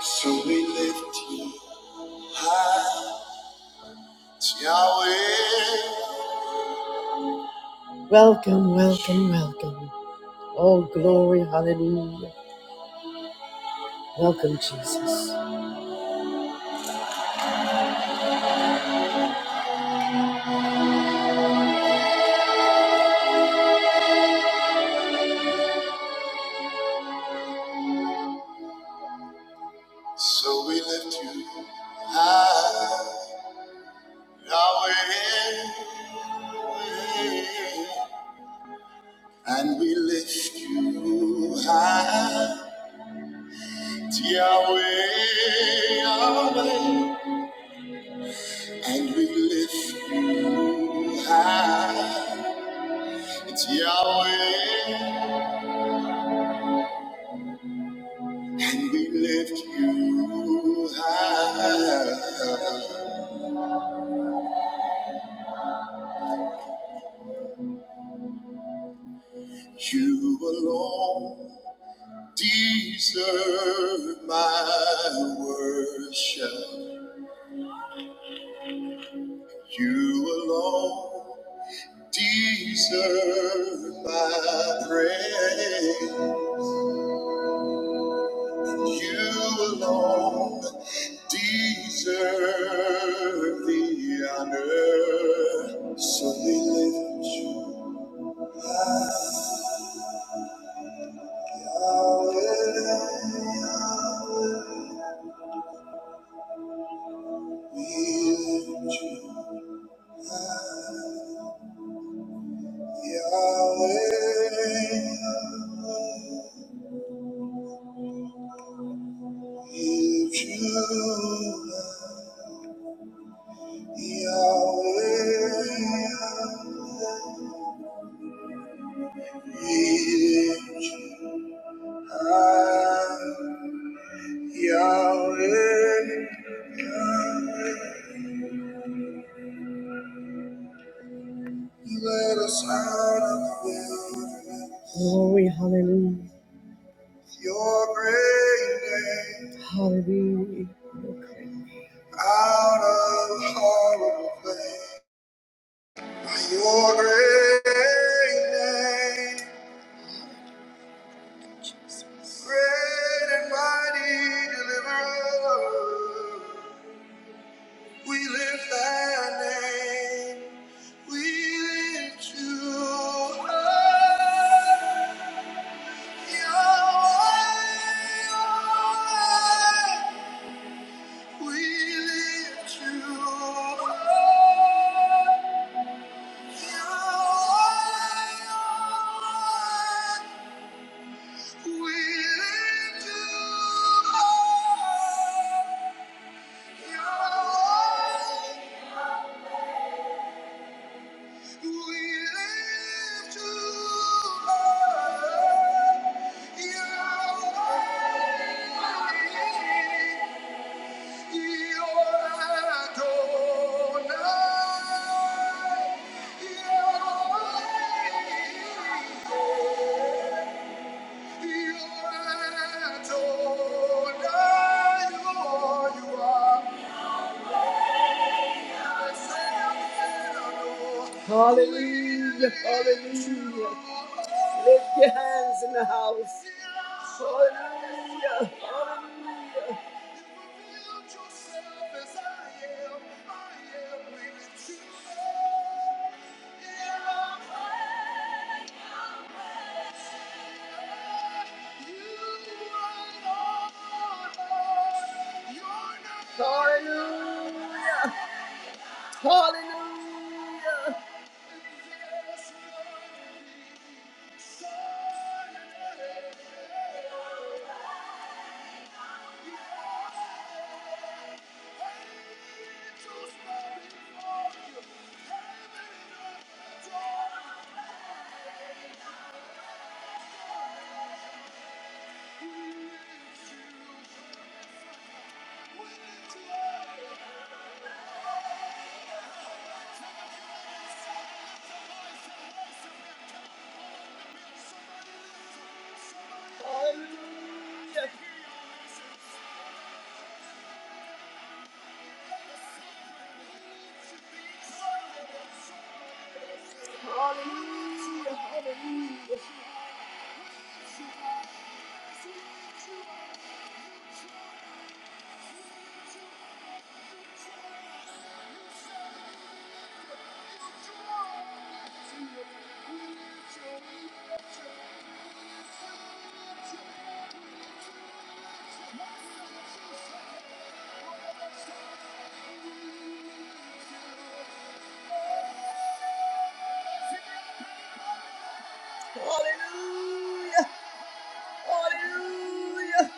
So we lift you high, Yahweh. Welcome, welcome, welcome. Oh, glory, hallelujah. Welcome, Jesus. So we lift you high, Yahweh. And we lift you high, Yahweh, Yahweh. And we lift you high. It's Yahweh, and we lift you high. You alone deserve my worship. You alone deserve my praise. You alone deserve the honor. So we lift you high. Glory, hallelujah. Your great name Hallelujah. Okay. out of horrible pain. Your great name, great and mighty deliverer. We lift thy name, we lift you high. Yahweh, Yahweh. We lift you up. You are We lift you up. You are We lift you up. You are Hallelujah, hallelujah. Lift your hands in the house. Hallelujah, hallelujah. Hallelujah! Hallelujah! Hallelujah. Hallelujah.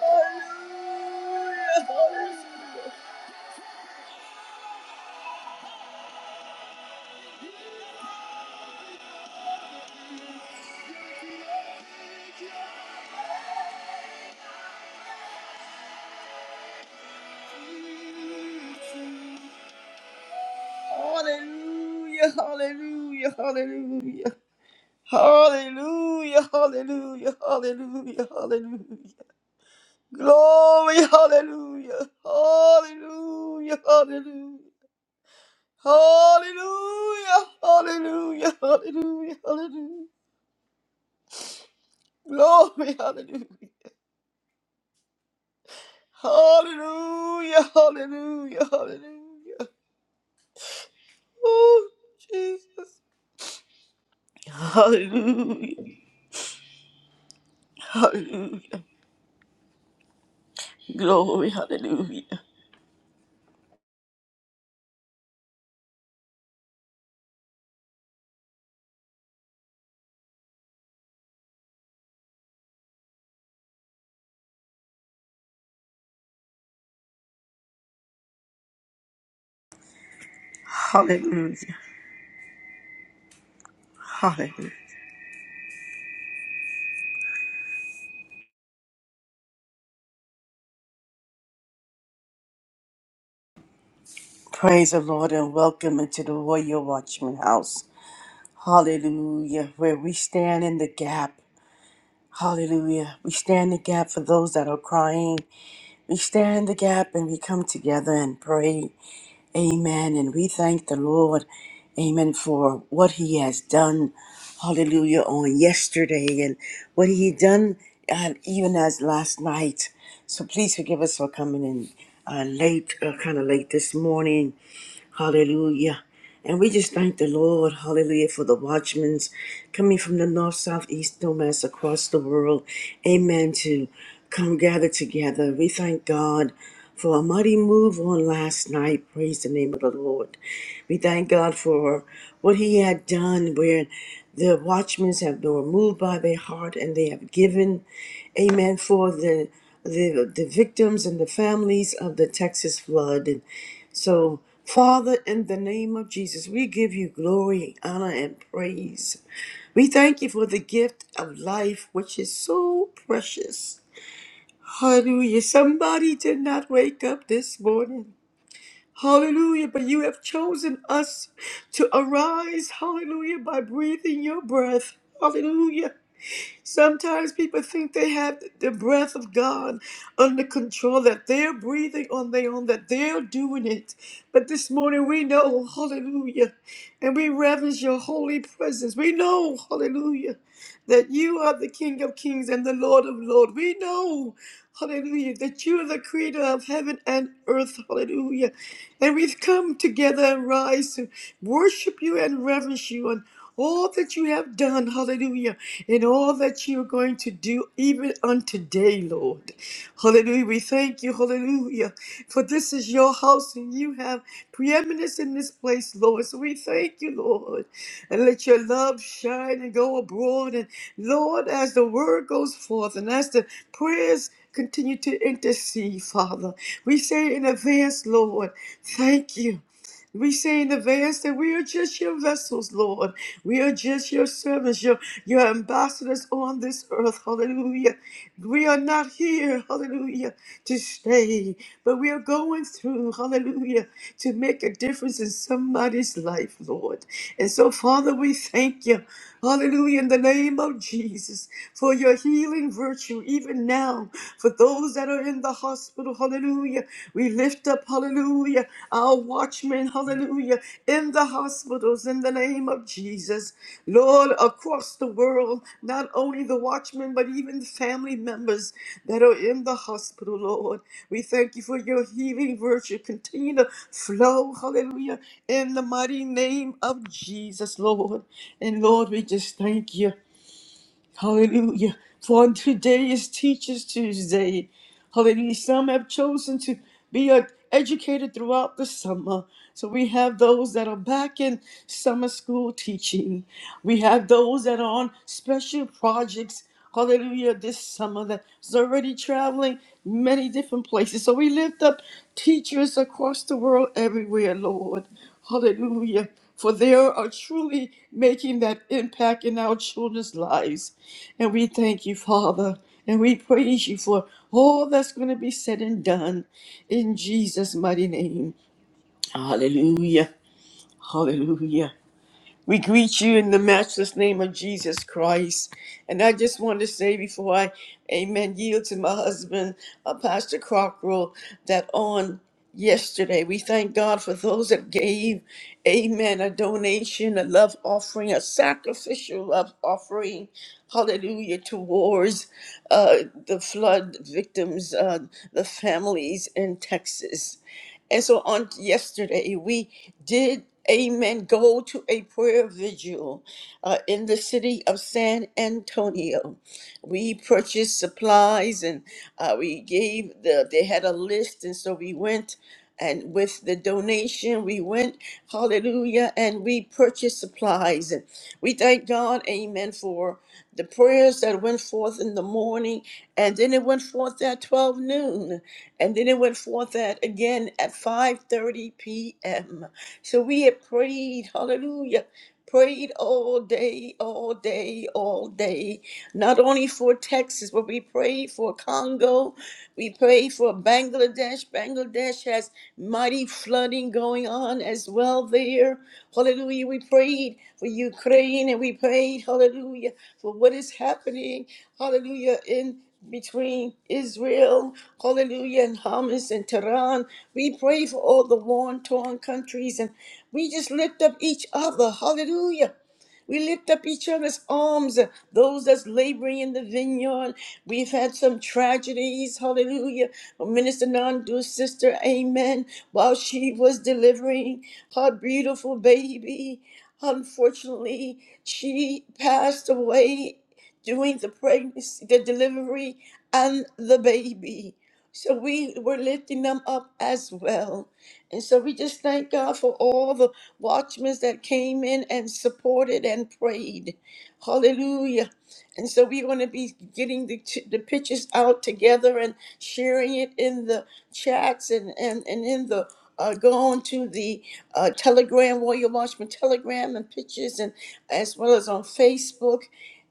Hallelujah. Hallelujah. Hallelujah, hallelujah, hallelujah. Hallelujah, hallelujah, hallelujah, hallelujah. Glory, hallelujah, hallelujah, hallelujah. Hallelujah, hallelujah, hallelujah, hallelujah. Glory, hallelujah. Hallelujah, hallelujah, hallelujah. Oh, Jesus. Hallelujah, hallelujah. Glory, hallelujah. Hallelujah. Hallelujah. Praise the Lord and welcome into the Royal Watchman House. Hallelujah. Where we stand in the gap. Hallelujah. We stand in the gap for those that are crying. We stand in the gap and we come together and pray. Amen. And we thank the Lord, amen, for what he has done, hallelujah, on yesterday and what he done uh, even as last night. So please forgive us for coming in uh, late, uh, kind of late this morning. Hallelujah. And we just thank the Lord, hallelujah, for the watchmen coming from the north, south, east, no mass across the world. Amen. To come gather together. We thank God for a mighty move on last night. Praise the name of the Lord. We thank God for what He had done where the watchmen have been moved by their heart and they have given. Amen. For the the, the victims and the families of the Texas flood. And so, Father, in the name of Jesus, we give you glory, honor, and praise. We thank you for the gift of life, which is so precious. Hallelujah. Somebody did not wake up this morning. Hallelujah. But you have chosen us to arise. Hallelujah. By breathing your breath. Hallelujah. Sometimes people think they have the breath of God under control, that they're breathing on their own, that they're doing it. But this morning we know, hallelujah, and we reverence your holy presence. We know, hallelujah, that you are the King of kings and the Lord of lords. We know, hallelujah, that you are the creator of heaven and earth, hallelujah. And we've come together and rise to worship you and reverence you all that you have done, hallelujah, and all that you are going to do even unto day, Lord. Hallelujah. We thank you, hallelujah, for this is your house and you have preeminence in this place, Lord. So we thank you, Lord, and let your love shine and go abroad. And Lord, as the word goes forth and as the prayers continue to intercede, Father, we say in advance, Lord, thank you. We say in advance that we are just your vessels, Lord. We are just your servants, your, your ambassadors on this earth. Hallelujah. We are not here, hallelujah, to stay, but we are going through, hallelujah, to make a difference in somebody's life, Lord. And so, Father, we thank you, hallelujah, in the name of Jesus, for your healing virtue, even now, for those that are in the hospital, hallelujah. We lift up, hallelujah, our watchmen, hallelujah, in the hospitals in the name of Jesus. Lord, across the world, not only the watchmen, but even the family members that are in the hospital, Lord. We thank you for your healing virtue. Continue to flow, hallelujah, in the mighty name of Jesus, Lord. And Lord, we just thank you. Hallelujah. For today is Teachers Tuesday. Hallelujah. Some have chosen to be uh, educated throughout the summer. So we have those that are back in summer school teaching. We have those that are on special projects. Hallelujah, this summer that's already traveling many different places. So we lift up teachers across the world everywhere, Lord. Hallelujah. For they are truly making that impact in our children's lives. And we thank you, Father. And we praise you for all that's going to be said and done in Jesus' mighty name. Hallelujah. Hallelujah. We greet you in the matchless name of Jesus Christ. And I just want to say before I, amen, yield to my husband, uh, Pastor Crocker, that on yesterday. We thank God for those that gave, amen, a donation, a love offering, a sacrificial love offering, hallelujah, towards uh, the flood victims, uh, the families in Texas. And so on yesterday, we did, amen, go to a prayer vigil uh, in the city of San Antonio. We purchased supplies and uh, we gave the, they had a list. And so we went and with the donation, we went, hallelujah, and we purchased supplies. And we thank God, amen, for the prayers that went forth in the morning. And then it went forth at 12 noon and then it went forth at again at 5:30 p.m. So we had prayed, hallelujah, prayed all day, all day, all day. Not only for Texas, but we prayed for Congo, we prayed for Bangladesh. Bangladesh has mighty flooding going on as well there. Hallelujah. We prayed for Ukraine and we prayed, hallelujah, for what is happening, hallelujah, in between Israel, hallelujah, and Hamas and Tehran. We pray for all the worn, torn countries and we just lift up each other, hallelujah. We lift up each other's arms, uh, those that's laboring in the vineyard. We've had some tragedies, hallelujah. Minister Nandu's sister, amen while she was delivering her beautiful baby. Unfortunately, she passed away during the pregnancy, the delivery, and the baby. So we were lifting them up as well. And so we just thank God for all the watchmen that came in and supported and prayed. Hallelujah. And so we're going to be getting the, ch- the pictures out together and sharing it in the chats and, and, and in the uh, go on to the uh, Telegram, Warrior Watchman Telegram, and pictures, and as well as on Facebook.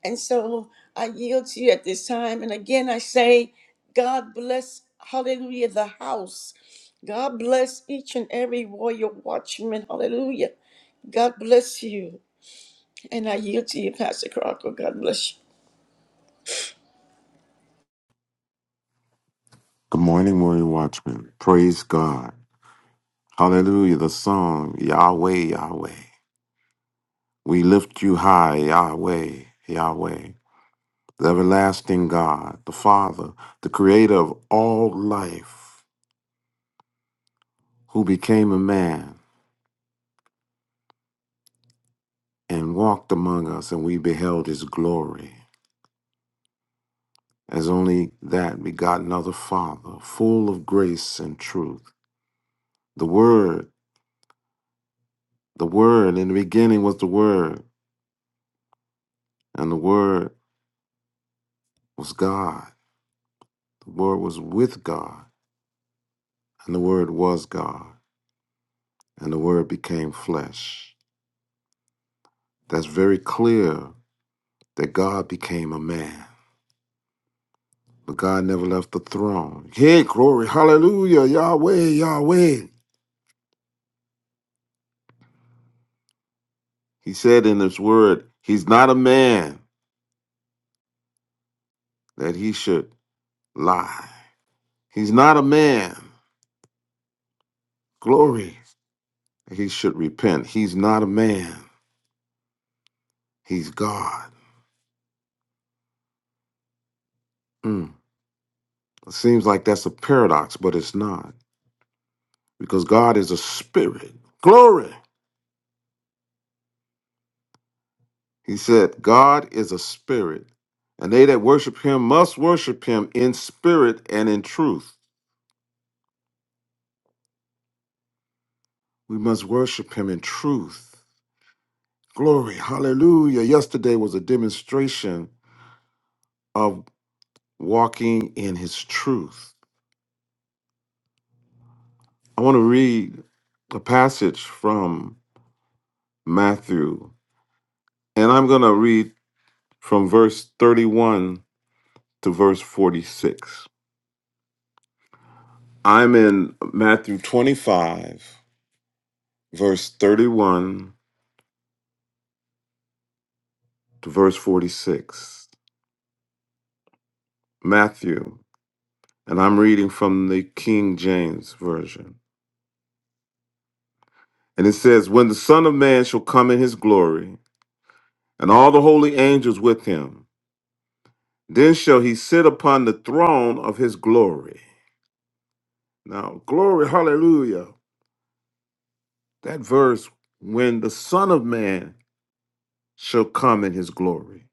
And so I yield to you at this time. And again, I say, God bless, hallelujah, the house. God bless each and every Warrior Watchman, hallelujah. God bless you. And I yield to you, Pastor Crocker. God bless you. Good morning, Warrior Watchman. Praise God. Hallelujah. The song, Yahweh, Yahweh. We lift you high, Yahweh, Yahweh. The everlasting God, the Father, the creator of all life, who became a man and walked among us, and we beheld his glory. As only that begotten of the Father, full of grace and truth. The Word, the Word, in the beginning was the Word, and the Word was God The Word was with God, and the Word was God, and the Word became flesh. That's very clear that God became a man, but God never left the throne. Hey, glory, hallelujah, Yahweh, Yahweh. He said in His Word, He's not a man that He should lie. He's not a man, glory, that He should repent. He's not a man, He's God. Mm. It seems like that's a paradox, but it's not. because God is a spirit. Glory. He said, God is a spirit, and they that worship him must worship him in spirit and in truth. We must worship him in truth. Glory. Hallelujah. Yesterday was a demonstration of walking in his truth. I want to read a passage from Matthew, and I'm going to read from verse 31 to verse 46. I'm in Matthew 25 verse 31 to verse 46. Matthew, and I'm reading from the King James Version. And it says, When the Son of Man shall come in his glory, and all the holy angels with him, then shall he sit upon the throne of his glory. Now, glory, hallelujah. That verse, when the Son of Man shall come in his glory,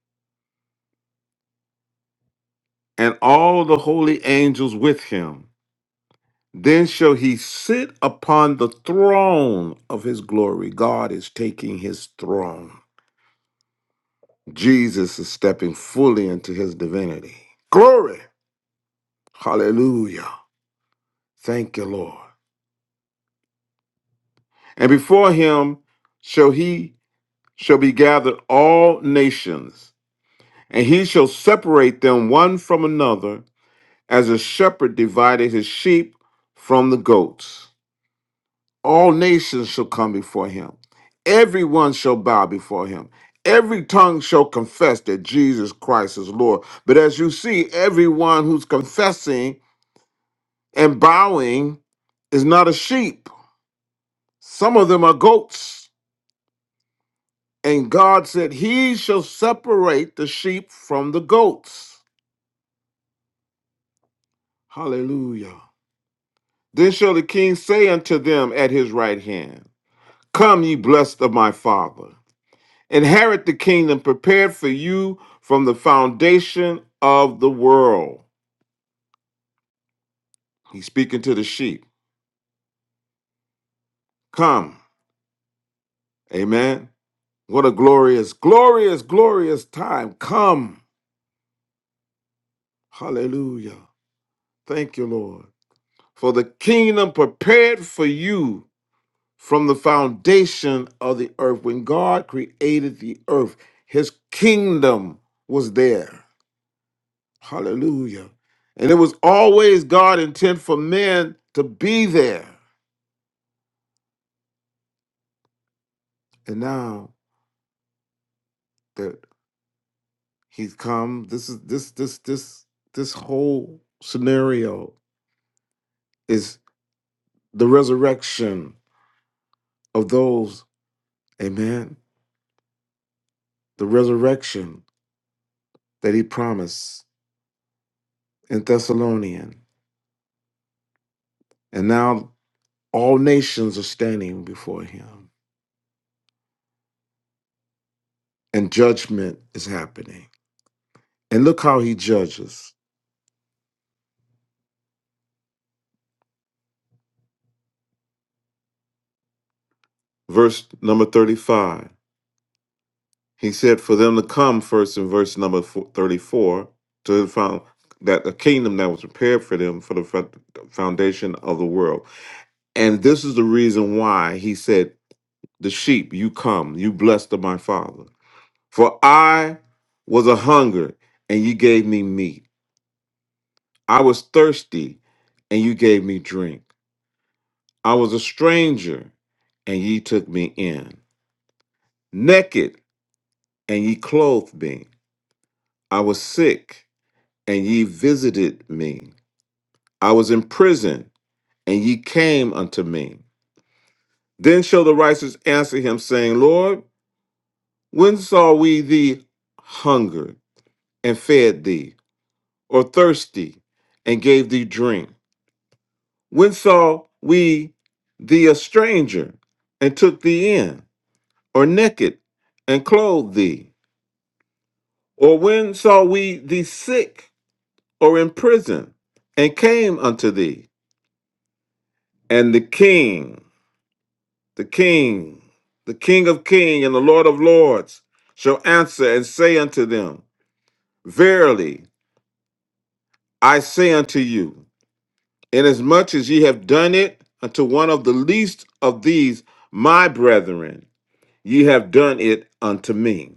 and all the holy angels with him. Then shall he sit upon the throne of his glory. God is taking his throne. Jesus is stepping fully into his divinity. Glory. Hallelujah. Thank you, Lord. And before him shall he shall be gathered all nations, and he shall separate them one from another, as a shepherd divided his sheep from the goats. All nations shall come before him. Everyone shall bow before him. Every tongue shall confess that Jesus Christ is Lord. But as you see, everyone who's confessing and bowing is not a sheep. Some of them are goats. And God said, He shall separate the sheep from the goats. Hallelujah. Then shall the king say unto them at his right hand, Come, ye blessed of my father. Inherit the kingdom prepared for you from the foundation of the world. He's speaking to the sheep. Come. Amen. What a glorious, glorious, glorious time. Come. Hallelujah. Thank you, Lord. For the kingdom prepared for you from the foundation of the earth. When God created the earth, his kingdom was there. Hallelujah. And it was always God' intent for men to be there. And now that he's come, this is this this this this whole scenario is the resurrection of those, amen. The resurrection that he promised in Thessalonian. And now all nations are standing before him. And judgment is happening. And look how he judges. Verse number 35. He said for them to come first in verse number fo- 34 to the found that a kingdom that was prepared for them for the fo- foundation of the world. And this is the reason why he said, The sheep, you come, you blessed of my father. For I was a hunger and you gave me meat. I was thirsty and you gave me drink. I was a stranger and ye took me in. Naked and ye clothed me. I was sick and ye visited me. I was in prison, and ye came unto me. Then shall the righteous answer him, saying, Lord, when saw we thee hungered and fed thee, or thirsty and gave thee drink? When saw we thee a stranger and took thee in, or naked and clothed thee? Or when saw we thee sick or in prison and came unto thee? And the king the King, the King of kings and the Lord of lords, shall answer and say unto them, Verily I say unto you, inasmuch as ye have done it unto one of the least of these my brethren, ye have done it unto me.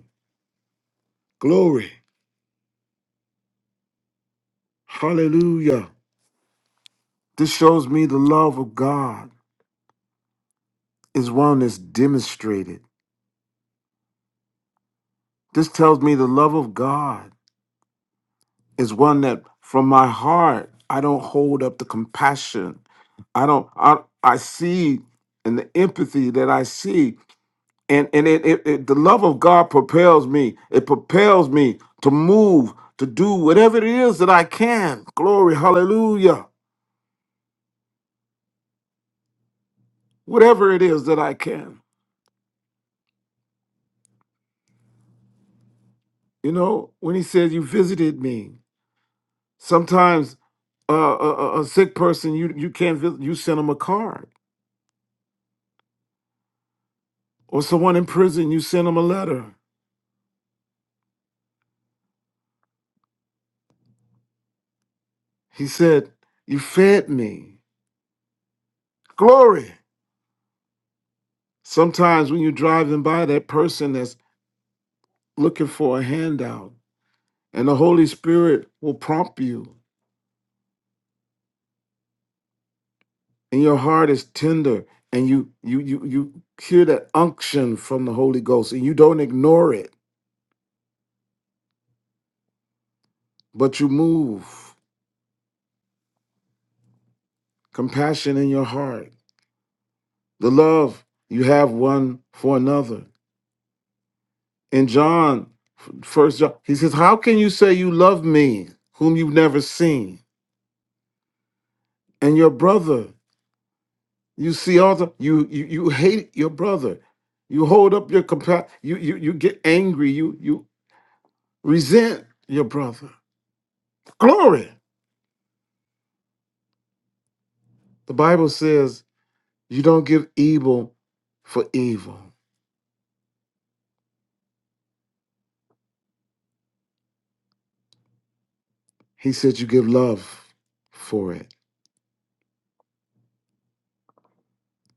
Glory, hallelujah. This shows me the love of God is one that's demonstrated. This tells me the love of God is one that from my heart I don't hold up the compassion. I don't I I see and the empathy that I see and and it, it, it the love of God propels me. It propels me to move, to do whatever it is that I can. Glory, hallelujah. Whatever it is that I can. You know, when he says you visited me, sometimes uh, a, a a sick person you you can't visit, you send them a card or someone in prison you send them a letter He said, You fed me. Glory. Sometimes when you're driving by that person that's looking for a handout, and the Holy Spirit will prompt you, and your heart is tender, and you you you you hear that unction from the Holy Ghost, and you don't ignore it, but you move. Compassion in your heart, the love you have one for another. In John, first John, he says, How can you say you love me whom you've never seen? and your brother. You see all the you you, you hate your brother. You hold up your compa- you, you you get angry, you you resent your brother. Glory. The Bible says you don't give evil for evil. He said you give love for it. It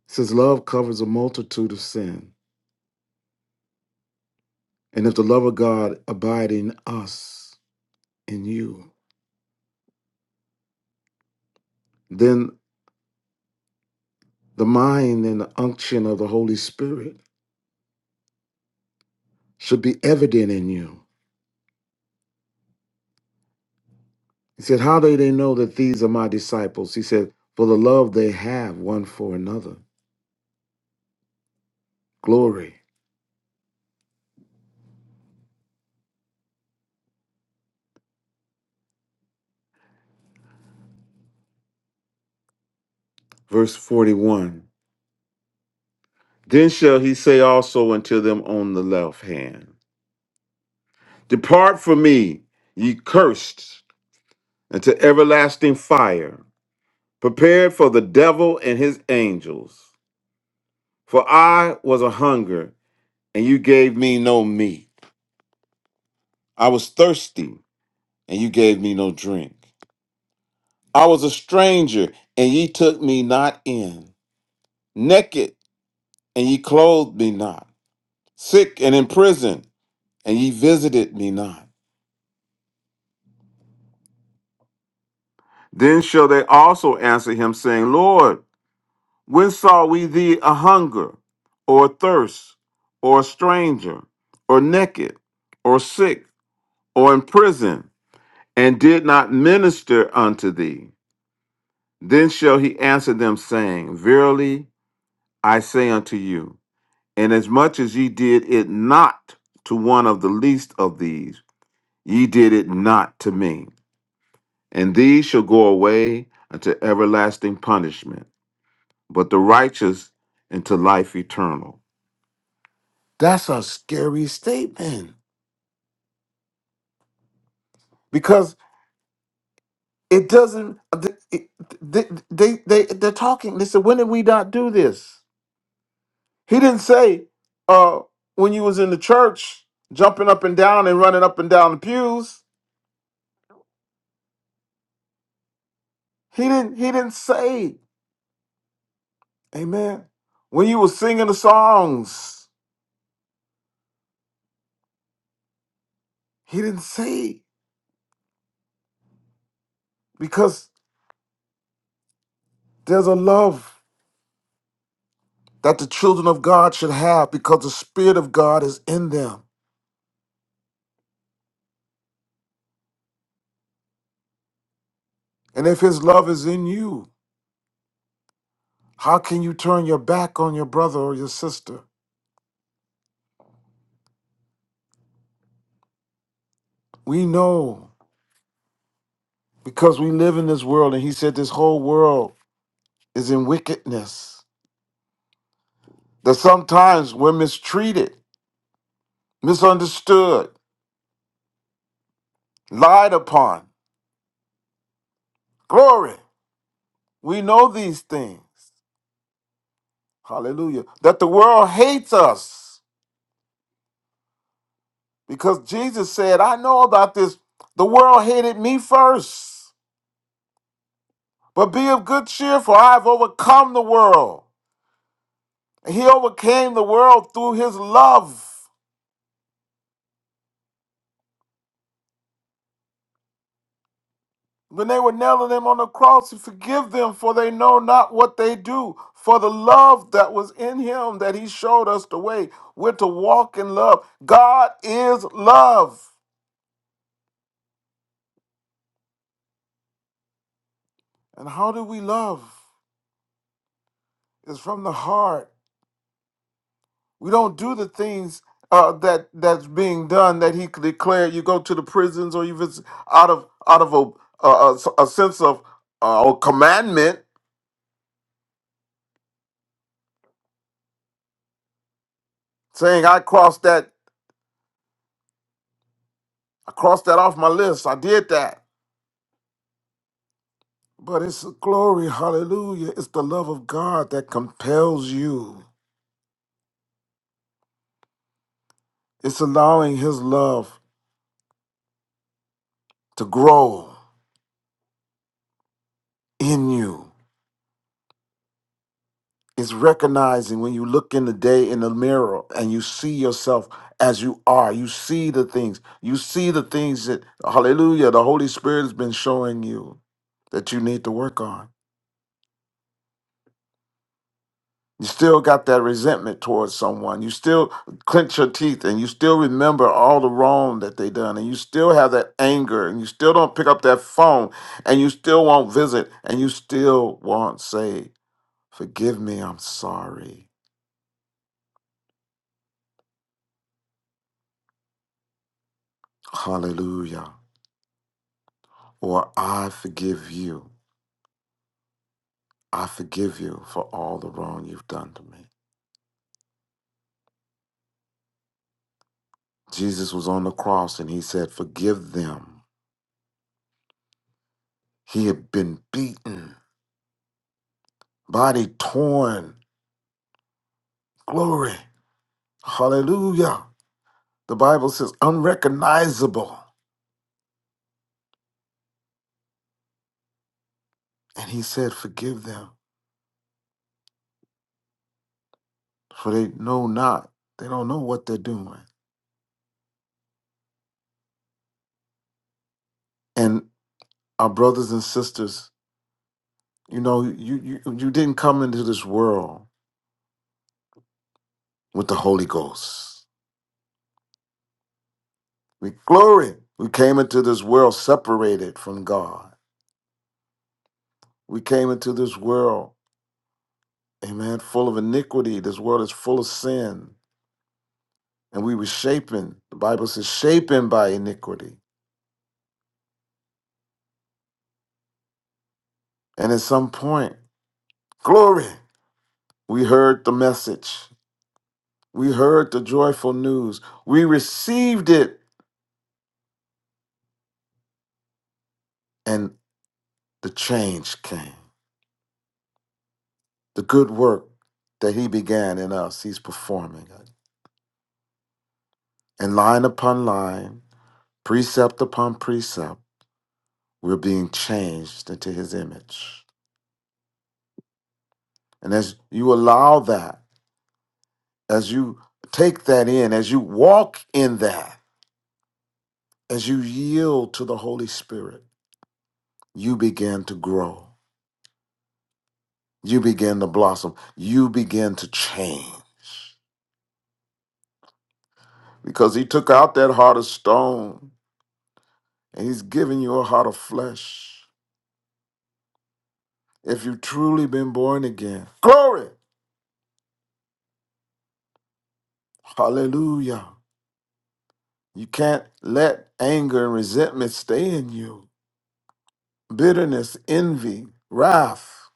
says love covers a multitude of sin. And if the love of God abide in us, in you, then the mind and the unction of the Holy Spirit should be evident in you. He said, How do they know that these are my disciples? He said, For the love they have one for another. Glory. Verse 41 Then shall he say also unto them on the left hand, Depart from me, ye cursed, into everlasting fire, prepared for the devil and his angels. For I was a hunger, and you gave me no meat. I was thirsty, and you gave me no drink. I was a stranger, and ye took me not in. naked, and ye clothed me not, sick and in prison, and ye visited me not. Then shall they also answer him, saying, Lord, when saw we thee a hunger, or thirst, or a stranger, or naked, or sick, or in prison, and did not minister unto thee? Then shall he answer them, saying, Verily I say unto you, inasmuch as ye did it not to one of the least of these, Ye did it not to me. And these shall go away unto everlasting punishment, but the righteous into life eternal. That's a scary statement because it doesn't. They they they, they they're talking. They said, "When did we not do this?" He didn't say, "Uh, when you was in the church, jumping up and down and running up and down the pews." He didn't. He didn't say, "Amen." When you was singing the songs, he didn't say because there's a love that the children of God should have because the Spirit of God is in them. And if His love is in you, how can you turn your back on your brother or your sister? We know because we live in this world, and He said this whole world is in wickedness, that sometimes we're mistreated, misunderstood, lied upon. Glory. We know these things. Hallelujah. That the world hates us. Because Jesus said, I know about this. The world hated me first, but be of good cheer, for I have overcome the world. And he overcame the world through his love. When they were nailing him on the cross, he forgive them, for they know not what they do. For the love that was in him that he showed us the way, we're to walk in love. God is love. And how do we love? It's from the heart. We don't do the things uh, that that's being done that he declared. You go to the prisons or you visit out of out of a a, a a sense of uh, or commandment, saying I crossed that I crossed that off my list. I did that. But it's a glory, hallelujah. It's the love of God that compels you. It's allowing his love to grow in you. It's recognizing when you look in the day in the mirror and you see yourself as you are. You see the things. You see the things that, hallelujah, the Holy Spirit has been showing you that you need to work on. You still got that resentment towards someone. You still clench your teeth and you still remember all the wrong that they done. And you still have that anger and you still don't pick up that phone and you still won't visit and you still won't say, Forgive me, I'm sorry. Hallelujah. or I forgive you. I forgive you for all the wrong you've done to me. Jesus was on the cross and he said, Forgive them. He had been beaten, body torn. Glory. Hallelujah. The Bible says, unrecognizable. And he said, Forgive them, for they know not. They don't know what they're doing. And our brothers and sisters, you know, you, you, you didn't come into this world with the Holy Ghost. We glory. We came into this world separated from God. We came into this world, amen, full of iniquity. This world is full of sin. And we were shapen. The Bible says, shapen by iniquity. And at some point, glory, we heard the message. We heard the joyful news. We received it. And the change came. The good work that He began in us, He's performing it. And line upon line, precept upon precept, We're being changed into his image. And as you allow that, as you take that in, as you walk in that, as you yield to the Holy Spirit, you begin to grow. You begin to blossom. You begin to change because he took out that heart of stone and he's given you a heart of flesh. If you've truly been born again, glory, hallelujah. You can't let anger and resentment stay in you. bitterness, envy, wrath.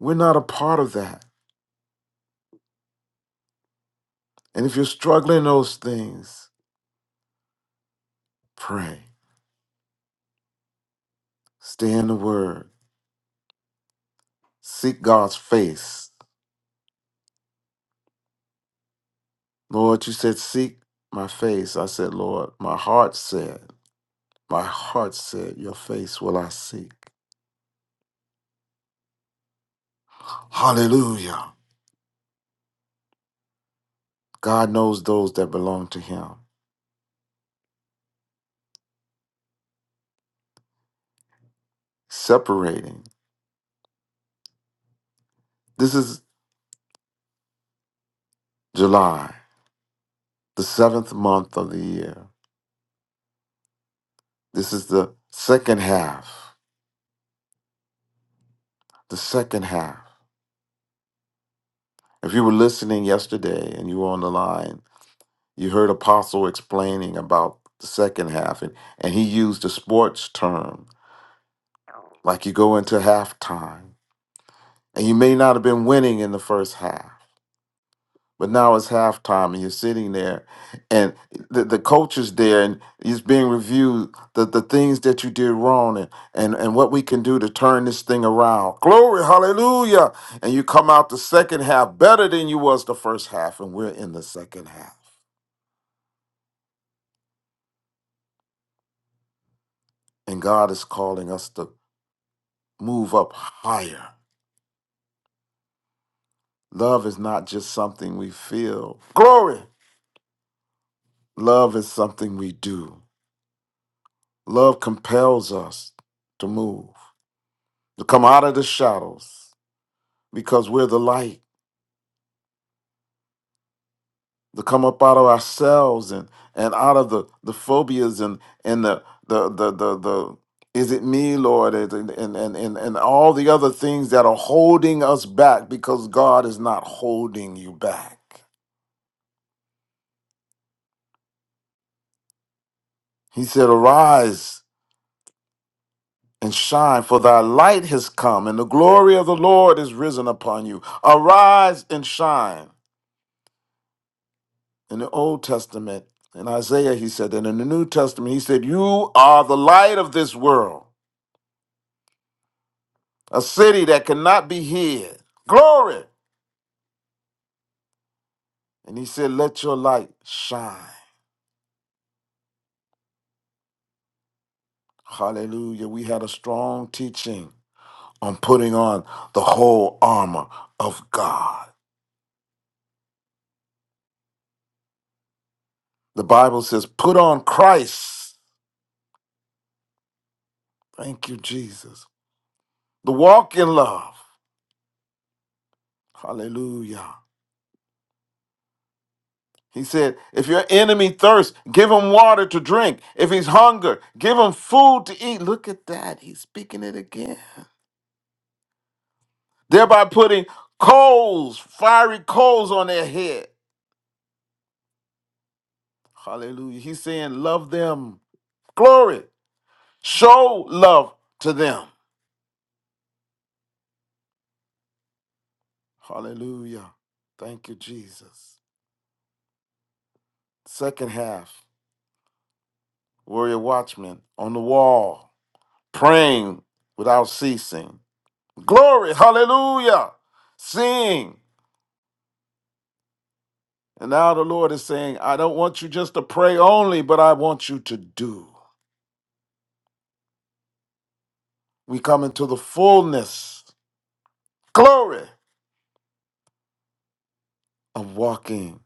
We're not a part of that. And if you're struggling in those things, pray. Stay in the word. Seek God's face. Lord, you said, Seek my face. I said, Lord, my heart said, My heart said, Your face will I seek. Hallelujah. God knows those that belong to Him. Separating. This is July, the seventh month of the year. This is the second half. The second half. If you were listening yesterday and you were on the line, you heard Apostle explaining about the second half, and, and he used a sports term like you go into halftime, and you may not have been winning in the first half, but now it's halftime, and you're sitting there, and the, the coach is there, and he's being reviewed the, the things that you did wrong and, and, and what we can do to turn this thing around. Glory, hallelujah. And you come out the second half better than you was the first half, and we're in the second half. And God is calling us to move up higher. Love is not just something we feel. Glory! Love is something we do. Love compels us to move, to come out of the shadows because we're the light, to come up out of ourselves and, and out of the, the phobias and, and the, the, the, the, the, is it me, Lord? And, and, and, and and all the other things that are holding us back because God is not holding you back. He said, Arise and shine, for thy light has come, and the glory of the Lord is risen upon you. Arise and shine. In the Old Testament, in Isaiah, he said, and in the New Testament, he said, You are the light of this world, a city that cannot be hid. Glory. And he said, Let your light shine. Hallelujah. We had a strong teaching on putting on the whole armor of God. The Bible says, Put on Christ. Thank you, Jesus. The walk in love. Hallelujah. He said, if your enemy thirsts, give him water to drink. If he's hunger, give him food to eat. Look at that. He's speaking it again. Thereby putting coals, fiery coals on their head. Hallelujah. He's saying, love them. Glory. Show love to them. Hallelujah. Thank you, Jesus. Second half, warrior watchman on the wall. praying without ceasing. Glory, hallelujah. Sing. And now the Lord is saying, I don't want you just to pray only, but I want you to do. We come into the fullness, glory, of walking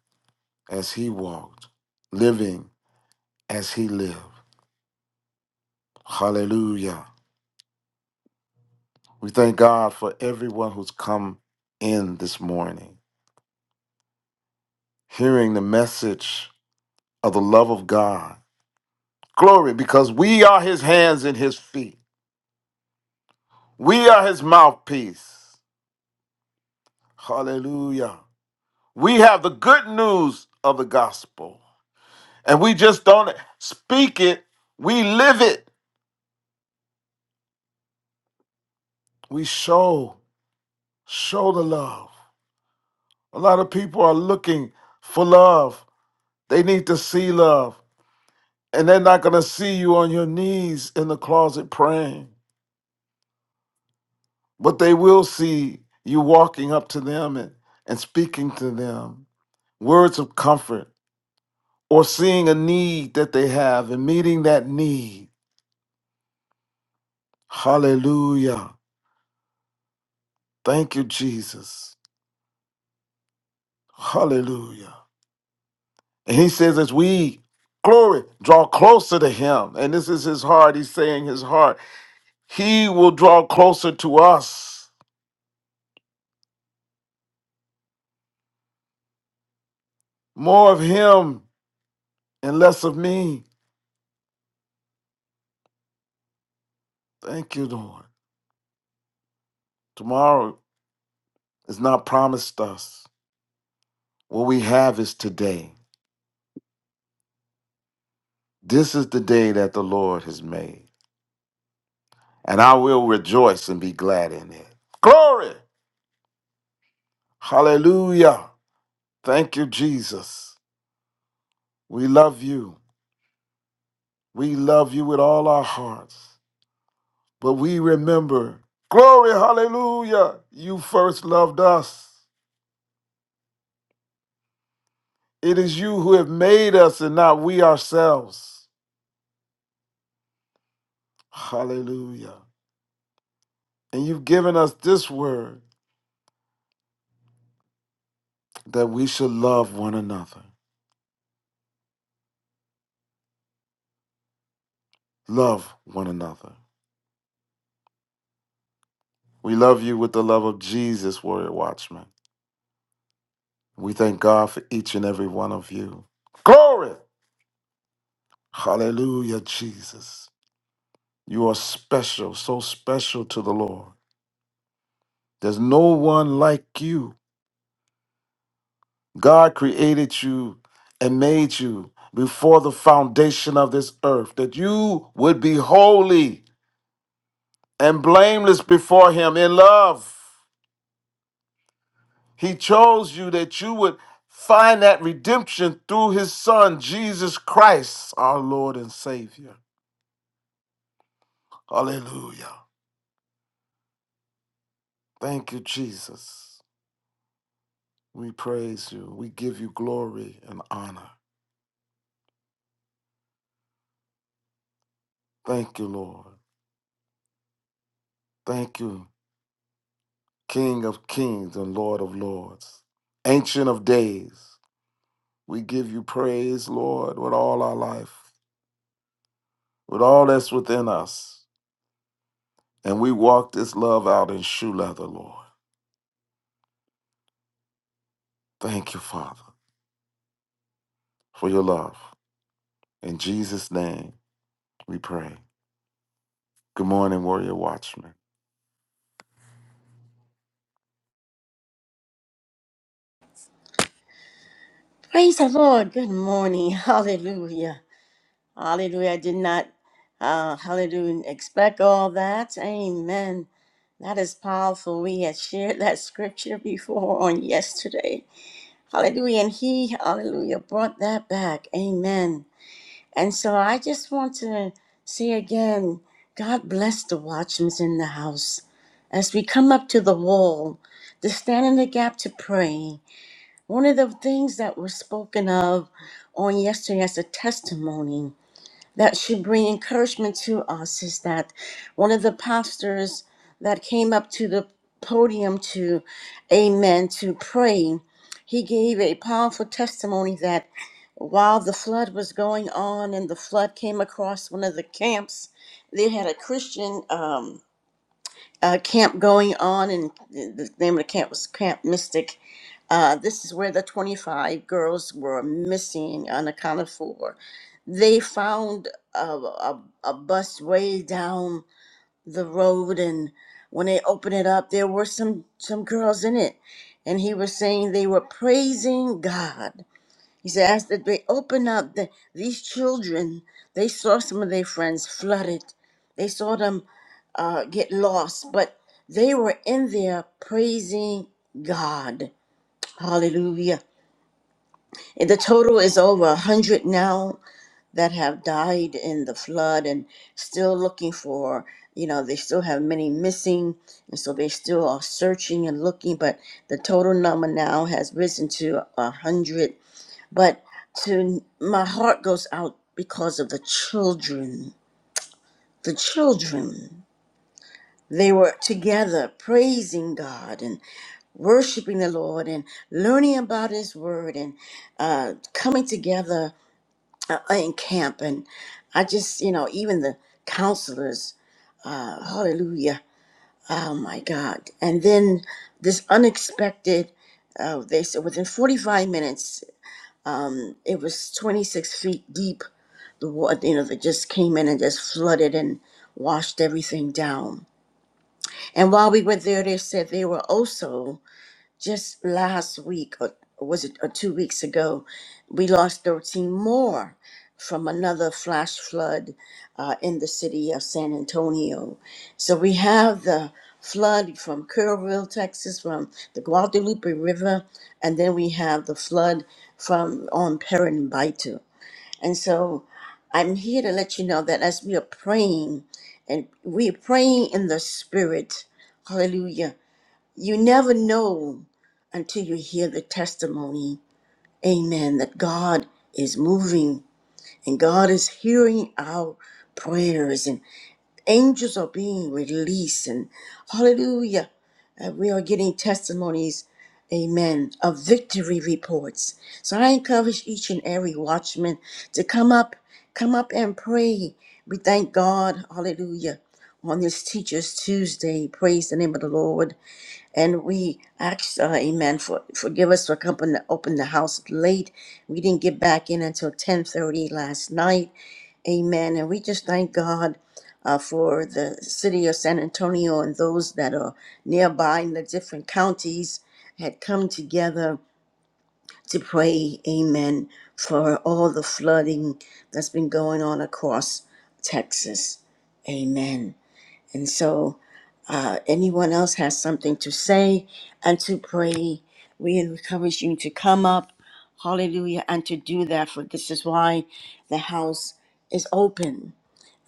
as He walked, living as He lived. Hallelujah. We thank God for everyone who's come in this morning, hearing the message of the love of God. Glory, because we are His hands and His feet. We are his mouthpiece. Hallelujah. We have the good news of the gospel. And we just don't speak it, we live it. We show, show the love. A lot of people are looking for love. They need to see love. And they're not going to see you on your knees in the closet praying, but they will see you walking up to them and, and speaking to them words of comfort or seeing a need that they have and meeting that need. Hallelujah. Thank you, Jesus. Hallelujah. And he says, as we, glory, draw closer to him, and this is his heart, he's saying his heart, he will draw closer to us. More of him and less of me. Thank you, Lord. Tomorrow is not promised us. What we have is today. This is the day that the Lord has made. and I will rejoice and be glad in it. Glory! Hallelujah! Thank you, Jesus. We love you. We love you with all our hearts. But we remember, glory, hallelujah, you first loved us. It is you who have made us and not we ourselves. Hallelujah. And you've given us this word that we should love one another. Love one another. We love you with the love of Jesus, Warrior Watchman. We thank God for each and every one of you. Glory! Hallelujah, Jesus. You are special, so special to the Lord. There's no one like you. God created you and made you before the foundation of this earth that you would be holy and blameless before Him in love. He chose you that you would find that redemption through His Son, Jesus Christ, our Lord and Savior. Hallelujah. Thank you, Jesus. We praise you. We give you glory and honor. Thank you, Lord. Thank you, King of kings and Lord of lords, Ancient of days. We give you praise, Lord, with all our life, with all that's within us. And we walk this love out in shoe leather, Lord. Thank you, Father, for your love. In Jesus' name, we pray. Good morning, Warrior Watchman. Praise the Lord. Good morning. Hallelujah. Hallelujah. I did not, uh, hallelujah, expect all that. Amen. That is powerful. We had shared that scripture before on yesterday. Hallelujah. And he, hallelujah, brought that back. Amen. And so I just want to say again God bless the watchmen in the house as we come up to the wall to stand in the gap to pray. One of the things that was spoken of on yesterday as a testimony that should bring encouragement to us is that one of the pastors that came up to the podium to amen to pray, he gave a powerful testimony that while the flood was going on and the flood came across one of the camps, they had a Christian. Um, uh, camp going on, and the name of the camp was Camp Mystic. Uh, this is where the 25 girls were missing, unaccounted for. They found a, a, a bus way down the road, and when they opened it up, there were some, some girls in it. And he was saying they were praising God He's asked that they open up the, these children. They saw some of their friends flooded. They saw them uh, get lost, but they were in there praising God. Hallelujah. And the total is over a 100 now that have died in the flood and still looking for, you know, they still have many missing. And so they still are searching and looking, but the total number now has risen to a 100 but to my heart goes out because of the children the children they were together praising god and worshiping the lord and learning about his word and uh, coming together uh, in camp and i just you know even the counselors uh, hallelujah oh my god and then this unexpected uh, they said within 45 minutes um, it was 26 feet deep. The water, you know, that just came in and just flooded and washed everything down. And while we were there, they said they were also just last week or was it or two weeks ago we lost 13 more from another flash flood uh, in the city of san antonio so we have the flood from kerrville texas from the guadalupe river and then we have the flood from on Paramaribo. and so i'm here to let you know that as we are praying and we are praying in the spirit hallelujah you never know until you hear the testimony. Amen. That God is moving and God is hearing our prayers and angels are being released and hallelujah. Uh, we are getting testimonies, amen, of victory reports. So I encourage each and every watchman to come up, come up and pray. We thank God, hallelujah, on this Teachers Tuesday. Praise the name of the Lord and we asked, uh, Amen, for forgive us for coming to open the house late. We didn't get back in until ten thirty last night, Amen. And we just thank God uh, for the city of San Antonio and those that are nearby in the different counties had come together to pray, Amen, for all the flooding that's been going on across Texas, Amen. And so, uh, anyone else has something to say and to pray, we encourage you to come up, hallelujah, and to do that, for this is why the house is open.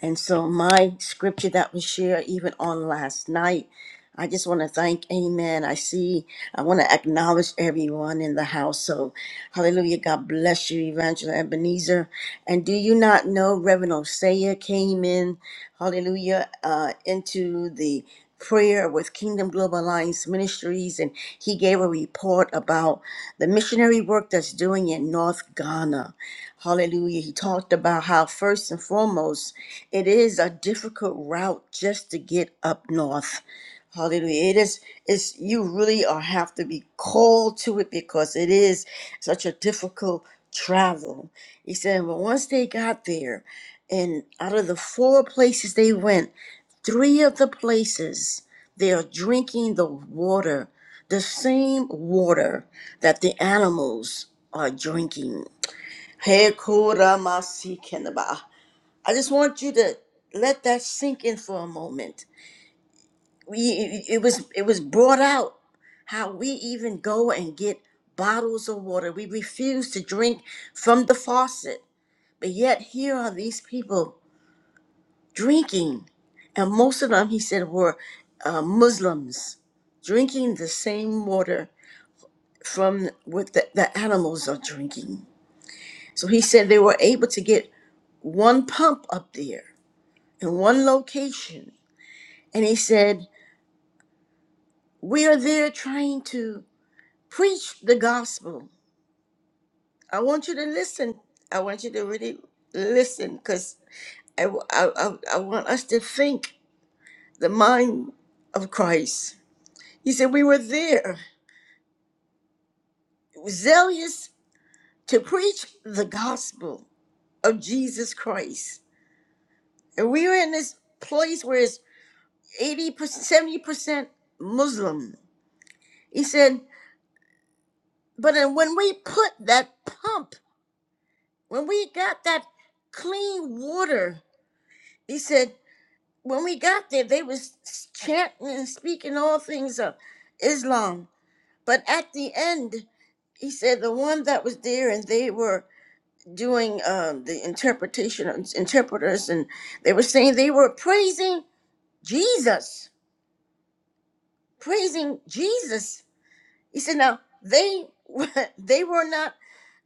And so, my scripture that was shared even on last night, I just want to thank Amen. I see, I want to acknowledge everyone in the house. So, hallelujah. God bless you, Evangelist Ebenezer. And do you not know Reverend Osea came in, hallelujah, uh, into the prayer with Kingdom Global Alliance Ministries, and he gave a report about the missionary work that's doing in North Ghana. Hallelujah. He talked about how, first and foremost, it is a difficult route just to get up north. Hallelujah. It is, it's, you really are have to be called to it because it is such a difficult travel. He said, but once they got there, and out of the four places they went, three of the places they are drinking the water, the same water that the animals are drinking. Pekoramasikhenaba. I just want you to let that sink in for a moment. We, it was it was brought out how we even go and get bottles of water. We refuse to drink from the faucet, but yet here are these people drinking, and most of them, he said, were uh, Muslims drinking the same water from what the, the animals are drinking. So he said they were able to get one pump up there in one location. And he said, We are there trying to preach the gospel. I want you to listen. I want you to really listen because I, I, I, I want us to think the mind of Christ. He said, We were there, zealous to preach the gospel of Jesus Christ. And we were in this place where it's 80%, 70% Muslim. He said, But then when we put that pump when we got that clean water, he said, when we got there, they was chanting and speaking all things of Islam. But at the end, he said the one that was there and they were doing um, the interpretation interpreters and they were saying they were praising Jesus, praising Jesus He said, "Now they they were not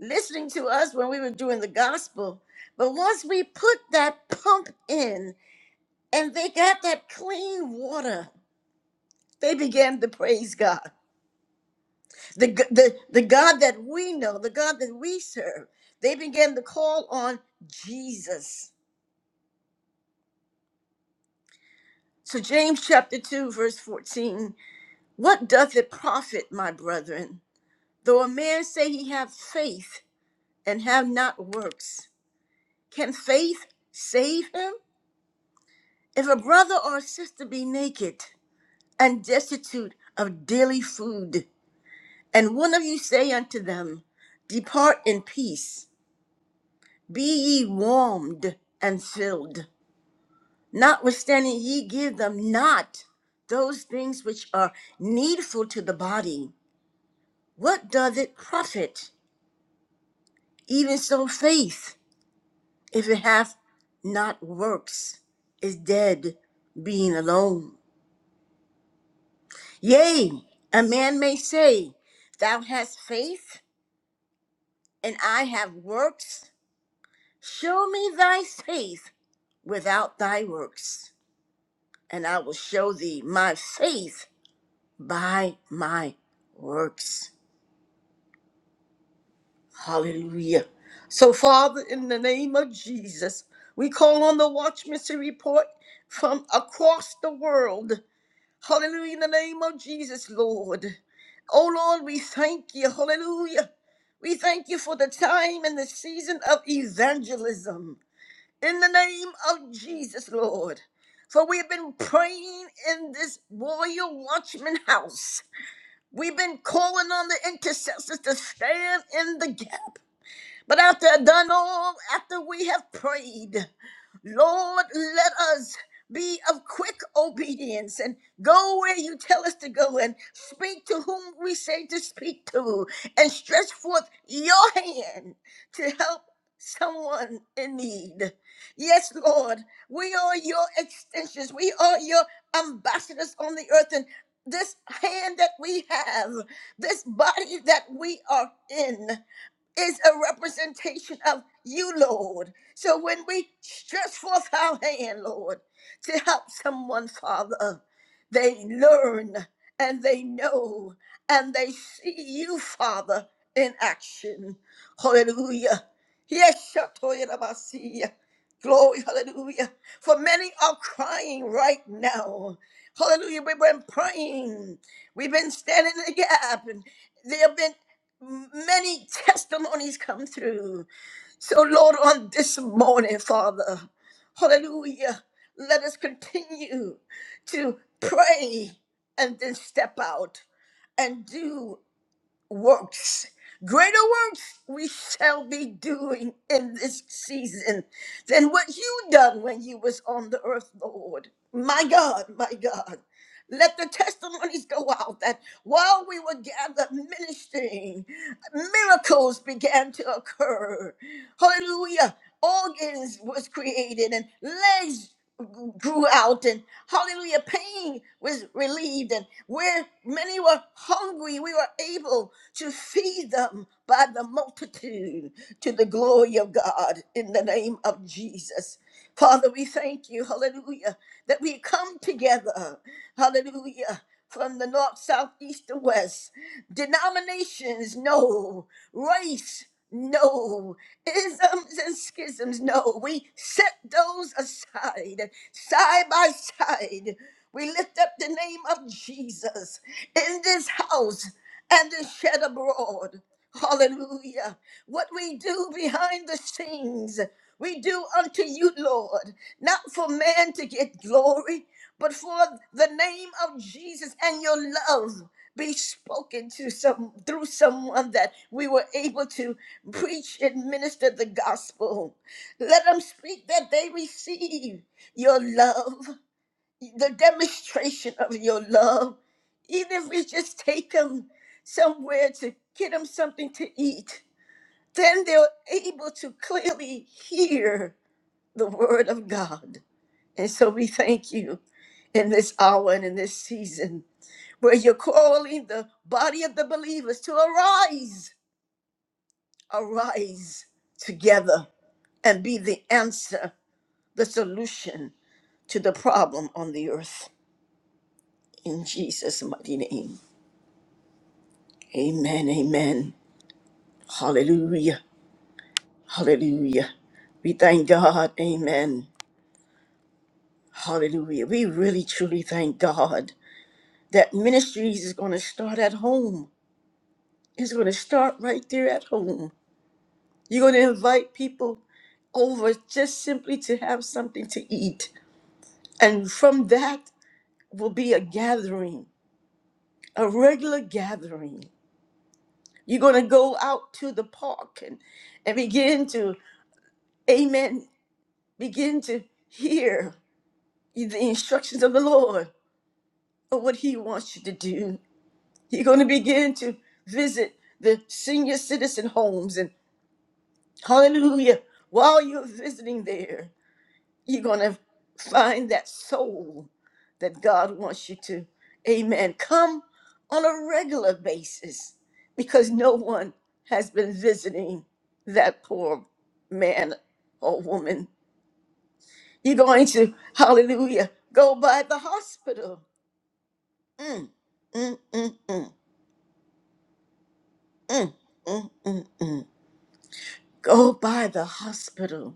listening to us when we were doing the gospel, but once we put that pump in and they got that clean water, they began to praise God, the g- the the God that we know, the God that we serve. They began to call on Jesus." So James chapter 2 verse 14, what doth it profit, my brethren, though a man say he have faith and have not works? Can faith save him? If a brother or a sister be naked and destitute of daily food, and one of you say unto them, Depart in peace, be ye warmed and filled, notwithstanding ye give them not those things which are needful to the body, what doth it profit? Even so, faith, if it hath not works, is dead, being alone. Yea, a man may say, Thou hast faith, and I have works. Show me thy faith without thy works, and I will show thee my faith by my works. Hallelujah. So, Father, in the name of Jesus, we call on the Watch Mystery Report from across the world. Hallelujah, in the name of Jesus, Lord. Oh, Lord, we thank you. Hallelujah. We thank you for the time and the season of evangelism. In the name of Jesus, Lord. For we have been praying in this royal watchman house. We've been calling on the intercessors to stand in the gap. But after I've done all, after we have prayed, Lord, let us be of quick obedience and go where you tell us to go and speak to whom we say to speak to and stretch forth your hand to help someone in need. Yes, Lord, we are your extensions, we are your ambassadors on the earth, and this hand that we have, this body that we are in is a representation of you, Lord. So when we stretch forth our hand, Lord, to help someone, Father, they learn and they know and they see you, Father, in action. Hallelujah. Yes, Shatoyarabasi. glory, hallelujah. For many are crying right now. Hallelujah. We've been praying. We've been standing in the gap. And there have been Many testimonies come through. So, Lord, on this morning, Father, hallelujah, let us continue to pray and then step out and do works. Greater works we shall be doing in this season than what you done when you was on the earth, Lord. My God, my God. Let the testimonies go out that while we were gathered ministering, miracles began to occur. Hallelujah. Organs was created and legs grew out and hallelujah pain was relieved and where many were hungry we were able to feed them by the multitude to the glory of god in the name of jesus Father, we thank you, hallelujah, that we come together, hallelujah, from the north, south, east, and west. Denominations, no. Race, no. Isms and schisms, no. We set those aside, side by side. We lift up the name of Jesus in this house and is shed abroad. Hallelujah what we do behind the scenes. We do unto you, Lord, not for man to get glory, but for the name of Jesus and your love be spoken to some through someone that we were able to preach and minister the gospel. Let them speak that they receive your love, the demonstration of your love. Even if we just take them somewhere to get them something to eat then they're able to clearly hear the word of God. And so we thank you in this hour and in this season where you're calling the body of the believers to arise, arise together and be the answer, the solution to the problem on the earth. In Jesus' mighty name. Amen. Amen. Hallelujah. Hallelujah. We thank God. Amen. Hallelujah. We really truly thank God that ministries is going to start at home. It's going to start right there at home. You're going to invite people over just simply to have something to eat. And from that will be a gathering, a regular gathering. You're going to go out to the park and, and begin to, amen, begin to hear the instructions of the Lord of what He wants you to do You're going to begin to visit the senior citizen homes and hallelujah. While you're visiting there, you're going to find that soul that God wants you to. Amen. Come on a regular basis because no one has been visiting that poor man or woman. You're going to, hallelujah, go by the hospital. Mm, mm, mm, mm, mm, mm, mm, mm. go by the hospital.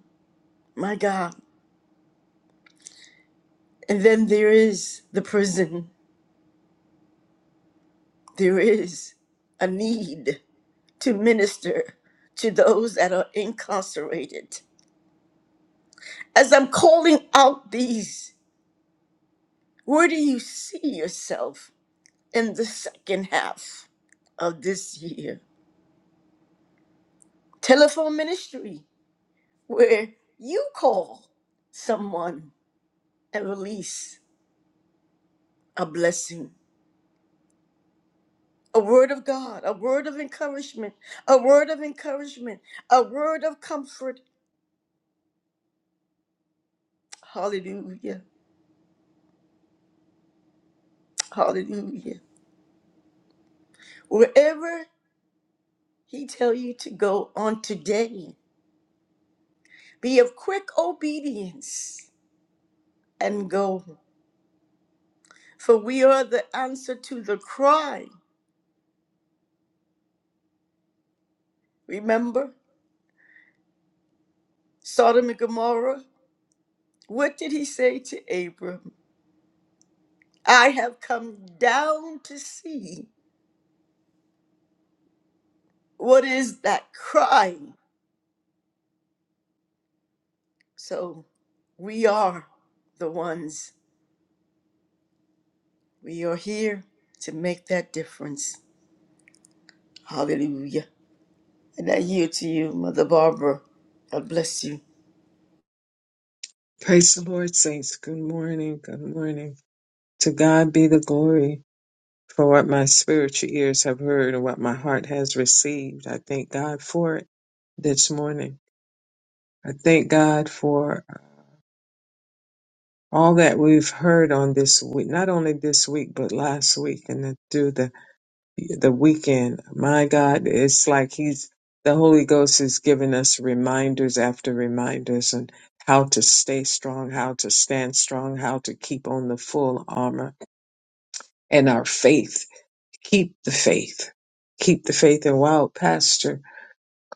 My God. And then there is the prison. There is a need to minister to those that are incarcerated. As I'm calling out these, where do you see yourself in the second half of this year? Telephone ministry, where you call someone and release a blessing. A word of God, a word of encouragement, a word of encouragement, a word of comfort. Hallelujah. Hallelujah. Wherever he tell you to go on today, be of quick obedience and go. For we are the answer to the cry. Remember Sodom and Gomorrah? What did he say to Abram? I have come down to see what is that cry So we are the ones. We are here to make that difference. Hallelujah. And I yield to you, Mother Barbara. God bless you. Praise the Lord, saints. Good morning. Good morning. To God be the glory for what my spiritual ears have heard and what my heart has received. I thank God for it this morning. I thank God for all that we've heard on this week, not only this week, but last week and then through the, the weekend. My God, it's like He's, the Holy Ghost is giving us reminders after reminders and how to stay strong, how to stand strong, how to keep on the full armor and our faith. Keep the faith. Keep the faith. And while Pastor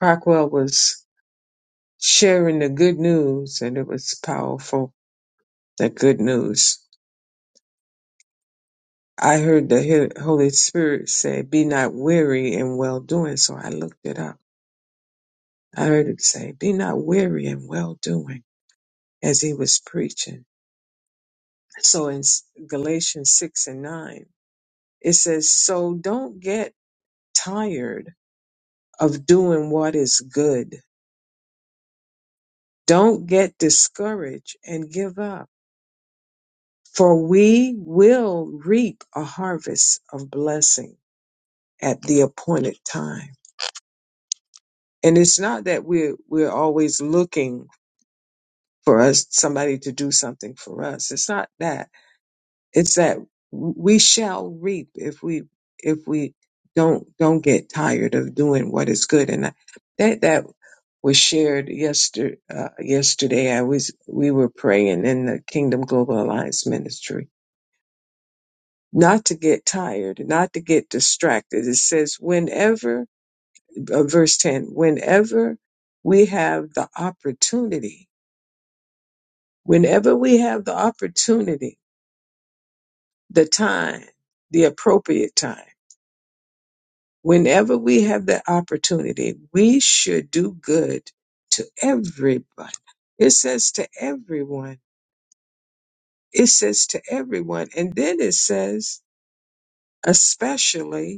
Crockwell was sharing the good news, and it was powerful, the good news, I heard the Hi- Holy Spirit say, Be not weary in well doing. So I looked it up. I heard it say, Be not weary in well doing as he was preaching. So in S- Galatians 6 and 9, it says, So don't get tired of doing what is good Don't get discouraged and give up, for we will reap a harvest of blessing at the appointed time. And it's not that we're we're always looking for us somebody to do something for us. It's not that. It's that we shall reap if we if we don't don't get tired of doing what is good. And I- that that was shared yesterday. Uh, yesterday, I was we were praying in the Kingdom Global Alliance Ministry not to get tired, not to get distracted. It says, whenever, uh, verse 10, whenever we have the opportunity, whenever we have the opportunity, the time, the appropriate time, whenever we have the opportunity, we should do good to everybody. It says to everyone. It says to everyone. And then it says, especially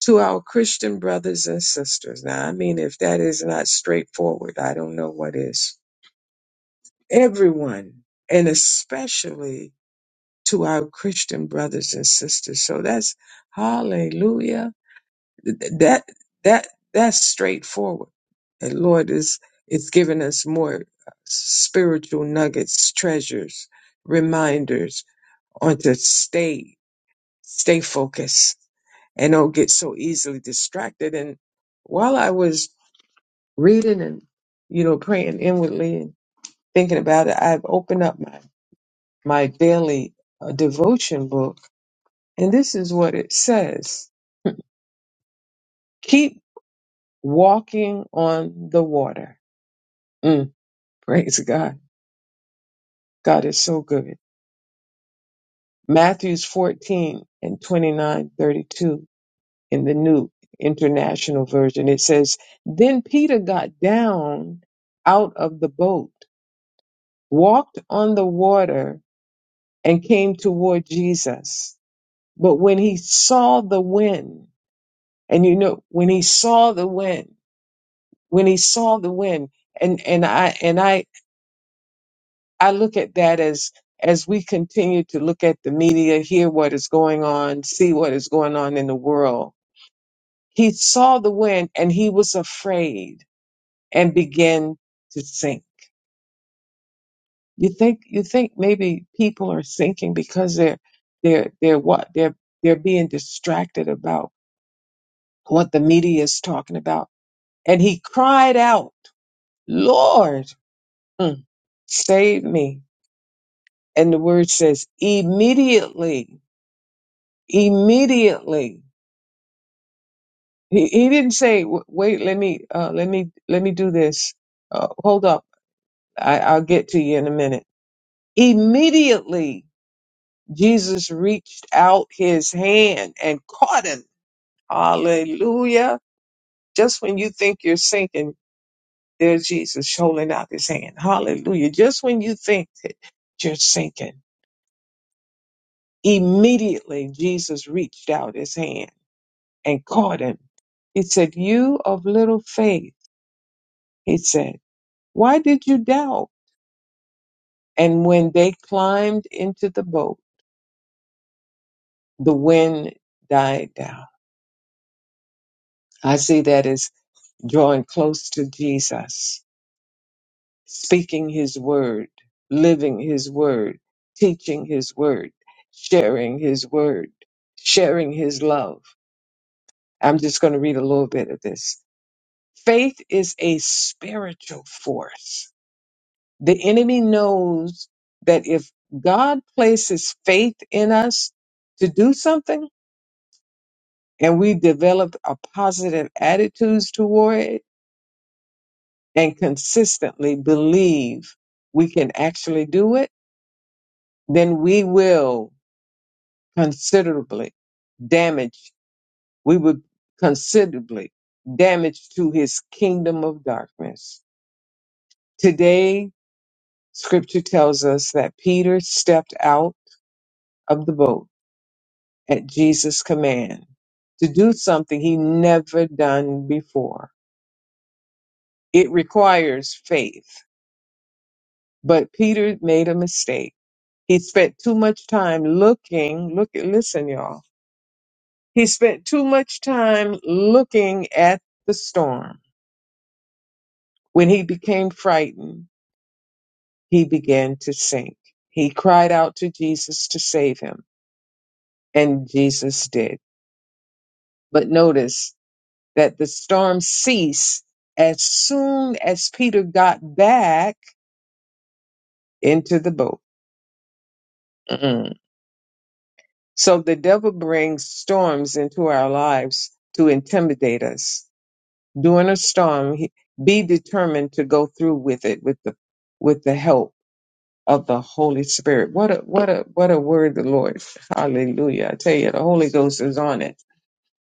to our Christian brothers and sisters. Now, I mean, if that is not straightforward, I don't know what is. Everyone, and especially to our Christian brothers and sisters. So that's hallelujah. Th- That, that, that's straightforward. And Lord is, it's given us more spiritual nuggets, treasures, reminders on to stay, stay focused and don't get so easily distracted. And while I was reading and you know praying inwardly and thinking about it i've opened up my my daily uh, devotion book and this is what it says keep walking on the water mm, praise god god is so good matthews 14 and 29 32 in the new international version it says then peter got down out of the boat walked on the water and came toward jesus But when he saw the wind, and you know, when he saw the wind, when he saw the wind, and and I and I I look at that as as we continue to look at the media, hear what is going on, see what is going on in the world. He saw the wind and he was afraid and began to sink. You think you think maybe people are sinking because they're they're they're what they're they're being distracted about what the media is talking about And he cried out, Lord, mm, save me. And the word says, immediately, immediately. He, he didn't say, "W- wait, let me, uh, let me, let me do this. Uh, hold up. I, I'll get to you in a minute. Immediately, Jesus reached out his hand and caught him. Hallelujah. Just when you think you're sinking, there's Jesus holding out his hand. Hallelujah. Just when you think that you're sinking. Immediately, Jesus reached out his hand and caught him. He said, You of little faith, he said, why did you doubt? And when they climbed into the boat, the wind died down. I see that as drawing close to Jesus, speaking his word, living his word, teaching his word, sharing his word, sharing his love. I'm just going to read a little bit of this. Faith is a spiritual force. The enemy knows that if God places faith in us to do something and we develop a positive attitudes toward it and consistently believe we can actually do it, then we will considerably damage, we would considerably damage to his kingdom of darkness. Today, Scripture tells us that Peter stepped out of the boat at Jesus' command to do something he never done before. It requires faith, but Peter made a mistake. He spent too much time looking, look, listen y'all. He spent too much time looking at the storm. When he became frightened, he began to sink. He cried out to Jesus to save him, and Jesus did. But notice that the storm ceased as soon as Peter got back into the boat. Mm-mm. So the devil brings storms into our lives to intimidate us. During a storm, he- be determined to go through with it with the with the help of the Holy Spirit. What a what a what a word, the Lord. Hallelujah. I tell you, the Holy Ghost is on it.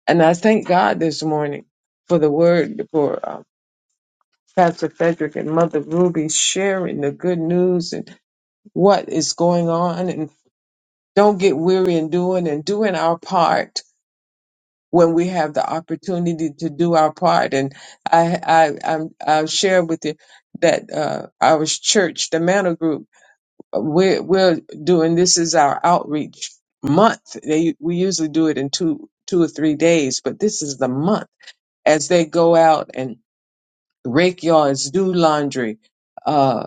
And I thank God this morning for the word for um, Pastor Frederick and Mother Ruby sharing the good news and what is going on. And don't get weary in doing and doing our part when we have the opportunity to do our part. And I, I, I'm, I'll share with you that uh, our church, the Mantle Group, we're, we're doing this is our outreach month. They, we usually do it in two, two or three days, but this is the month as they go out and rake yards, do laundry. uh,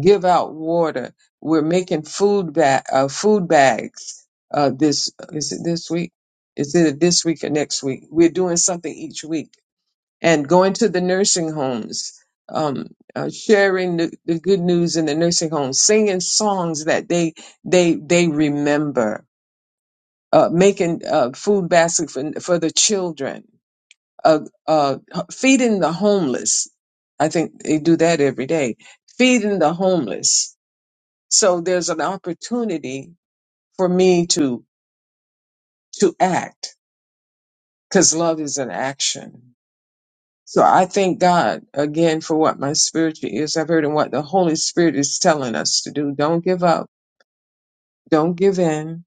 give out water. We're making food ba- uh, food bags. Uh, this is it this week. Is it this week or next week? We're doing something each week and going to the nursing homes, um, uh, sharing the, the good news in the nursing homes, singing songs that they they they remember, uh, making uh, food baskets for, for the children, uh, uh, feeding the homeless. I think they do that every day, feeding the homeless so there's an opportunity for me to to act because love is an action. So I thank God again for what my spiritual ears have heard and what the Holy Spirit is telling us to do. Don't give up. Don't give in.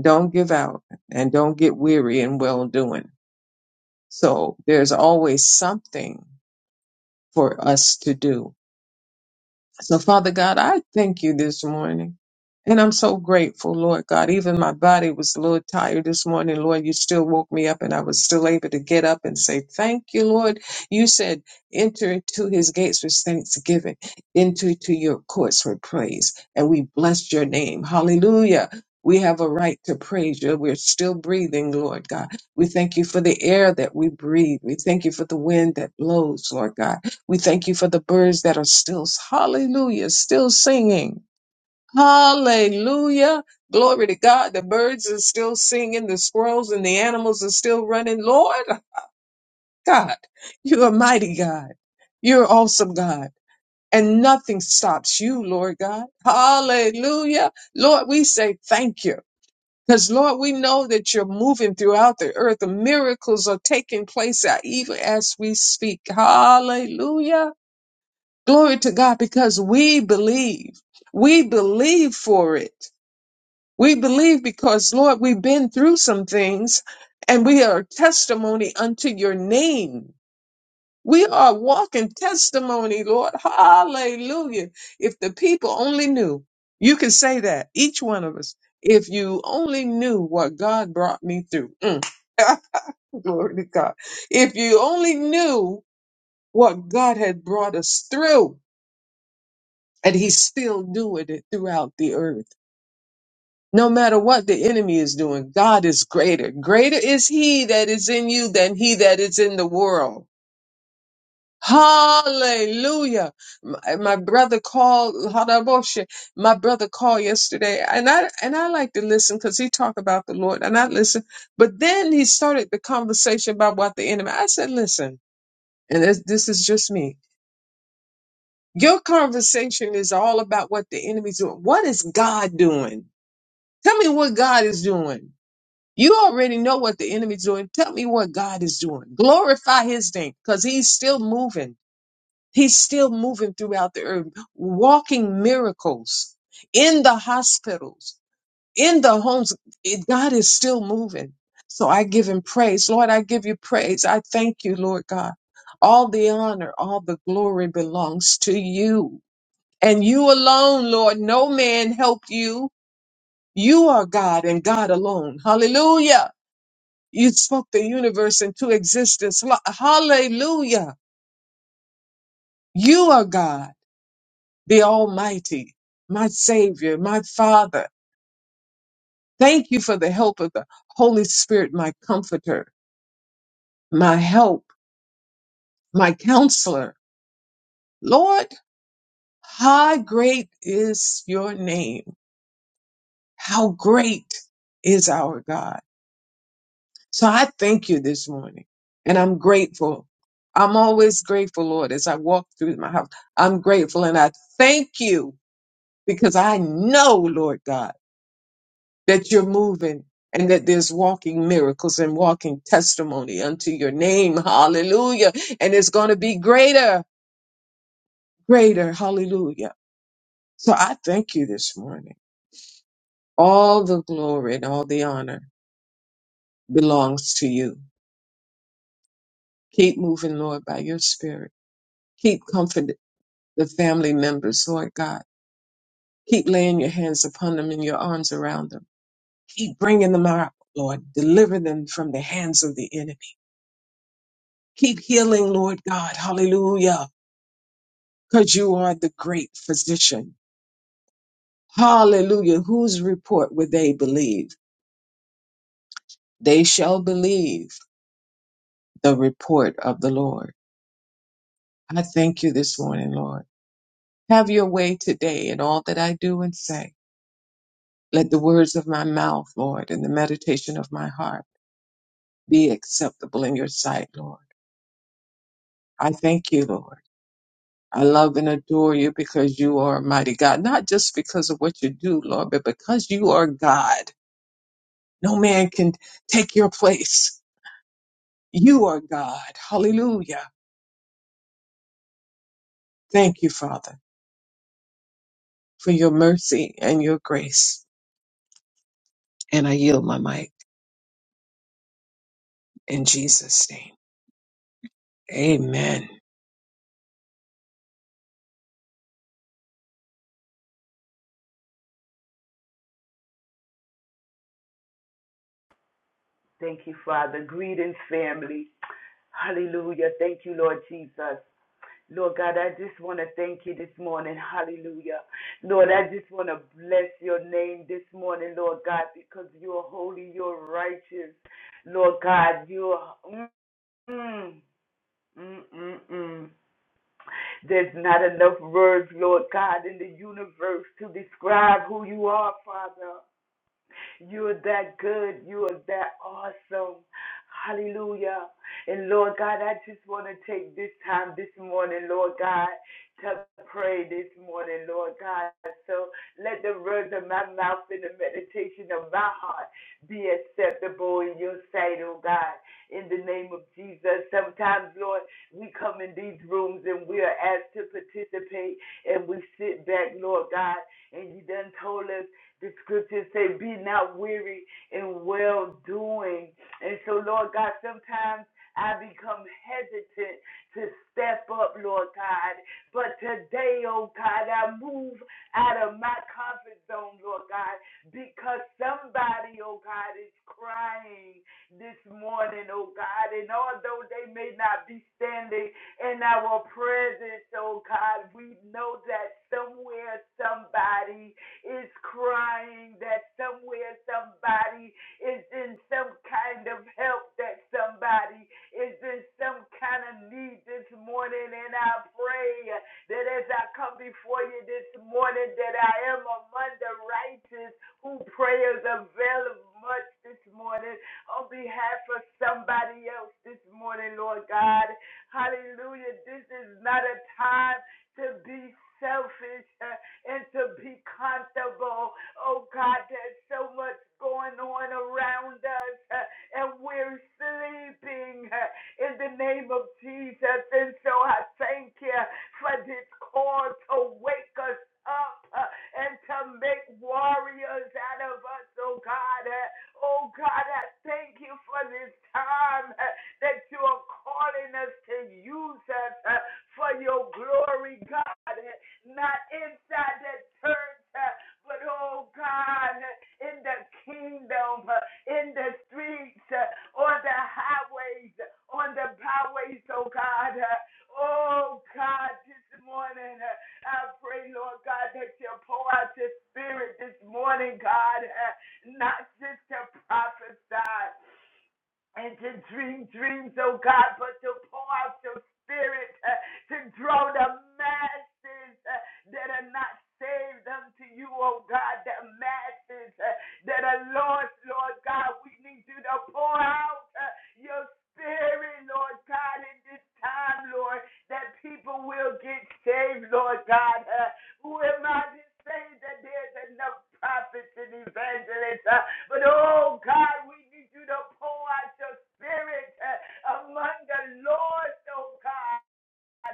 Don't give out and don't get weary in well doing. So there's always something for us to do So, Father God, I thank you this morning. And I'm so grateful, Lord God. Even my body was a little tired this morning. Lord, you still woke me up and I was still able to get up and say, Thank you, Lord. You said, Enter into his gates with thanksgiving, enter to your courts with praise. And we bless your name. Hallelujah. We have a right to praise you. We're still breathing, Lord God. We thank you for the air that we breathe. We thank you for the wind that blows, Lord God. We thank you for the birds that are still, hallelujah, still singing. Hallelujah. Glory to God. The birds are still singing. The squirrels and the animals are still running. Lord God, you're a mighty God. You're awesome God. And nothing stops you, Lord God. Hallelujah. Lord, we say thank you. Because Lord, we know that you're moving throughout the earth. The miracles are taking place even as we speak. Hallelujah. Glory to God because we believe. We believe for it. We believe because, Lord, we've been through some things and we are testimony unto your name. We are walking testimony, Lord. Hallelujah. If the people only knew, you can say that, each one of us, if you only knew what God brought me through. Mm. Glory to God. If you only knew what God had brought us through. and he's still doing it throughout the earth. No matter what the enemy is doing, God is greater. Greater is he that is in you than he that is in the world. Hallelujah. My, my brother called, Hadabosha, my brother called yesterday and I, and I like to listen because he talked about the Lord and I listen, but then he started the conversation about what the enemy, I said, listen, and this, this is just me. Your conversation is all about what the enemy's doing. What is God doing? Tell me what God is doing. You already know what the enemy's doing. Tell me what God is doing. Glorify his name because he's still moving. He's still moving throughout the earth, walking miracles in the hospitals, in the homes. It- God is still moving. So I give him praise. Lord, I give you praise. I thank you, Lord God. All the honor, all the glory belongs to you and you alone, Lord. No man helped you. You are God and God alone. Hallelujah. You spoke the universe into existence. Lo- Hallelujah. You are God, the Almighty, my Savior, my Father. Thank you for the help of the Holy Spirit, my comforter, my help, my counselor. Lord, how great is your name? How great is our God? So I thank you this morning and I'm grateful. I'm always grateful, Lord, as I walk through my house. I'm grateful and I thank you because I know, Lord God, that you're moving and that there's walking miracles and walking testimony unto your name. Hallelujah. And it's going to be greater, greater. Hallelujah. So I thank you this morning. All the glory and all the honor belongs to you. Keep moving, Lord, by your spirit. Keep comforting the family members, Lord God. Keep laying your hands upon them and your arms around them. Keep bringing them out, Lord. Deliver them from the hands of the enemy. Keep healing, Lord God. Hallelujah. Because you are the great physician. Hallelujah. Whose report would they believe? They shall believe the report of the Lord. I thank you this morning, Lord. Have your way today in all that I do and say. Let the words of my mouth, Lord, and the meditation of my heart be acceptable in your sight, Lord. I thank you, Lord. I love and adore you because you are a mighty God, not just because of what you do, Lord, but because you are God. No man can take your place. You are God. Hallelujah. Thank you, Father, for your mercy and your grace. And I yield my mic in Jesus' name. Amen. Thank you, Father. Greetings, family. Hallelujah. Thank you, Lord Jesus. Lord God, I just want to thank you this morning. Hallelujah. Lord, I just want to bless your name this morning, Lord God, because you're holy, you're righteous. Lord God, you're. Mm, mm, mm, mm, mm. There's not enough words, Lord God, in the universe to describe who you are, Father. You are that good. You are that awesome. Hallelujah. And Lord God, I just want to take this time this morning, Lord God, to pray this morning, Lord God. So let the words of my mouth and the meditation of my heart be acceptable in your sight, oh God. In the name of Jesus. Sometimes, Lord, we come in these rooms and we are asked to participate and we sit back, Lord God, and you done told us the scriptures say, be not weary in well doing. And so, Lord God, sometimes I become hesitant to step up, Lord God. But today, oh God, I move out of my comfort zone, Lord God, because somebody, oh God, is crying this morning, oh God. And although they may not be standing in our presence, oh God, we know that somewhere somebody is crying that somewhere somebody is in some kind of help, that somebody is in some kind of need this morning. And I pray that as I come before you this morning, that I am among the righteous who prayers avail of much this morning on behalf of somebody else this morning, Lord God. Hallelujah. This is not a time to be selfish. Uh, and to be comfortable. Oh God, there's so much going on around us uh, and we're sleeping uh, in the name of Jesus. And so I thank you for this call to wake us up uh, and to make warriors out of us, oh God. Uh, Oh God, I thank you for this time uh, that you are calling us to use us uh, for your glory, God. uh, not inside the church, uh, but oh God, in the kingdom, uh, in the streets, uh, on the highways, on the byways, oh God. uh, Oh God, this morning, uh, I pray, Lord God, that you pour out your spirit this morning, God, uh, not just to prophesy, and to dream dreams, oh God, but to pour out your spirit uh, to draw the masses uh, that are not saved unto you, oh God, the masses uh, that are lost, Lord God. We need you to pour out uh, your spirit, Lord God, in this time, Lord, that people will get saved, Lord God. Uh, who am I to say that there's enough prophets and evangelists? Uh, but oh God, we need you to pour out your spirit uh, among the Lord, oh God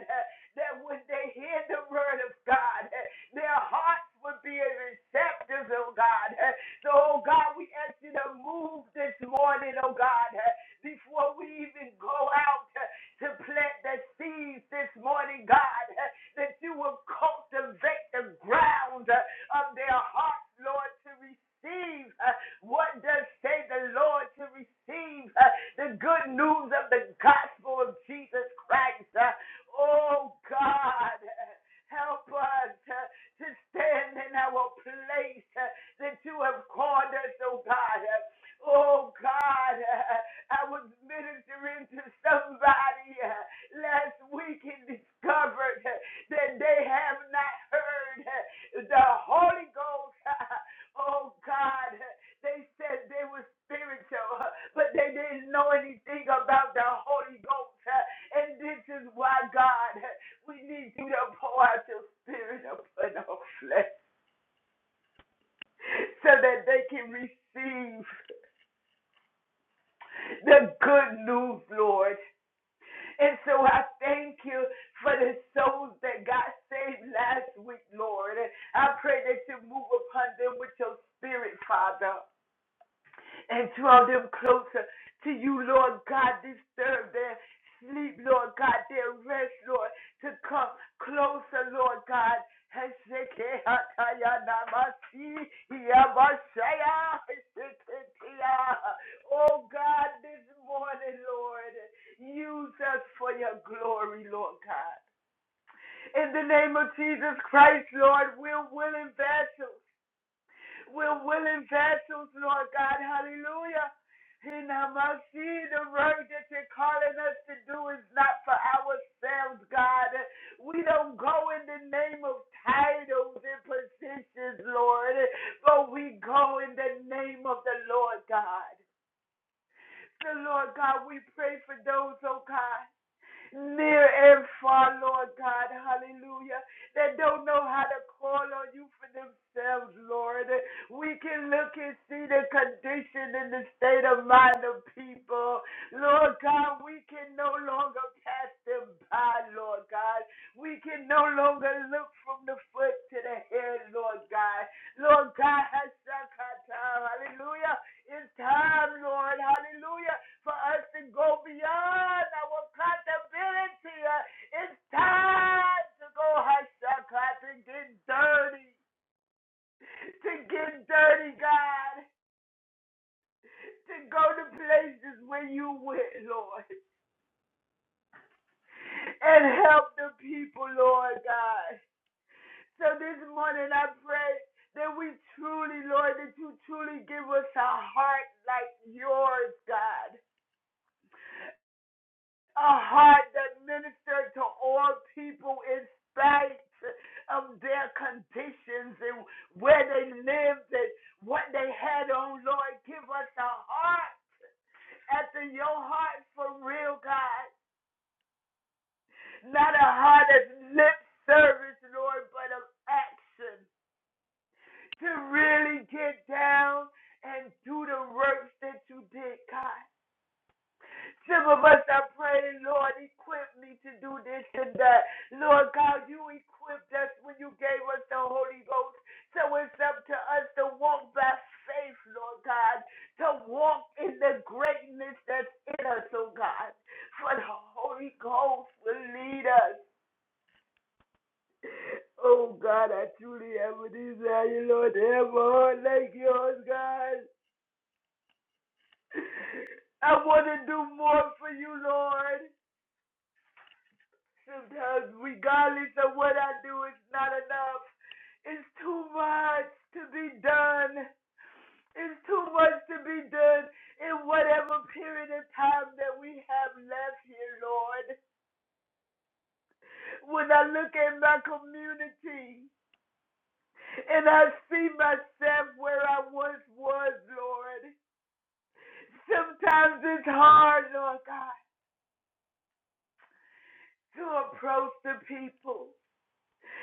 uh, that when they hear the word of God, uh, their hearts would be receptive, oh God. Uh, So, oh God, we ask you to move this morning, oh God, uh, before we even go out uh, to plant the seeds this morning, God, uh, that you will cultivate the ground uh, of their hearts, Lord, to receive uh, what does say the Lord to receive uh, the good news of the gospel of Jesus Christ. Uh, Oh God, help us to stand in our place that you have called us, oh God. Oh God, I was ministering to somebody last week and discovered that they have not heard the Holy Ghost. Oh God, they said they were spiritual, but they didn't know anything about the Holy Ghost. And this is why, God, we need you to pour out your spirit upon our flesh so that they can receive the good news, Lord. And so I thank you for the souls that got saved last week, Lord. I pray that you move upon them with your spirit, Father. and draw them closer to you, Lord God. Disturb their sleep, Lord God, their rest, Lord, to come closer, Lord God. Oh God, this morning, Lord, use us for your glory, Lord God. In the name of Jesus Christ, Lord, we're willing vessels. We're willing vessels, Lord God. Hallelujah. And I must see the work that you're calling us to do is not for ourselves, God. We don't go in the name of titles and positions, Lord, but we go in the name of the Lord God. So, Lord God, we pray for those, oh God near and far, Lord God, hallelujah, that don't know how to call on you for themselves, Lord. We can look and see the condition and the state of mind of people. Lord God, we can no longer pass them by, Lord God. We can no longer look from the foot to the head, Lord God. Lord God, hallelujah. It's time, Lord, hallelujah, for us to go beyond our accountability. Uh, It's time to go hashakah, to get dirty, to get dirty, God, to go to places where you went, Lord, and help the people, Lord God. So this morning I pray that we truly, Lord, that you truly give us a heart like yours, God. a heart that ministered to all people in spite of their conditions and where they lived and what they had on. Lord, give us a heart after your heart for real, God. Not a heart of lip service, Lord, but of action to really get down and do the works that you did, God. Some of us are praying, Lord, equip me to do this and that. Lord God, you equipped us when you gave us the Holy Ghost. So it's up to us to walk by faith, Lord God, to walk in the greatness that's in us, oh God. For the Holy Ghost will lead us. Oh God, I truly have a desire, Lord, to have a heart like yours, God. I want to do more for you, Lord. Sometimes, regardless of what I do, it's not enough. It's too much to be done. It's too much to be done in whatever period of time that we have left here, Lord. When I look at my community and I see myself where I once was, Lord, sometimes it's hard, Lord God, to approach the people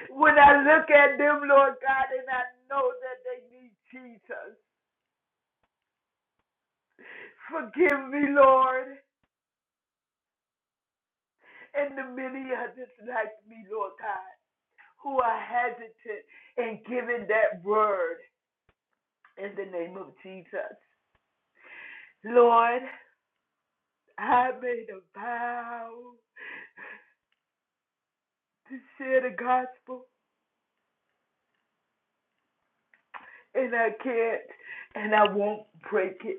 When I look at them, Lord God, and I know that they need Jesus, forgive me, Lord, and the many others like me, Lord God, who are hesitant in giving that word in the name of Jesus. Lord, I made a vow to share the gospel, and I can't, and I won't break it.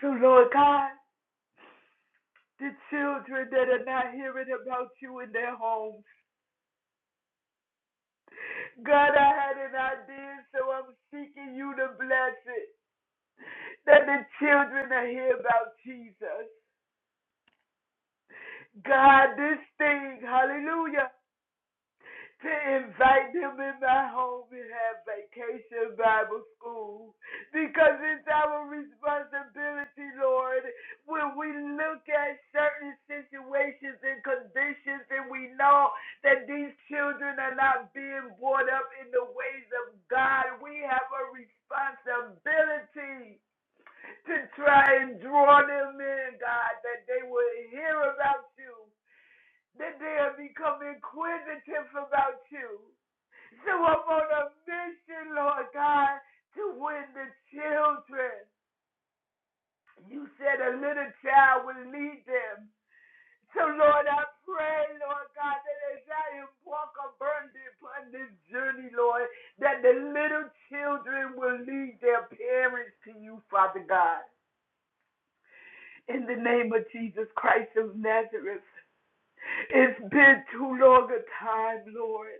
So, Lord God, the children that are not hearing about you in their homes, God, I had an idea, so I'm seeking you to bless it. That the children will hear about Jesus. God, this thing, hallelujah. to invite them in my home and have vacation Bible school because it's our responsibility, Lord, when we look at certain situations and conditions and we know that these children are not being brought up in the ways of God. We have a responsibility to try and draw them in, God, that they will hear about you, that they'll become inquisitive about you so I'm on a mission, Lord God, to win the children. You said a little child will lead them. So, Lord, I pray, Lord God, that as I embark upon this, journey, Lord, that the little children will lead their parents to you, Father God. In the name of Jesus Christ of Nazareth, it's been too long a time, Lord.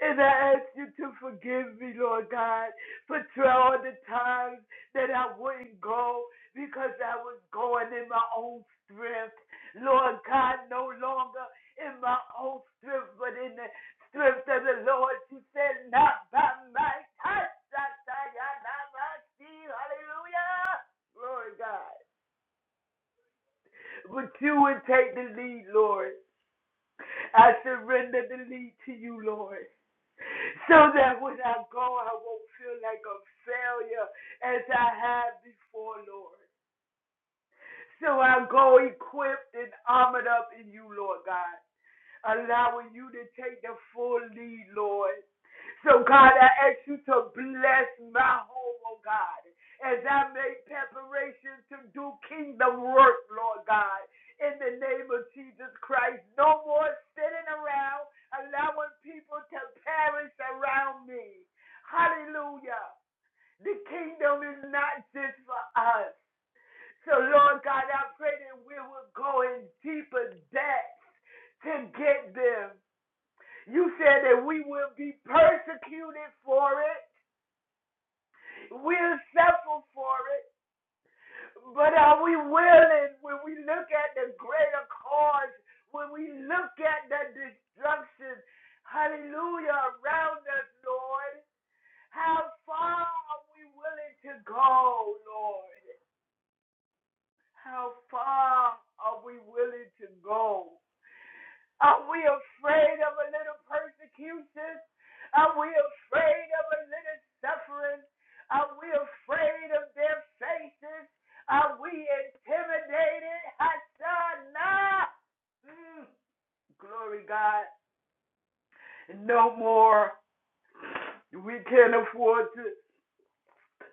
And I ask you to forgive me, Lord God, for all the times that I wouldn't go because I was going in my own strength. Lord God, no longer in my own strength, but in the strength of the Lord. You said, not by my touch, hallelujah. Glory God. But you would take the lead, Lord. I surrender the lead to you, Lord. so that when I go, I won't feel like a failure as I have before, Lord. So I go equipped and armored up in you, Lord God allowing you to take the full lead, Lord. So, God, I ask you to bless my home, oh God, as I make preparations to do kingdom work, Lord God, in the name of Jesus Christ. No more sitting around allowing people to perish around me. Hallelujah. The kingdom is not just for us. So, Lord God, I pray that we will go in deeper depths to get them. You said that we will be persecuted for it. We'll suffer for it. But are we willing when we look at the greater cause, when we look at the destruction, hallelujah, around us, Lord? How far are we willing to go, Lord? How far are we willing to go? Are we afraid of a little persecution? Are we afraid of a little suffering? Are we afraid of their faces? Are we intimidated? Hasana! Mm, glory God. No more. We can't afford to.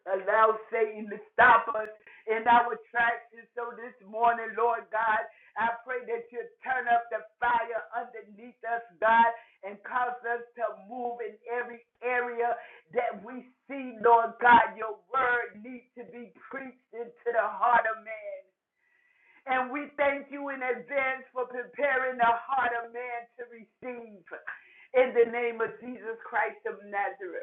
allow Satan to stop us in our tracks. And so this morning, Lord God, I pray that you turn up the fire underneath us, God, and cause us to move in every area that we see, Lord God. Your word needs to be preached into the heart of man. And we thank you in advance for preparing the heart of man to receive. In the name of Jesus Christ of Nazareth.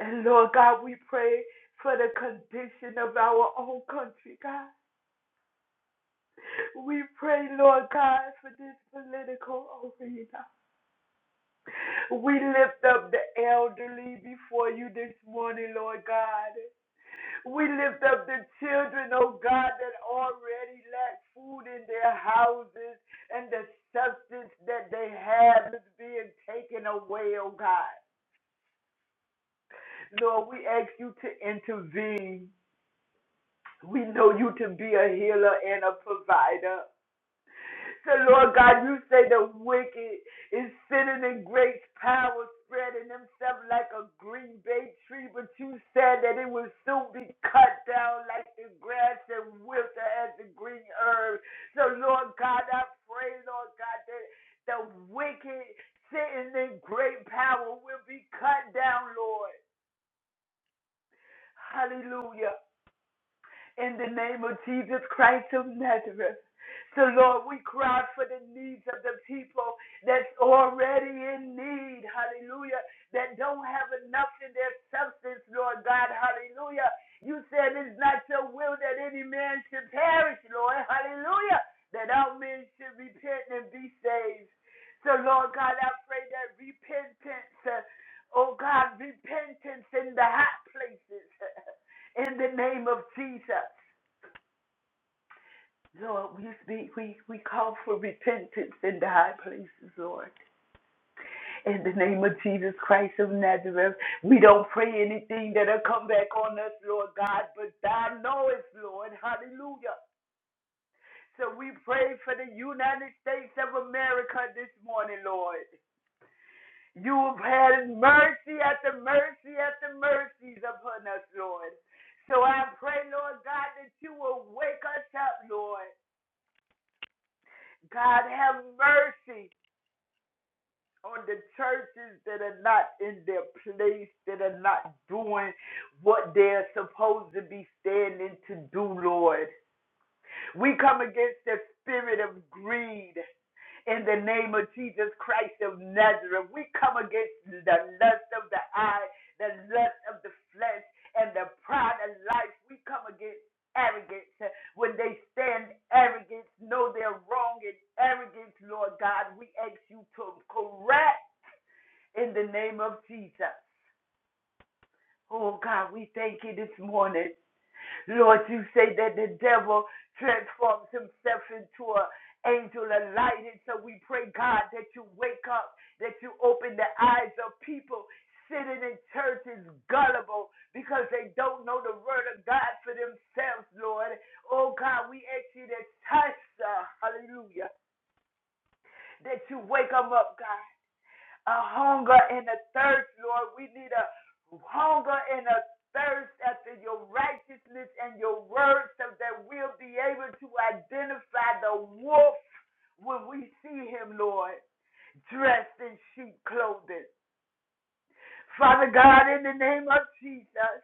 And Lord God, we pray for the condition of our own country, God. We pray, Lord God, for this political arena. We lift up the elderly before you this morning, Lord God. We lift up the children, oh God, that already lack food in their houses and the substance that they have is being taken away, oh God. Lord, we ask you to intervene. We know you to be a healer and a provider. So, Lord God, you say the wicked is sitting in great power, spreading themselves like a green bay tree, but you said that it will soon be cut down like the grass and wither as the green herb. So, Lord God, I pray, Lord God, that the wicked sitting in great power will be cut down, Lord. Hallelujah. in the name of Jesus Christ of Nazareth. So, Lord, we cry for the needs of the people that's already in need, hallelujah, that don't have enough in their substance, Lord God, hallelujah. You said it's not your will that any man should perish, Lord, hallelujah, that all men should repent and be saved. So, Lord God, I pray that repentance, uh, oh God, repentance in the hot places. in the name of Jesus. Lord, we speak, we, we call for repentance in the high places, Lord. In the name of Jesus Christ of Nazareth, we don't pray anything that'll come back on us, Lord God, but thou knowest, Lord. Hallelujah. So we pray for the United States of America this morning, Lord. You have had mercy after mercy after mercies upon us, Lord. So I pray, Lord God, that you will wake us up, Lord. God have mercy on the churches that are not in their place, that are not doing what they're supposed to be standing to do, Lord. We come against the spirit of greed in the name of Jesus Christ of Nazareth. We come against the lust of the eye, the lust of the flesh, and the pride of life. We come against arrogance. When they stand arrogance, know they're wrong in arrogance, Lord God. We ask you to correct in the name of Jesus. Oh God, we thank you this morning. Lord, you say that the devil transforms himself into an angel of light. And so we pray, God, that you wake up, that you open the eyes of people sitting in churches gullible because they don't know the word of God for themselves, Lord. Oh, God, we ask you to touch, uh, hallelujah, that you wake them up, God a hunger and a thirst, Lord. We need a hunger and a thirst after your righteousness and your word so that we'll be able to identify the wolf when we see him, Lord, dressed in sheep clothing. Father God, in the name of Jesus,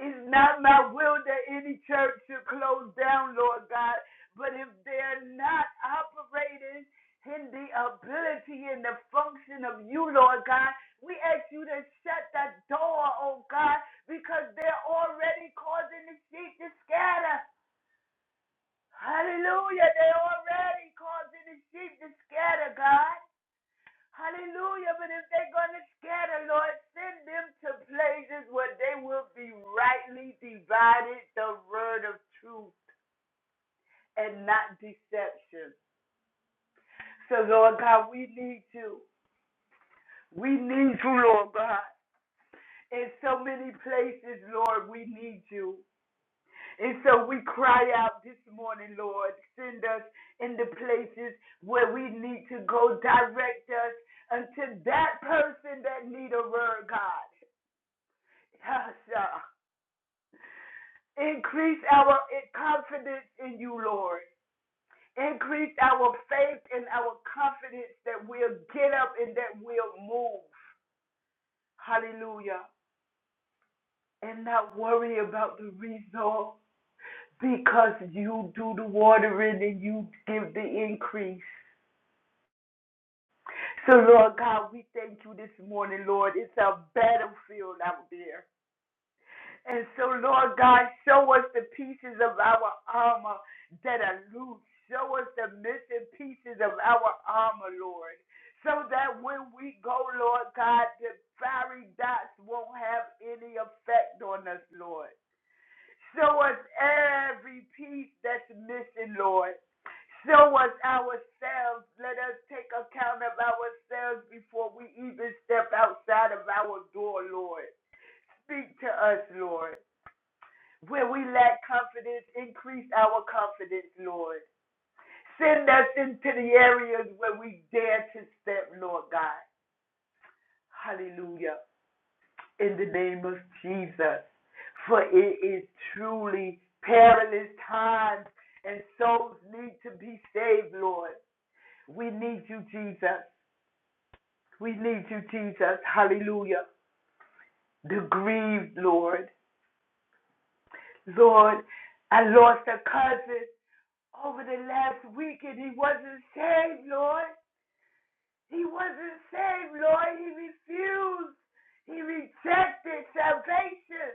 it's not my will that any church should close down, Lord God. But if they're not operating in the ability and the function of you, Lord God, we ask you to shut that door, oh God, because they're already causing the sheep to scatter. Hallelujah. They're already causing the sheep to scatter, God. Hallelujah. But if they're going to scatter, Lord, send them to places where they will be rightly divided the word of truth and not deception. So, Lord God, we need you. We need you, Lord God. In so many places, Lord, we need you. And so we cry out this morning, Lord. Send us in the places where we need to go. Direct us unto that person that need a word, God. Yes, yeah. Increase our eh, confidence in you, Lord. Increase our faith and our confidence that we'll get up and that we'll move. Hallelujah. And not worry about the result because you do the watering and you give the increase. So, Lord God, we thank you this morning, Lord. It's a battlefield out there. And so, Lord God, show us the pieces of our armor that are loose. Show us the missing pieces of our armor, Lord. So that when we go, Lord God, the fiery dots won't have any effect on us, Lord. Show us every piece that's missing, Lord. Show us ourselves. Let us take account of ourselves before we even step outside of our door, Lord. Speak to us, Lord. Where we lack confidence, increase our confidence, Lord. Send us into the areas where we dare to step, Lord God. Hallelujah. In the name of Jesus. For it is truly perilous times and souls need to be saved, Lord. We need you, Jesus. We need you, Jesus. Hallelujah. The grieved, Lord. Lord, I lost a cousin over the last week and he wasn't saved, Lord. He wasn't saved, Lord. He refused. He rejected salvation.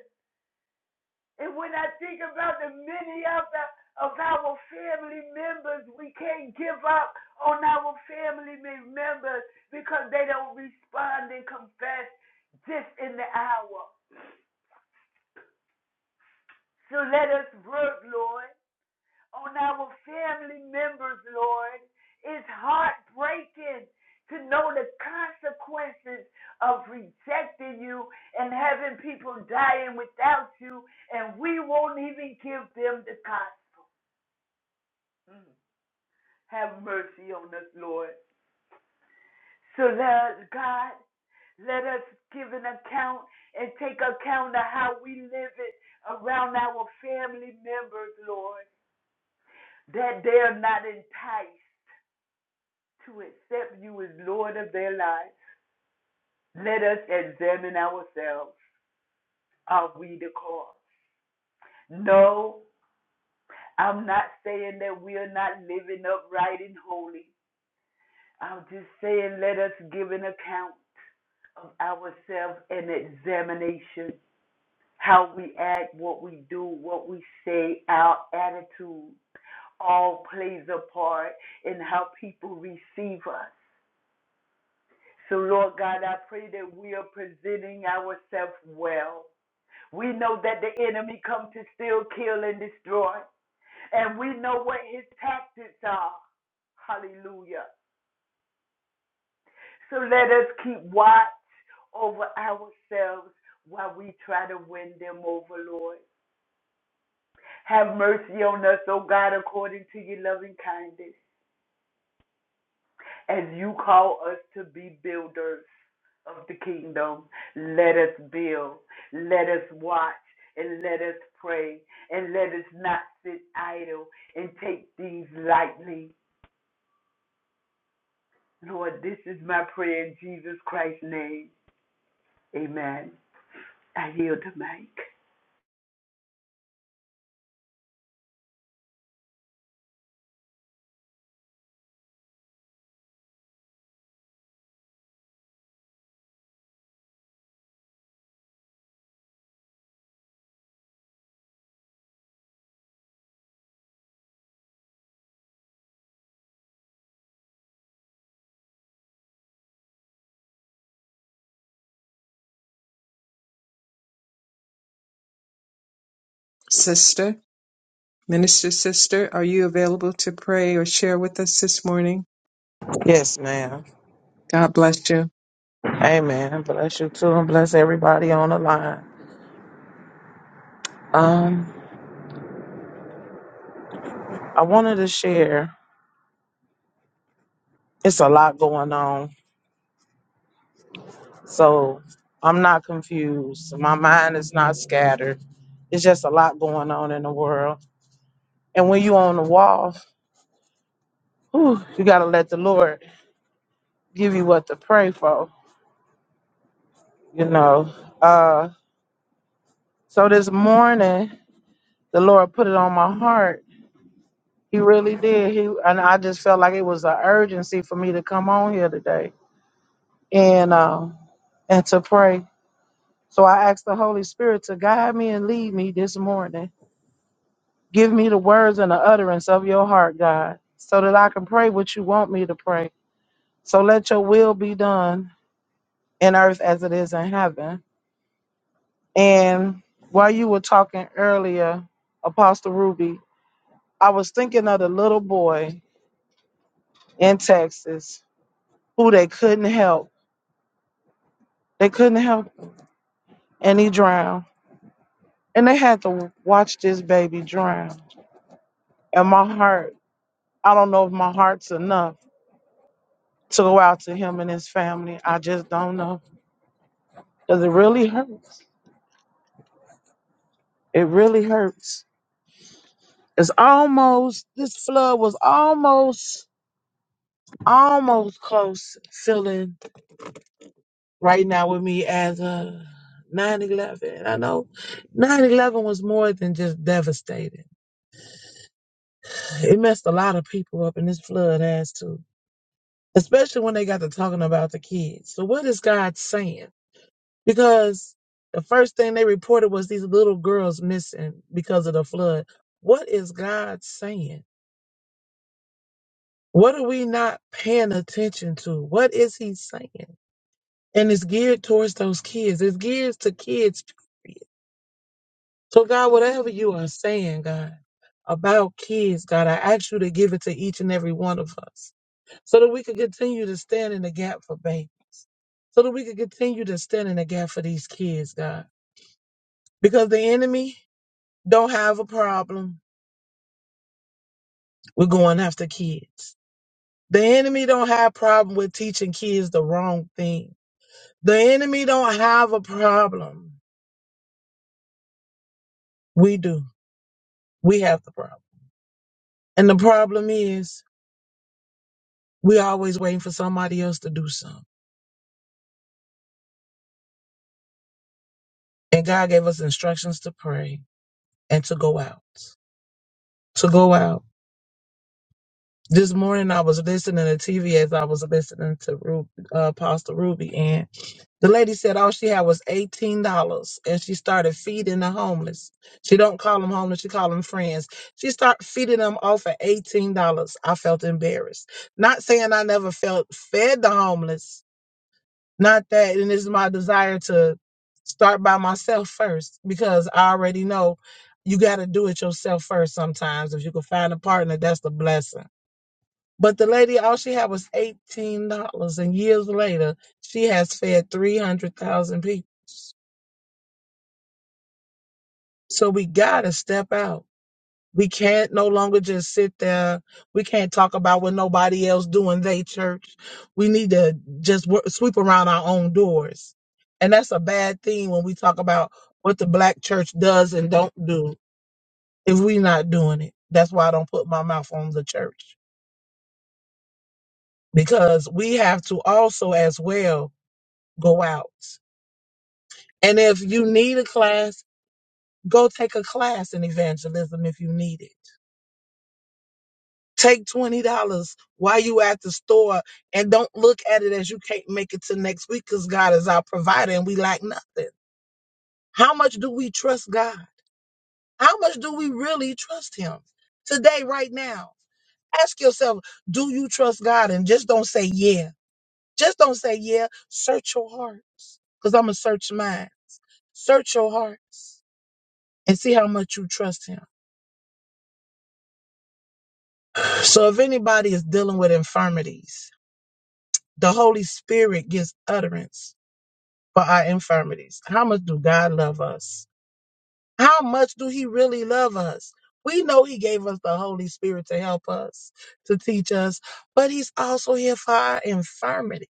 And when I think about the many of the of our family members, we can't give up on our family members because they don't respond and confess just in the hour. So let us work, Lord. on our family members, Lord. It's heartbreaking to know the consequences of rejecting you and having people dying without you, and we won't even give them the gospel. Mm. Have mercy on us, Lord. So, let, God, let us give an account and take account of how we live it around our family members, Lord, that they are not enticed to accept you as Lord of their lives, let us examine ourselves. Are we the cause? No, I'm not saying that we are not living upright and holy. I'm just saying let us give an account of ourselves and examination how we act, what we do, what we say, our attitude all plays a part in how people receive us. So, Lord God, I pray that we are presenting ourselves well. We know that the enemy comes to steal, kill, and destroy, and we know what his tactics are. Hallelujah. So let us keep watch over ourselves while we try to win them over, Lord. Have mercy on us, O God, according to your loving kindness. As you call us to be builders of the kingdom, let us build, let us watch, and let us pray, and let us not sit idle and take things lightly. Lord, this is my prayer in Jesus Christ's name. Amen. I yield the mic. Sister, minister sister, are you available to pray or share with us this morning? Yes, ma'am. God bless you. Amen. Bless you too, and bless everybody on the line. Um, I wanted to share. It's a lot going on, so I'm not confused. My mind is not scattered. It's just a lot going on in the world. And when you on the wall, whew, you gotta let the Lord give you what to pray for. You know. Uh, so this morning, the Lord put it on my heart. He really did. He and I just felt like it was an urgency for me to come on here today and um and to pray. So I ask the Holy Spirit to guide me and lead me this morning. Give me the words and the utterance of your heart, God, so that I can pray what you want me to pray. So let your will be done in earth as it is in heaven. And while you were talking earlier, Apostle Ruby, I was thinking of the little boy in Texas who they couldn't help. They couldn't help and he drowned. And they had to watch this baby drown. And my heart I don't know if my heart's enough to go out to him and his family. I just don't know. Because it really hurts. It really hurts. It's almost, this flood was almost, almost close feeling right now with me as a 9 11. I know 9 11 was more than just devastating, it messed a lot of people up, and this flood has too. Especially when they got to talking about the kids. So, what is God saying? because the first thing they reported was these little girls missing because of the flood. What is God saying? What are we not paying attention to? What is He saying? And it's geared towards those kids. It's geared to kids. Period. So God, whatever you are saying, God. About kids, God, I ask you to give it to each and every one of us so that we could continue to stand in the gap for baby, so that we could continue to stand in the gap for these kids, God. Because the enemy don't have a problem with going after kids. The enemy don't have problem with teaching kids the wrong thing. The enemy don't have a problem. We do. We have the problem. And the problem is we always waiting for somebody else to do something. And God gave us instructions to pray and to go out. To go out This morning I was listening to TV as I was listening to Ruby, uh, Pastor Ruby, and the lady said all she had was eighteen dollars, and she started feeding the homeless. She don't call them homeless; she call them friends. She start feeding them off for eighteen dollars. I felt embarrassed. Not saying I never felt fed the homeless. Not that, and it's my desire to start by myself first because I already know you got to do it yourself first. Sometimes, if you can find a partner, that's the blessing but the lady, all she had was eighteen dollars, and years later, she has fed three hundred thousand people. So we gotta step out. We can't no longer just sit there. We can't talk about what nobody else doing. They church. We need to just work, sweep around our own doors, and that's a bad thing when we talk about what the black church does and don't do. If we not doing it, that's why I don't put my mouth on the church because we have to also as well go out And if you need a class, go take a class in evangelism if you need it. Take $20 while you at the store and don't look at it as you can't make it to next week because God is our provider and we lack nothing. How much do we trust God? How much do we really trust Him today, right now? Ask yourself, do you trust God? And just don't say yeah. Just don't say yeah. Search your hearts because I'm going to search mine. Search your hearts and see how much you trust Him. So if anybody is dealing with infirmities, the Holy Spirit gives utterance for our infirmities. How much do God love us? How much do He really love us? We know He gave us the Holy Spirit to help us, to teach us, but He's also here for our infirmity.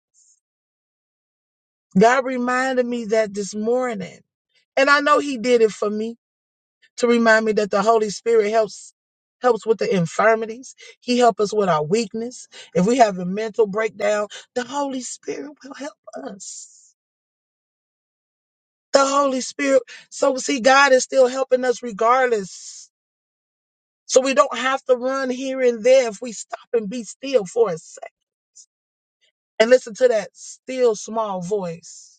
God reminded me that this morning, and I know He did it for me. to remind me that the Holy Spirit helps helps with the infirmities. He helps us with our weakness. If we have a mental breakdown, the Holy Spirit will help us. The Holy Spirit. So see, God is still helping us regardless. So we don't have to run here and there if we stop and be still for a sec and listen to that still small voice.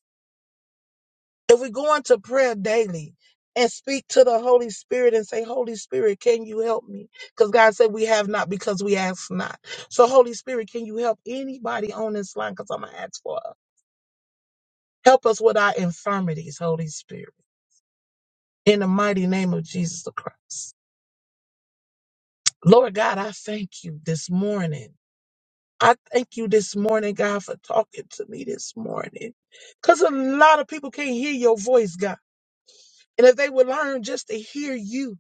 If we go into prayer daily and speak to the Holy Spirit and say, Holy Spirit, can you help me? Because God said we have not because we ask not. So, Holy Spirit, can you help anybody on this line? Because I'm going to ask for help. Help us with our infirmities, Holy Spirit, in the mighty name of Jesus the Christ. Lord God, I thank you this morning. I thank you this morning, God, for talking to me this morning. Because a lot of people can't hear your voice, God. And if they would learn just to hear you,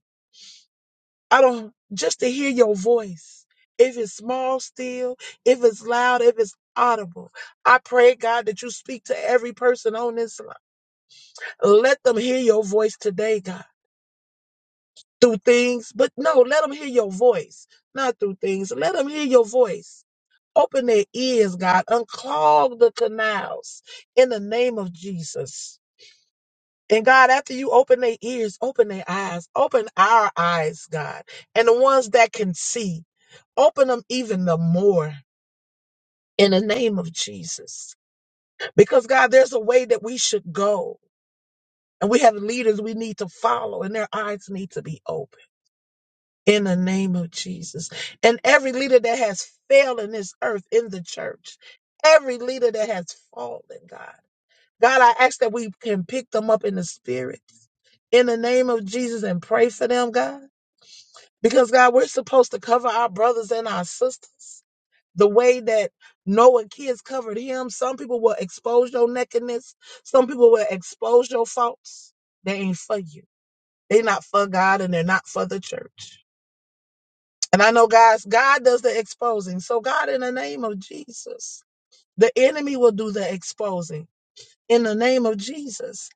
I don't just to hear your voice. If it's small still, if it's loud, if it's audible. I pray, God, that you speak to every person on this line. Let them hear your voice today, God. Through things, but no, let them hear your voice. Not through things. Let them hear your voice. Open their ears, God. Unclog the canals in the name of Jesus. And God, after you open their ears, open their eyes, open our eyes, God, and the ones that can see. Open them even the more in the name of Jesus. Because, God, there's a way that we should go. And we have leaders we need to follow, and their eyes need to be open in the name of Jesus. And every leader that has failed in this earth, in the church, every leader that has fallen, God, God, I ask that we can pick them up in the spirit in the name of Jesus and pray for them, God. Because, God, we're supposed to cover our brothers and our sisters. the way that Noah kids covered him. Some people will expose your nakedness. Some people will expose your faults. They ain't for you. They're not for God and they're not for the church. And I know guys, God does the exposing. So God, in the name of Jesus, the enemy will do the exposing in the name of Jesus.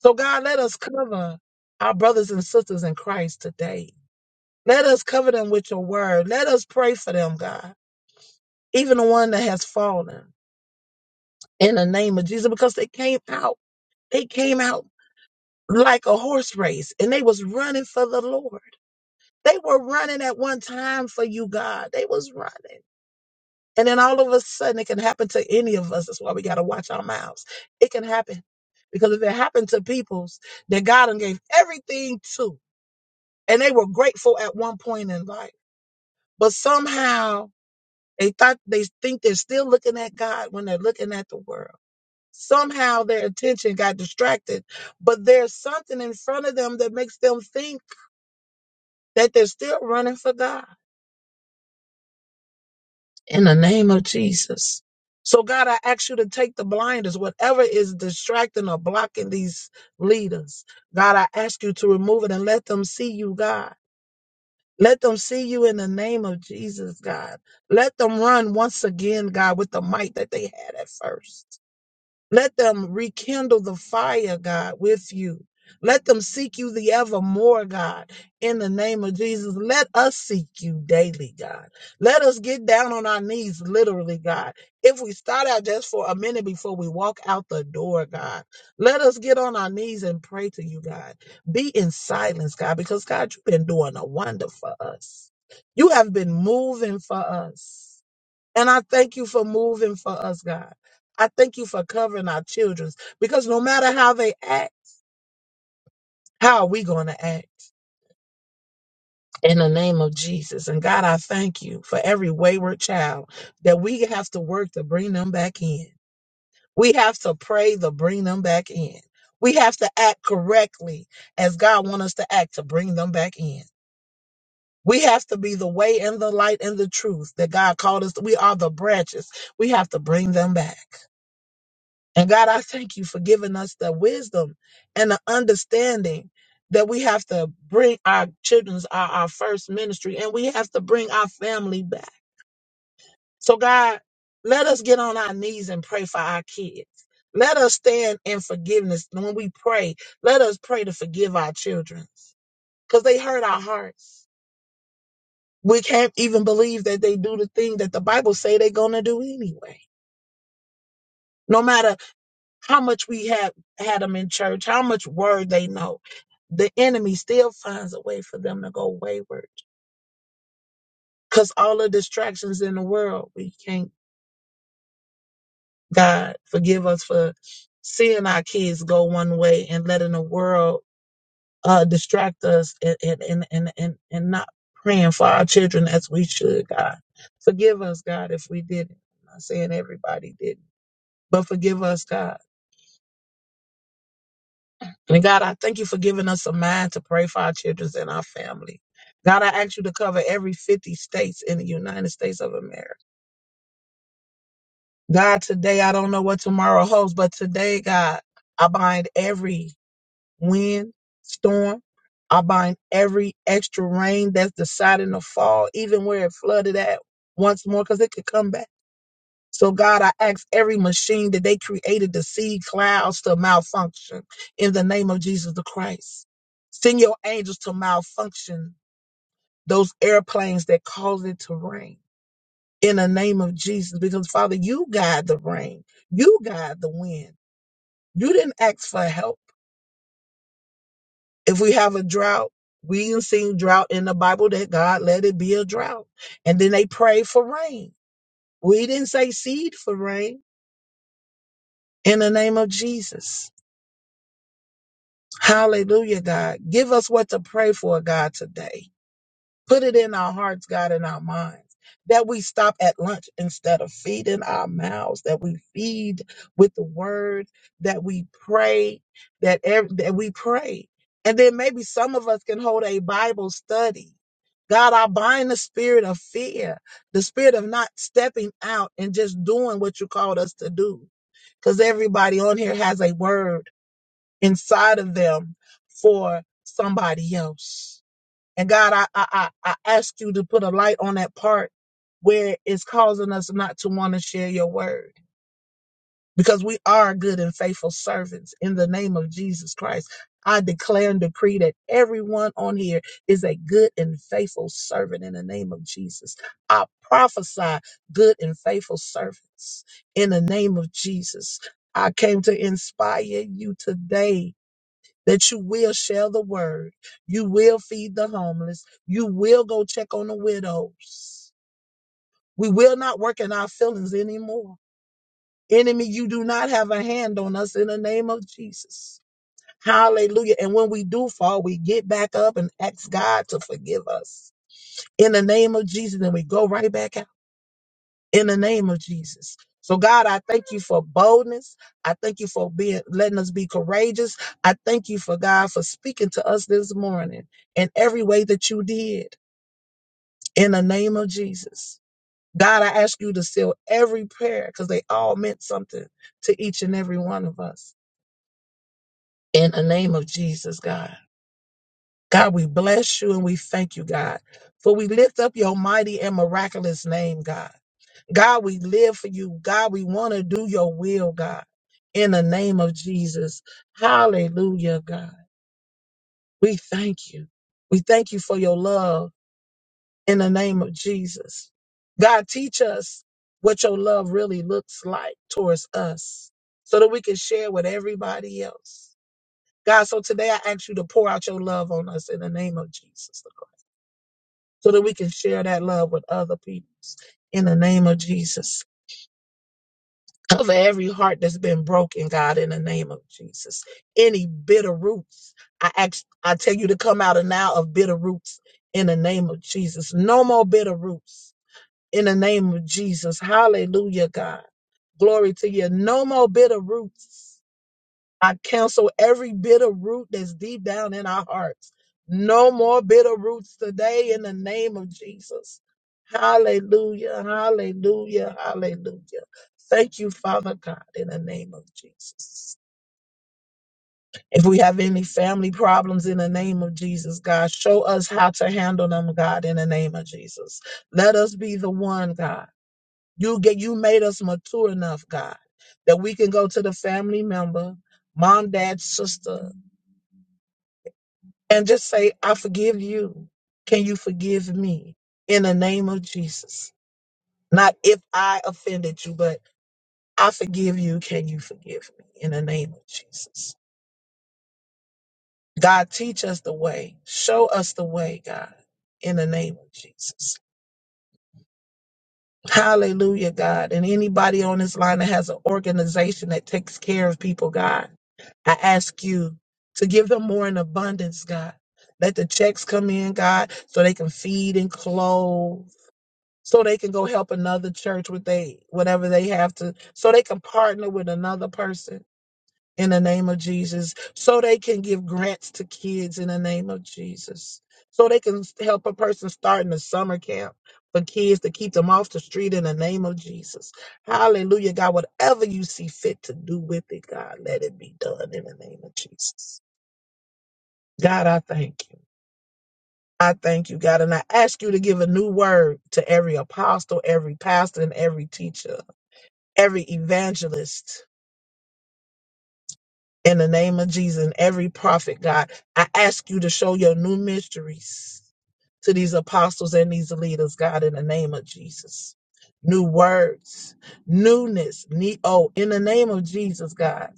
So God, let us cover our brothers and sisters in Christ today. Let us cover them with your word. Let us pray for them, God, even the one that has fallen. in the name of Jesus because they came out. They came out like a horse race and they was running for the Lord. They were running at one time for you, God. They was running. And then all of a sudden it can happen to any of us. That's why we got to watch our mouths. It can happen because if it happened to peoples that God done gave everything to and they were grateful at one point in life, but somehow they thought they think they're still looking at God when they're looking at the world. Somehow their attention got distracted, but there's something in front of them that makes them think that they're still running for God in the name of Jesus. So, God, I ask you to take the blinders, whatever is distracting or blocking these leaders. God, I ask you to remove it and let them see you, God. Let them see you in the name of Jesus, God. Let them run once again, God, with the might that they had at first. Let them rekindle the fire, God, with you. Let them seek you the evermore, God, in the name of Jesus. Let us seek you daily, God. Let us get down on our knees, literally, God. If we start out just for a minute before we walk out the door, God, let us get on our knees and pray to you, God. Be in silence, God, because, God, you've been doing a wonder for us. You have been moving for us. And I thank you for moving for us, God. I thank you for covering our children because no matter how they act, how are we going to act? In the name of Jesus. And God, I thank you for every wayward child that we have to work to bring them back in. We have to pray to bring them back in. We have to act correctly as God wants us to act to bring them back in. We have to be the way and the light and the truth that God called us. We are the branches. We have to bring them back. And God, I thank you for giving us the wisdom and the understanding that we have to bring our children's our, our first ministry and we have to bring our family back. So God, let us get on our knees and pray for our kids. Let us stand in forgiveness. When we pray, let us pray to forgive our children because they hurt our hearts. We can't even believe that they do the thing that the Bible say they're going to do anyway. No matter how much we have had them in church, how much word they know, the enemy still finds a way for them to go wayward. Because all the distractions in the world, we can't, God, forgive us for seeing our kids go one way and letting the world uh, distract us and, and, and, and, and, and not praying for our children as we should, God. Forgive us, God, if we didn't. I'm not saying everybody didn't, but forgive us, God And God, I thank you for giving us a mind to pray for our children and our family. God, I ask you to cover every 50 states in the United States of America. God, today, I don't know what tomorrow holds, but today, God, I bind every wind, storm. I bind every extra rain that's deciding to fall, even where it flooded at once more, because it could come back. So, God, I ask every machine that they created to seed clouds to malfunction in the name of Jesus the Christ. Send your angels to malfunction those airplanes that cause it to rain in the name of Jesus. Because, Father, you guide the rain, you guide the wind. You didn't ask for help. If we have a drought, we did seen drought in the Bible that God let it be a drought. And then they prayed for rain. We didn't say seed for rain in the name of Jesus. Hallelujah, God. Give us what to pray for, God, today. Put it in our hearts, God, in our minds, that we stop at lunch instead of feeding our mouths, that we feed with the word, that we pray, that, ev- that we pray. And then maybe some of us can hold a Bible study. God, I bind the spirit of fear, the spirit of not stepping out and just doing what you called us to do. Because everybody on here has a word inside of them for somebody else. And God, I, I, I I ask you to put a light on that part where it's causing us not to want to share your word because we are good and faithful servants in the name of Jesus Christ. I declare and decree that everyone on here is a good and faithful servant in the name of Jesus. I prophesy good and faithful servants in the name of Jesus. I came to inspire you today that you will share the word. You will feed the homeless. You will go check on the widows. We will not work in our feelings anymore. Enemy, you do not have a hand on us in the name of Jesus. Hallelujah. And when we do fall, we get back up and ask God to forgive us in the name of Jesus. And we go right back out. in the name of Jesus. So God, I thank you for boldness. I thank you for being letting us be courageous. I thank you for God for speaking to us this morning in every way that you did in the name of Jesus. God, I ask you to seal every prayer because they all meant something to each and every one of us in the name of Jesus, God. God, we bless you and we thank you, God, for we lift up your mighty and miraculous name, God. God, we live for you. God, we want to do your will, God, in the name of Jesus. Hallelujah, God. We thank you. We thank you for your love in the name of Jesus. God, teach us what your love really looks like towards us so that we can share with everybody else. God, so today I ask you to pour out your love on us in the name of Jesus so that we can share that love with other people. in the name of Jesus. Cover every heart that's been broken, God, in the name of Jesus. Any bitter roots, I ask, I tell you to come out of now of bitter roots in the name of Jesus. No more bitter roots in the name of Jesus. Hallelujah, God. Glory to you. No more bitter roots I cancel every bitter root that's deep down in our hearts. No more bitter roots today in the name of Jesus. Hallelujah, hallelujah, hallelujah. Thank you, Father God, in the name of Jesus. If we have any family problems in the name of Jesus, God, show us how to handle them, God, in the name of Jesus. Let us be the one, God. You get you made us mature enough, God, that we can go to the family member, mom, dad, sister. and just say, I forgive you. Can you forgive me in the name of Jesus? Not if I offended you, but I forgive you. Can you forgive me in the name of Jesus? God, teach us the way. Show us the way, God, in the name of Jesus. Hallelujah, God. And anybody on this line that has an organization that takes care of people, God, I ask you to give them more in abundance, God. Let the checks come in, God, so they can feed and clothe so they can go help another church with they whatever they have to so they can partner with another person in the name of Jesus so they can give grants to kids in the name of Jesus so they can help a person start in a summer camp for kids to keep them off the street in the name of Jesus hallelujah God whatever you see fit to do with it God let it be done in the name of Jesus God I thank you I thank you, God, and I ask you to give a new word to every apostle, every pastor, and every teacher every evangelist in the name of Jesus and every prophet, God. I ask you to show your new mysteries to these apostles and these leaders, God, in the name of Jesus. New words, newness, ne- oh, in the name of Jesus, God,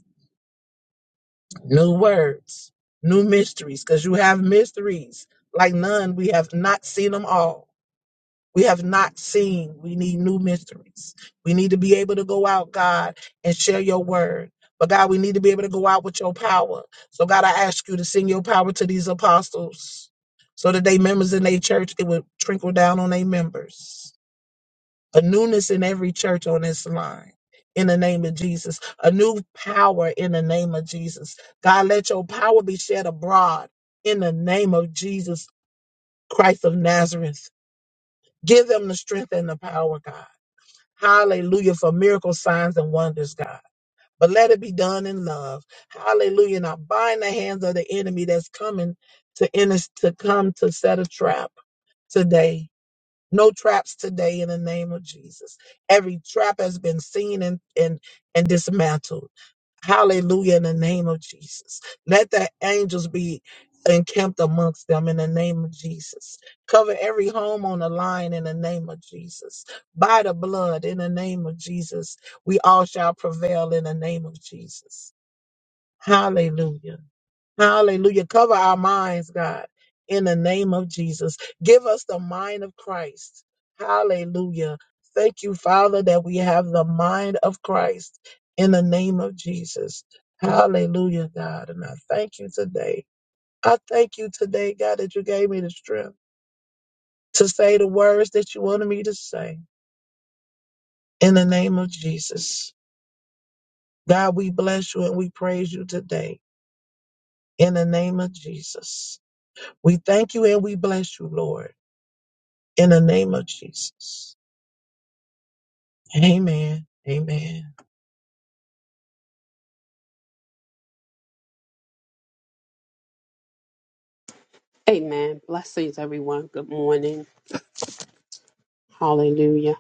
new words, new mysteries, because you have mysteries like none. We have not seen them all. we have not seen. We need new mysteries. We need to be able to go out, God, and share your word. But God, we need to be able to go out with your power. So God, I ask you to send your power to these apostles so that they members in their church, it would trickle down on their members. A newness in every church on this line. In the name of Jesus, a new power in the name of Jesus. God, let your power be shed abroad in the name of Jesus Christ of Nazareth. Give them the strength and the power, God. Hallelujah for miracle signs and wonders, God. But let it be done in love. Hallelujah. Now bind the hands of the enemy that's coming to in us to come to set a trap today. No traps today in the name of Jesus. Every trap has been seen and and, and dismantled. Hallelujah in the name of Jesus. Let the angels be encamped amongst them in the name of Jesus. Cover every home on the line in the name of Jesus. By the blood in the name of Jesus, we all shall prevail in the name of Jesus. Hallelujah. Hallelujah. Cover our minds, God, in the name of Jesus. Give us the mind of Christ. Hallelujah. Thank you, Father, that we have the mind of Christ in the name of Jesus. Hallelujah, God. And I thank you today. I thank you today, God, that you gave me the strength to say the words that you wanted me to say in the name of Jesus. God, we bless you and we praise you today in the name of Jesus. We thank you and we bless you, Lord. in the name of Jesus. Amen. Amen. Amen. Blessings, everyone. Good morning. Hallelujah.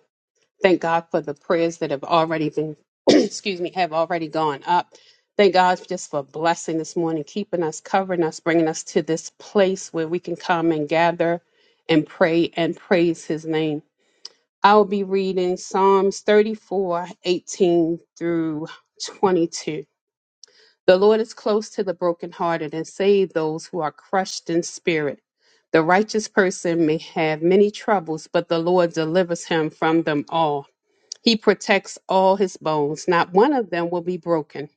Thank God for the prayers that have already been, excuse me, have already gone up. Thank God just for blessing this morning, keeping us, covering us, bringing us to this place where we can come and gather and pray and praise his name. I'll be reading Psalms 34, 18 through 22. The Lord is close to the brokenhearted and save those who are crushed in spirit. The righteous person may have many troubles, but the Lord delivers him from them all. He protects all his bones. Not one of them will be broken.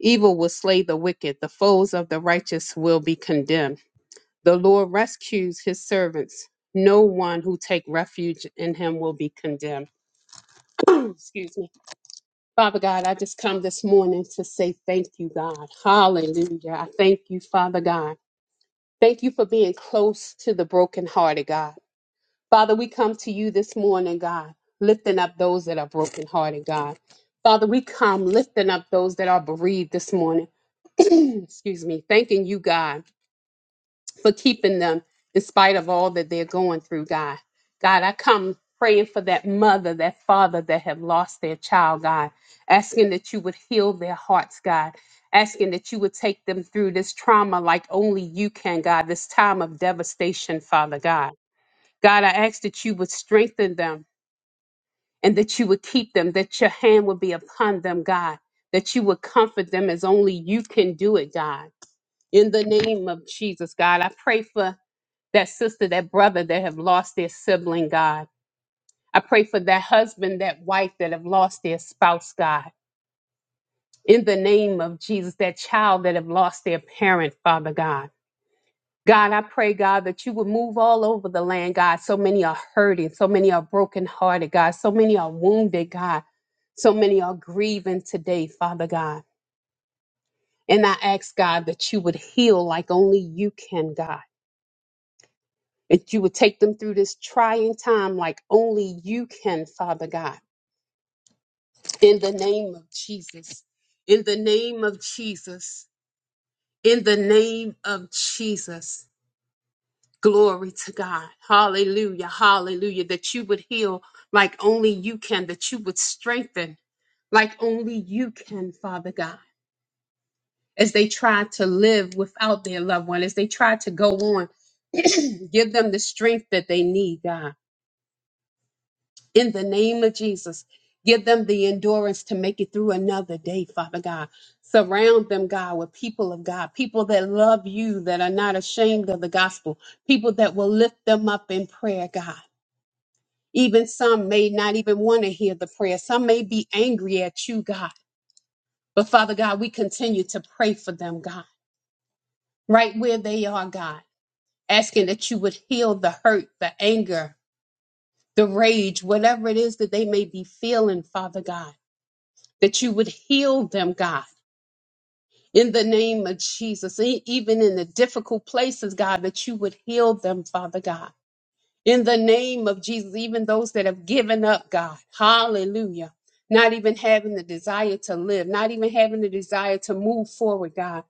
Evil will slay the wicked. The foes of the righteous will be condemned. The Lord rescues his servants. No one who take refuge in him will be condemned. Excuse me. Father God, I just come this morning to say thank you, God. Hallelujah. I thank you, Father God. Thank you for being close to the brokenhearted, God. Father, we come to you this morning, God, lifting up those that are brokenhearted, God. Father, we come lifting up those that are bereaved this morning. Excuse me. Thanking you, God for keeping them in spite of all that they're going through, God. God, I come praying for that mother, that father that have lost their child, God, asking that you would heal their hearts, God, asking that you would take them through this trauma like only you can, God, this time of devastation, Father God. God, I ask that you would strengthen them and that you would keep them, that your hand would be upon them, God, that you would comfort them as only you can do it, God. In the name of Jesus, God, I pray for that sister, that brother that have lost their sibling, God. I pray for that husband, that wife that have lost their spouse, God. In the name of Jesus, that child that have lost their parent, Father God. God, I pray, God, that you would move all over the land, God. So many are hurting. So many are brokenhearted, God. So many are wounded, God. So many are grieving today, Father God. And I ask, God, that you would heal like only you can, God. that you would take them through this trying time like only you can, Father God. In the name of Jesus. In the name of Jesus. In the name of Jesus. Glory to God. Hallelujah. Hallelujah. That you would heal like only you can, that you would strengthen like only you can, Father God, as they try to live without their loved one, as they try to go on. Give them the strength that they need, God in the name of Jesus. Give them the endurance to make it through another day, Father God. Surround them, God, with people of God, people that love you, that are not ashamed of the gospel, people that will lift them up in prayer, God. Even some may not even want to hear the prayer. Some may be angry at you, God. But Father God, we continue to pray for them, God, right where they are, God, asking that you would heal the hurt, the anger, the rage, whatever it is that they may be feeling, Father God. that you would heal them, God, in the name of Jesus. E- Even in the difficult places, God, that you would heal them, Father God, in the name of Jesus. Even those that have given up, God, hallelujah. Not even having the desire to live, not even having the desire to move forward, God.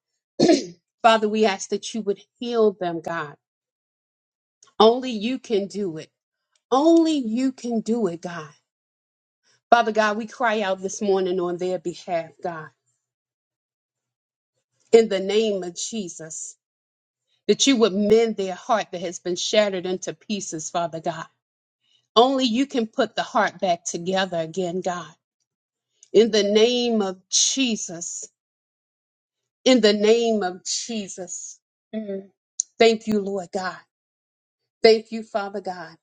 Father, we ask that you would heal them, God. Only you can do it. Only you can do it, God. Father God, we cry out this morning on their behalf, God, in the name of Jesus. that you would mend their heart that has been shattered into pieces, Father God. Only you can put the heart back together again, God. In the name of Jesus. In the name of Jesus. Mm. Thank you, Lord God. Thank you, Father God.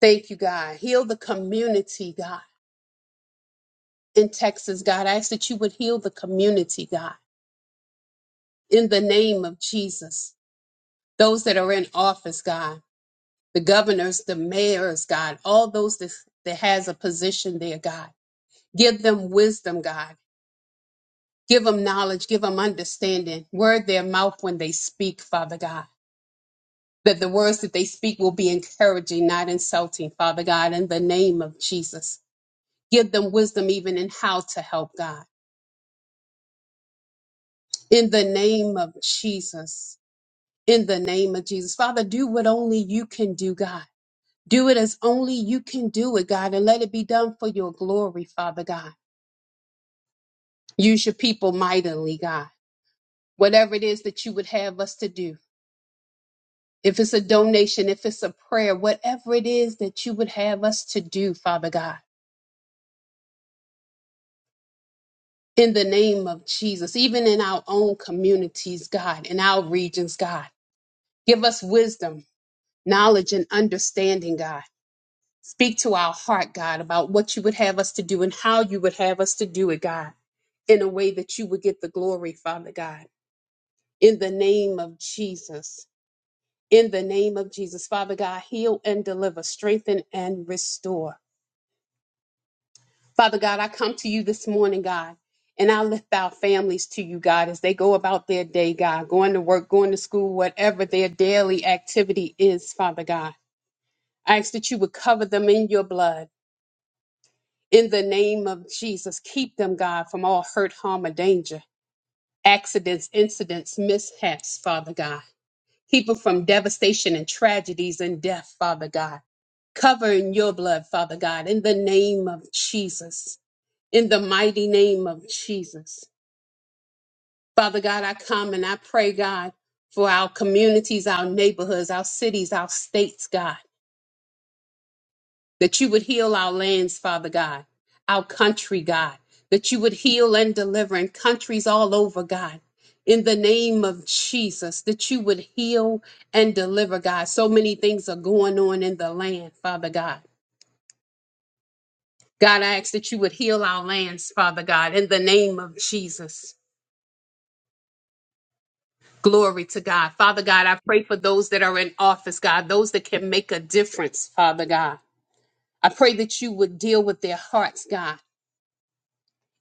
Thank you, God. Heal the community, God. In Texas, God, I ask that you would heal the community, God. In the name of Jesus. Those that are in office, God. the governors, the mayors, God, all those that, that has a position there, God. Give them wisdom, God. Give them knowledge. Give them understanding. Word their mouth when they speak, Father God. That the words that they speak will be encouraging, not insulting, Father God, in the name of Jesus. Give them wisdom even in how to help, God. In the name of Jesus. In the name of Jesus. Father, do what only you can do, God. Do it as only you can do it, God, and let it be done for your glory, Father God. Use your people mightily, God. Whatever it is that you would have us to do, if it's a donation, if it's a prayer, whatever it is that you would have us to do, Father God, in the name of Jesus, even in our own communities, God, in our regions, God, give us wisdom, knowledge, and understanding, God. Speak to our heart, God, about what you would have us to do and how you would have us to do it, God, in a way that you would get the glory, Father God, in the name of Jesus. In the name of Jesus, Father God, heal and deliver, strengthen and restore. Father God, I come to you this morning, God, and I lift our families to you, God, as they go about their day, God, going to work, going to school, whatever their daily activity is, Father God. I ask that you would cover them in your blood. In the name of Jesus, keep them, God, from all hurt, harm, or danger, accidents, incidents, mishaps, Father God. Keep them from devastation and tragedies and death, Father God. Cover in your blood, Father God, in the name of Jesus, in the mighty name of Jesus. Father God, I come and I pray, God, for our communities, our neighborhoods, our cities, our states, God. that you would heal our lands, Father God, our country, God, that you would heal and deliver in countries all over, God. In the name of Jesus, that you would heal and deliver, God. So many things are going on in the land, Father God. God, I ask that you would heal our lands, Father God, in the name of Jesus. Glory to God. Father God, I pray for those that are in office, God, those that can make a difference, Father God. I pray that you would deal with their hearts, God.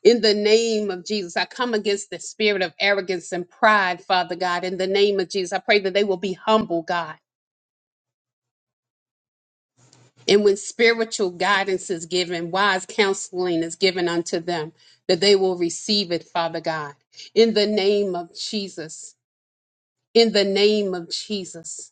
In the name of Jesus, I come against the spirit of arrogance and pride, Father God. In the name of Jesus, I pray that they will be humble, God. And when spiritual guidance is given, wise counseling is given unto them, that they will receive it, Father God. In the name of Jesus. In the name of Jesus.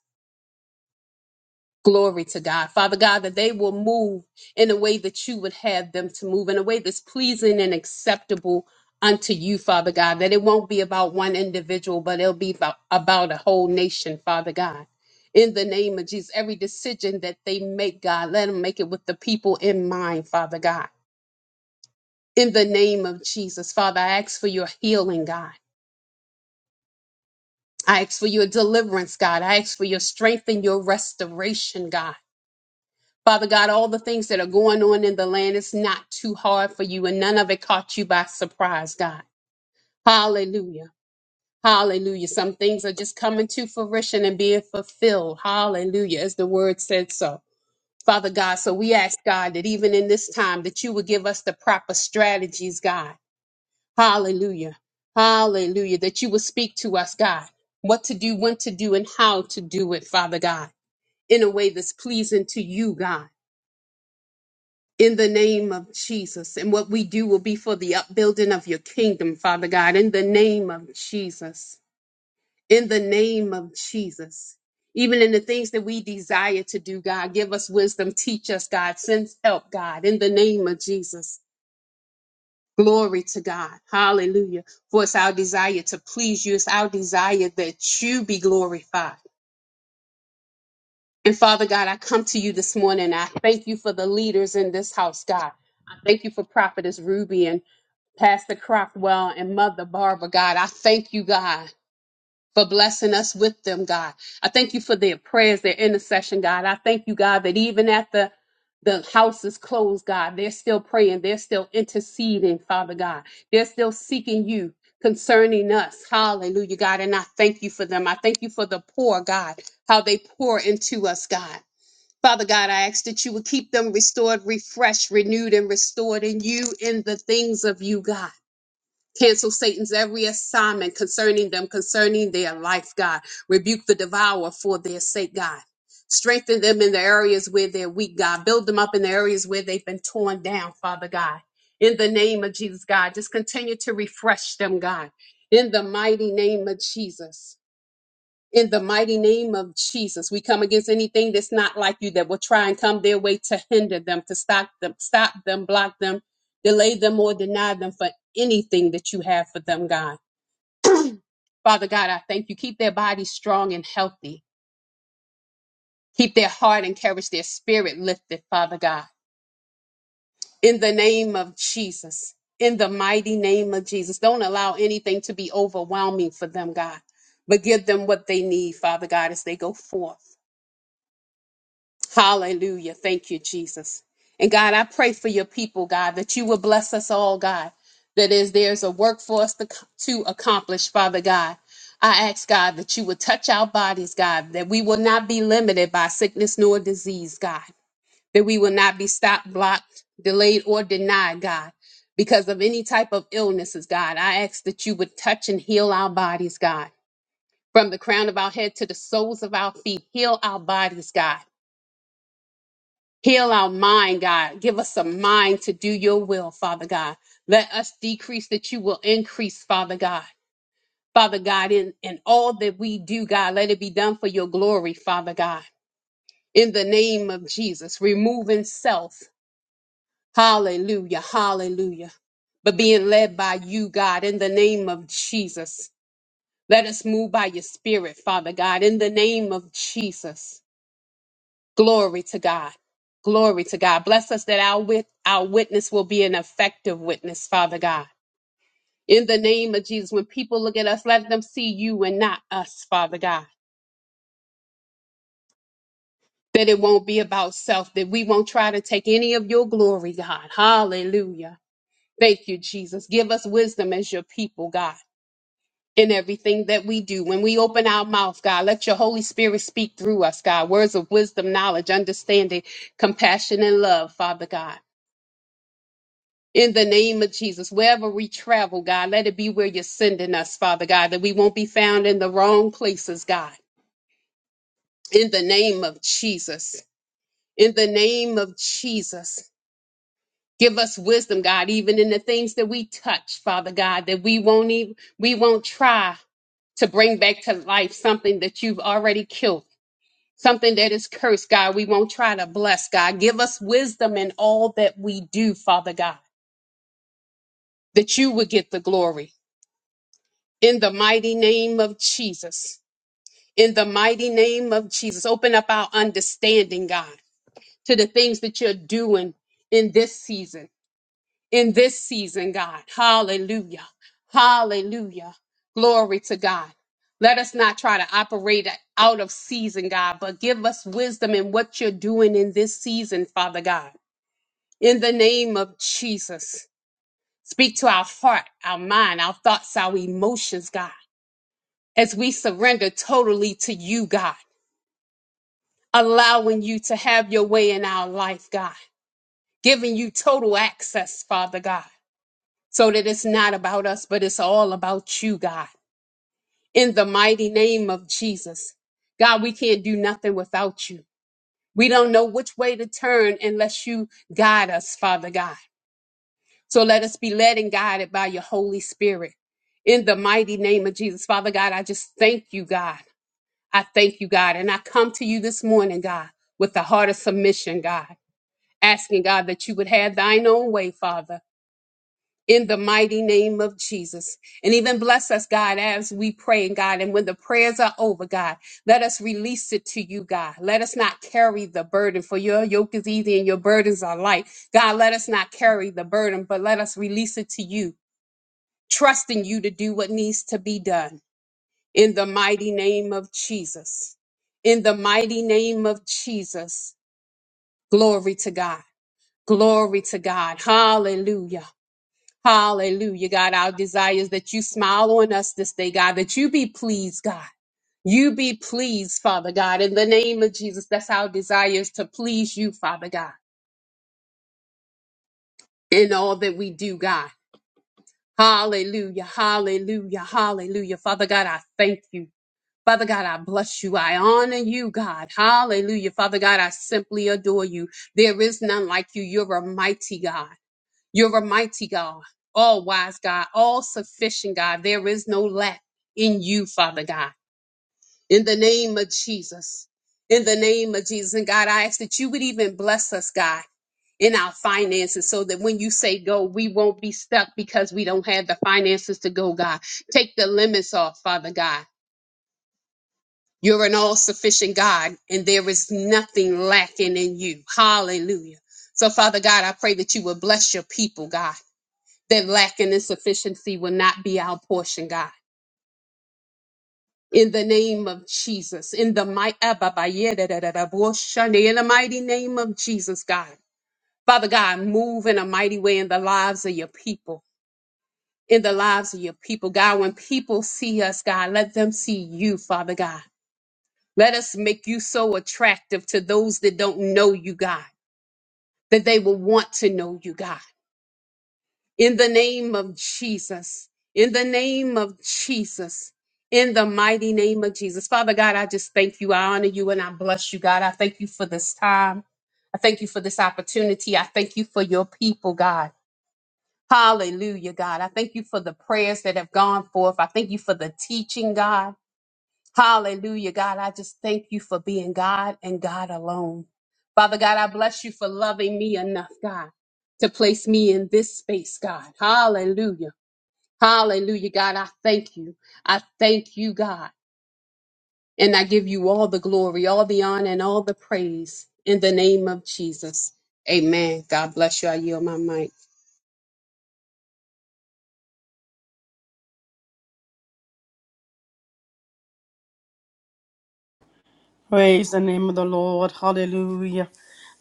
Glory to God. Father God, that they will move in a way that you would have them to move, in a way that's pleasing and acceptable unto you, Father God. That it won't be about one individual, but it'll be about, about a whole nation, Father God. In the name of Jesus, every decision that they make, God, let them make it with the people in mind, Father God. In the name of Jesus, Father, I ask for your healing, God. I ask for your deliverance, God. I ask for your strength and your restoration, God. Father God, all the things that are going on in the land, it's not too hard for you, and none of it caught you by surprise, God. Hallelujah. Hallelujah. Some things are just coming to fruition and being fulfilled. Hallelujah. As the word said so. Father God, so we ask God that even in this time that you would give us the proper strategies, God. Hallelujah. Hallelujah. That you would speak to us, God, what to do, when to do, and how to do it, Father God, in a way that's pleasing to you, God. in the name of Jesus. And what we do will be for the upbuilding of your kingdom, Father God, in the name of Jesus. In the name of Jesus. Even in the things that we desire to do, God, give us wisdom, teach us, God, send help, God, in the name of Jesus. Glory to God. Hallelujah. For it's our desire to please you. It's our desire that you be glorified. And Father God, I come to you this morning. I thank you for the leaders in this house, God. I thank you for Prophetess Ruby and. Pastor Crockwell and Mother Barbara, God. I thank you, God, for blessing us with them, God. I thank you for their prayers, their intercession, God. I thank you, God, that even at the the house is closed, God. They're still praying. They're still interceding, Father God. They're still seeking you concerning us. Hallelujah, God. And I thank you for them. I thank you for the poor, God, how they pour into us, God. Father God, I ask that you would keep them restored, refreshed, renewed, and restored in you in the things of you, God. Cancel Satan's every assignment concerning them, concerning their life, God. Rebuke the devourer for their sake, God. Strengthen them in the areas where they're weak, God. Build them up in the areas where they've been torn down, Father God. In the name of Jesus, God. Just continue to refresh them, God. In the mighty name of Jesus. In the mighty name of Jesus, we come against anything that's not like you that will try and come their way to hinder them, to stop them, stop them, block them, delay them, or deny them for anything that you have for them, God. Father God, I thank you. Keep their bodies strong and healthy. Keep their heart encouraged, their spirit lifted, Father God. In the name of Jesus, in the mighty name of Jesus, don't allow anything to be overwhelming for them, God, but give them what they need, Father God, as they go forth. Hallelujah. Thank you, Jesus. And God, I pray for your people, God, that you will bless us all, God, that is there's a work for us to, to accomplish, Father God. I ask God that you would touch our bodies, God, that we will not be limited by sickness nor disease, God, that we will not be stopped, blocked, delayed, or denied, God, because of any type of illnesses, God. I ask that you would touch and heal our bodies, God, from the crown of our head to the soles of our feet. Heal our bodies, God. Heal our mind, God. Give us a mind to do your will, Father God. Let us decrease that you will increase, Father God. Father God, in, in all that we do, God, let it be done for your glory, Father God. In the name of Jesus, removing self. Hallelujah, hallelujah. But being led by you, God, in the name of Jesus. Let us move by your spirit, Father God, in the name of Jesus. Glory to God. Glory to God. Bless us that our, wit- our witness will be an effective witness, Father God. In the name of Jesus, when people look at us, let them see you and not us, Father God. That it won't be about self, that we won't try to take any of your glory, God. Hallelujah. Thank you, Jesus. Give us wisdom as your people, God, in everything that we do. When we open our mouth, God, let your Holy Spirit speak through us, God. Words of wisdom, knowledge, understanding, compassion, and love, Father God. In the name of Jesus, wherever we travel, God, let it be where you're sending us, Father God, that we won't be found in the wrong places, God. In the name of Jesus. In the name of Jesus. Give us wisdom, God, even in the things that we touch, Father God, that we won't even we won't try to bring back to life something that you've already killed, something that is cursed, God. We won't try to bless, God. Give us wisdom in all that we do, Father God, that you would get the glory. in the mighty name of Jesus. In the mighty name of Jesus. Open up our understanding, God, to the things that you're doing in this season. In this season, God. Hallelujah. Hallelujah. Glory to God. Let us not try to operate out of season, God, but give us wisdom in what you're doing in this season, Father God. In the name of Jesus, speak to our heart, our mind, our thoughts, our emotions, God. as we surrender totally to you, God, allowing you to have your way in our life, God, giving you total access, Father God, so that it's not about us, but it's all about you, God. In the mighty name of Jesus, God, we can't do nothing without you. We don't know which way to turn unless you guide us, Father God. So let us be led and guided by your Holy Spirit. In the mighty name of Jesus, Father God, I just thank you, God. I thank you, God. And I come to you this morning, God, with the heart of submission, God, asking, God, that you would have thine own way, Father, in the mighty name of Jesus. And even bless us, God, as we pray, God. And when the prayers are over, God, let us release it to you, God. Let us not carry the burden, for your yoke is easy and your burdens are light. God, let us not carry the burden, but let us release it to you, trusting you to do what needs to be done in the mighty name of Jesus. In the mighty name of Jesus. Glory to God. Glory to God. Hallelujah. Hallelujah. God, our desire is that you smile on us this day, God, that you be pleased, God. You be pleased, Father God. In the name of Jesus, that's our desire is to please you, Father God, in all that we do, God. Hallelujah. Hallelujah. Hallelujah. Father God, I thank you. Father God, I bless you. I honor you, God. Hallelujah. Father God, I simply adore you. There is none like you. You're a mighty God. You're a mighty God, all wise God, all sufficient God. There is no lack in you, Father God. In the name of Jesus. In the name of Jesus. And God, I ask that you would even bless us, God, in our finances so that when you say go, we won't be stuck because we don't have the finances to go, God. Take the limits off, Father God. You're an all sufficient God, and there is nothing lacking in you. Hallelujah. So, Father God, I pray that you will bless your people, God, that lack and insufficiency will not be our portion, God. In the name of Jesus, in the mighty, in the mighty name of Jesus, God. Father God, move in a mighty way in the lives of your people, in the lives of your people, God. When people see us, God, let them see you, Father God. Let us make you so attractive to those that don't know you, God, that they will want to know you, God. In the name of Jesus, in the name of Jesus, in the mighty name of Jesus. Father God, I just thank you. I honor you and I bless you, God. I thank you for this time. I thank you for this opportunity. I thank you for your people, God. Hallelujah, God. I thank you for the prayers that have gone forth. I thank you for the teaching, God. Hallelujah, God. I just thank you for being God and God alone. Father God, I bless you for loving me enough, God, to place me in this space, God. Hallelujah. Hallelujah, God. I thank you. I thank you, God. And I give you all the glory, all the honor, and all the praise in the name of Jesus. Amen. God bless you. I yield my mic. Praise the name of the Lord. Hallelujah.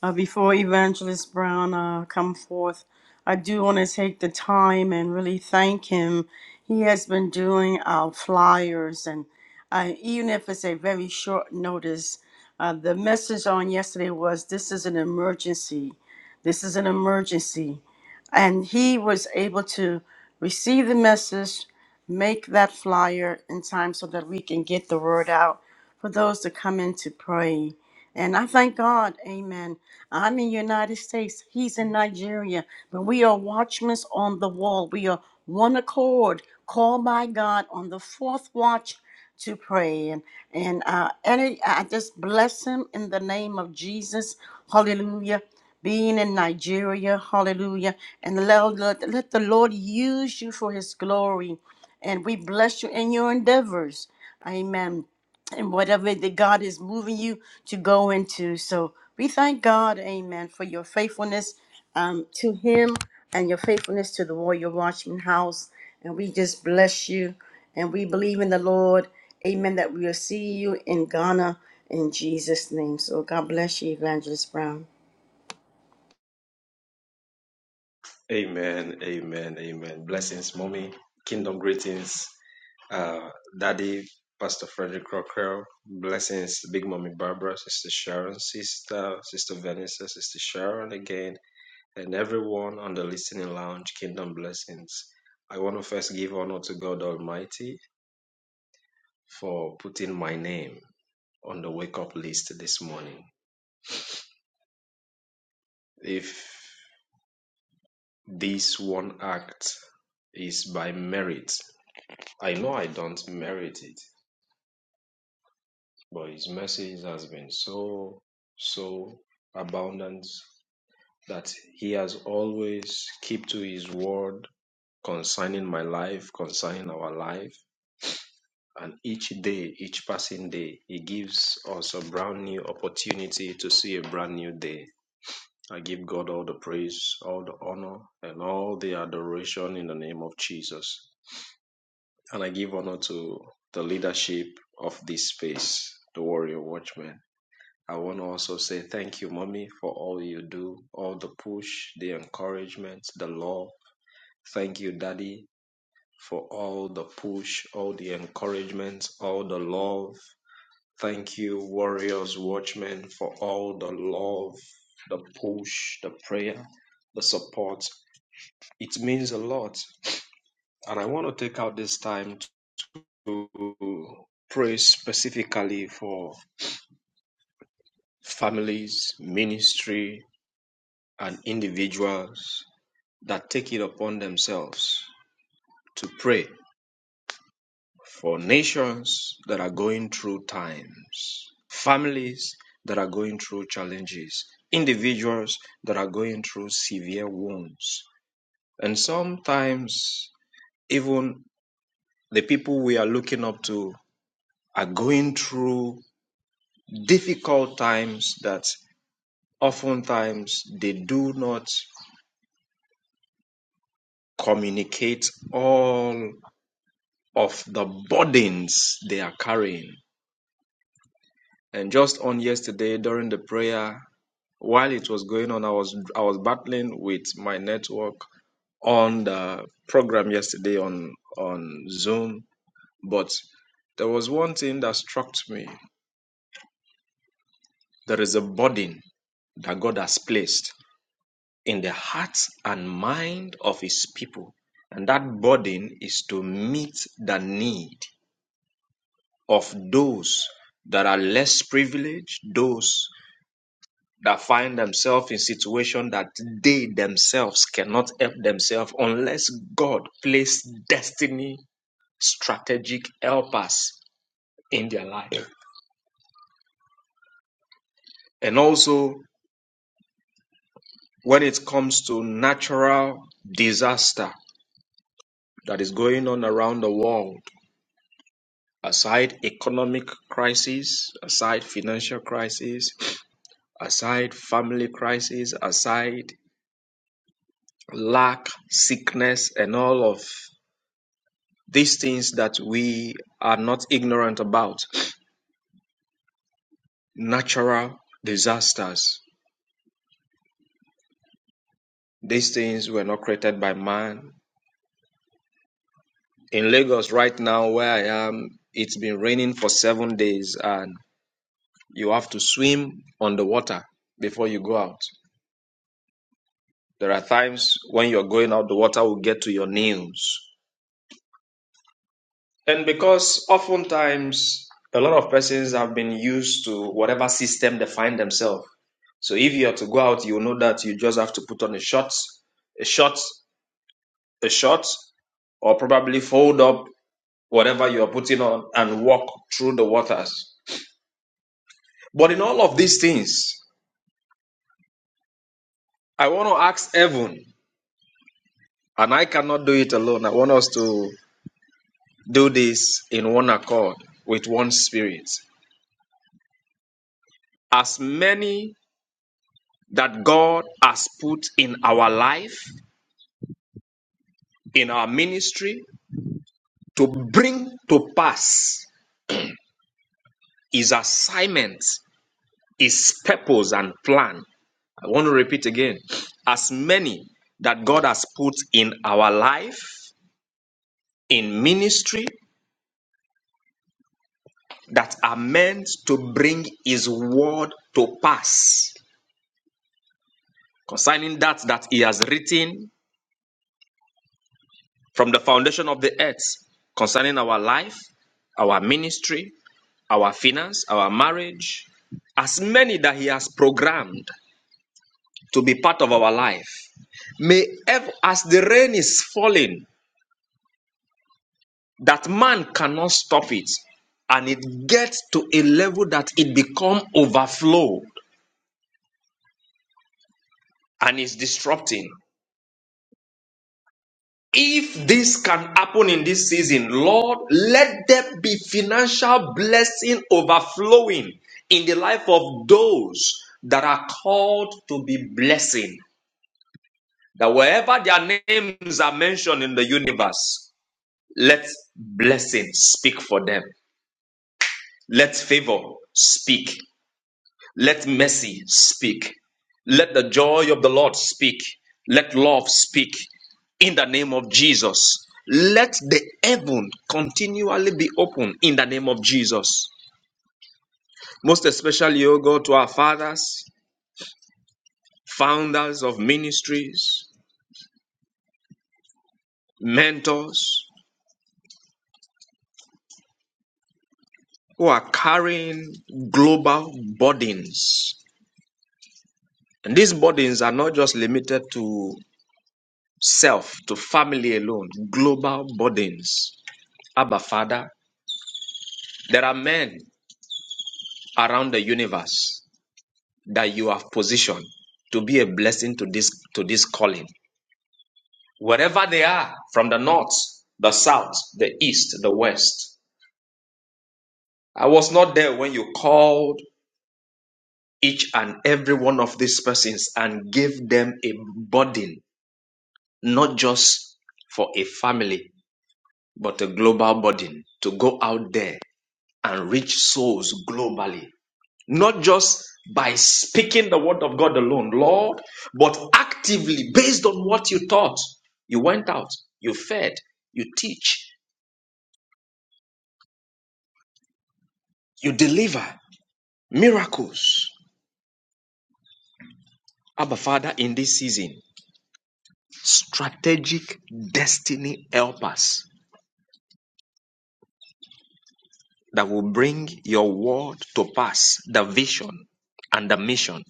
Uh, before Evangelist Brown uh, come forth, I do want to take the time and really thank him. He has been doing our flyers, and uh, even if it's a very short notice, uh, the message on yesterday was this is an emergency. This is an emergency. And he was able to receive the message, make that flyer in time so that we can get the word out for those to come in to pray. And I thank God, amen. I'm in the United States, he's in Nigeria, but we are watchmen on the wall. We are one accord, called by God on the fourth watch to pray. And, and, uh, and I I just bless him in the name of Jesus. Hallelujah. Being in Nigeria, hallelujah. And let, let let the Lord use you for his glory. And we bless you in your endeavors. Amen and whatever that God is moving you to go into. So we thank God, amen, for your faithfulness um, to Him and your faithfulness to the Warrior Watchman House. And we just bless you. And we believe in the Lord, amen, that we will see you in Ghana in Jesus' name. So God bless you, Evangelist Brown. Amen. Amen. Amen. Blessings, mommy. Kingdom greetings. Uh, Daddy, Pastor Frederick Crocker. Blessings, Big Mommy Barbara, Sister Sharon, Sister, Sister Vanessa, Sister Sharon again, and everyone on the listening lounge. Kingdom blessings. I want to first give honor to God Almighty for putting my name on the wake up list this morning. If this one act is by merit, I know I don't merit it But his message has been so, so abundant that he has always kept to his word concerning my life, concerning our life. And each day, each passing day, he gives us a brand new opportunity to see a brand new day. I give God all the praise, all the honor, and all the adoration in the name of Jesus. And I give honor to the leadership of this space, the Warrior Watchmen. I want to also say thank you, mommy, for all you do, all the push, the encouragement, the love. Thank you, daddy, for all the push, all the encouragement, all the love. Thank you, warriors, watchmen, for all the love, the push, the prayer, the support. It means a lot. And I want to take out this time to pray specifically for families, ministry, and individuals that take it upon themselves to pray for nations that are going through times, families that are going through challenges, individuals that are going through severe wounds. And sometimes, even the people we are looking up to are going through difficult times that oftentimes they do not communicate all of the burdens they are carrying And just on yesterday during the prayer, while it was going on, I was I was battling with my network on the program yesterday on on Zoom. But there was one thing that struck me. There is a burden that God has placed in the hearts and mind of his people. And that burden is to meet the need of those that are less privileged, those that find themselves in situation that they themselves cannot help themselves unless God place destiny strategic helpers in their life. And also when it comes to natural disaster that is going on around the world, aside economic crisis, aside financial crisis, aside family crisis, aside lack, sickness and all of these things that we are not ignorant about natural disasters these things were not created by man in lagos right now where i am it's been raining for seven days and you have to swim on the water before you go out there are times when you're going out the water will get to your knees and because oftentimes a lot of persons have been used to whatever system they find themselves So if you are to go out, you know that you just have to put on a short, a short, a short, or probably fold up whatever you are putting on and walk through the waters. But in all of these things, I want to ask heaven, and I cannot do it alone. I want us to do this in one accord with one spirit. As many that God has put in our life, in our ministry, to bring to pass his assignment his purpose and plan. I want to repeat again as many that God has put in our life, in ministry, that are meant to bring his word to pass concerning that that he has written from the foundation of the earth concerning our life our ministry our finance our marriage as many that he has programmed to be part of our life may ev- as the rain is falling that man cannot stop it and it gets to a level that it become overflowed and is disrupting if this can happen in this season lord let there be financial blessing overflowing in the life of those that are called to be blessing that wherever their names are mentioned in the universe let blessing speak for them let favor speak Let mercy speak. Let the joy of the Lord speak. Let love speak in the name of Jesus. Let the heaven continually be open in the name of Jesus. Most especially, O God, to our fathers, founders of ministries, mentors who are carrying global burdens. And these burdens are not just limited to self, to family alone, global burdens. Abba, Father, There are men around the universe that you have positioned to be a blessing to this to this calling. Wherever they are, from the north, the south, the east, the west. I was not there when you called each and every one of these persons and gave them a burden, not just for a family, but a global burden to go out there and reach souls globally. not just by speaking the word of God alone, Lord, but actively based on what you taught. You went out, you fed, you teach, you deliver miracles. Abba Father, in this season, strategic destiny helpers that will bring your word to pass, the vision and the mission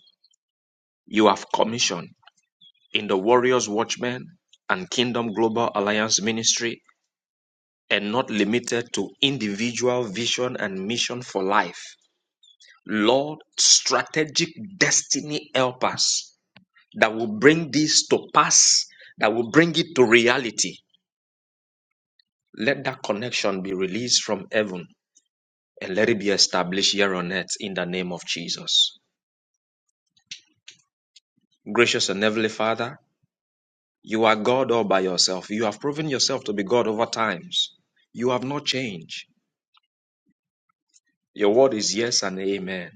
you have commissioned in the Warriors Watchmen and Kingdom Global Alliance Ministry and not limited to individual vision and mission for life. Lord, strategic destiny help us that will bring this to pass, that will bring it to reality. Let that connection be released from heaven and let it be established here on earth in the name of Jesus. Gracious and Heavenly Father, you are God all by yourself. You have proven yourself to be God over times. You have not changed. Your word is yes and amen.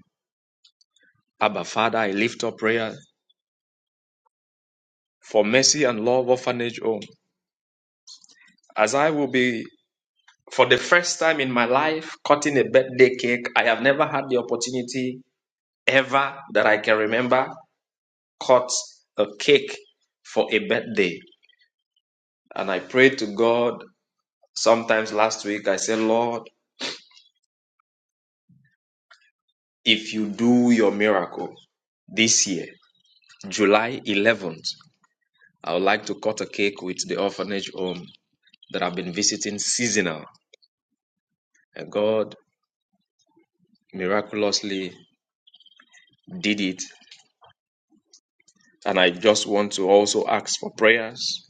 Abba, Father, I lift up prayer for Mercy and Love Orphanage Home, as I will be, for the first time in my life, cutting a birthday cake. I have never had the opportunity ever that I can remember cut a cake for a birthday. And I prayed to God sometimes last week. I said, Lord, if you do your miracle this year, July 11th, I would like to cut a cake with the orphanage home that I've been visiting seasonal. And God miraculously did it And I just want to also ask for prayers.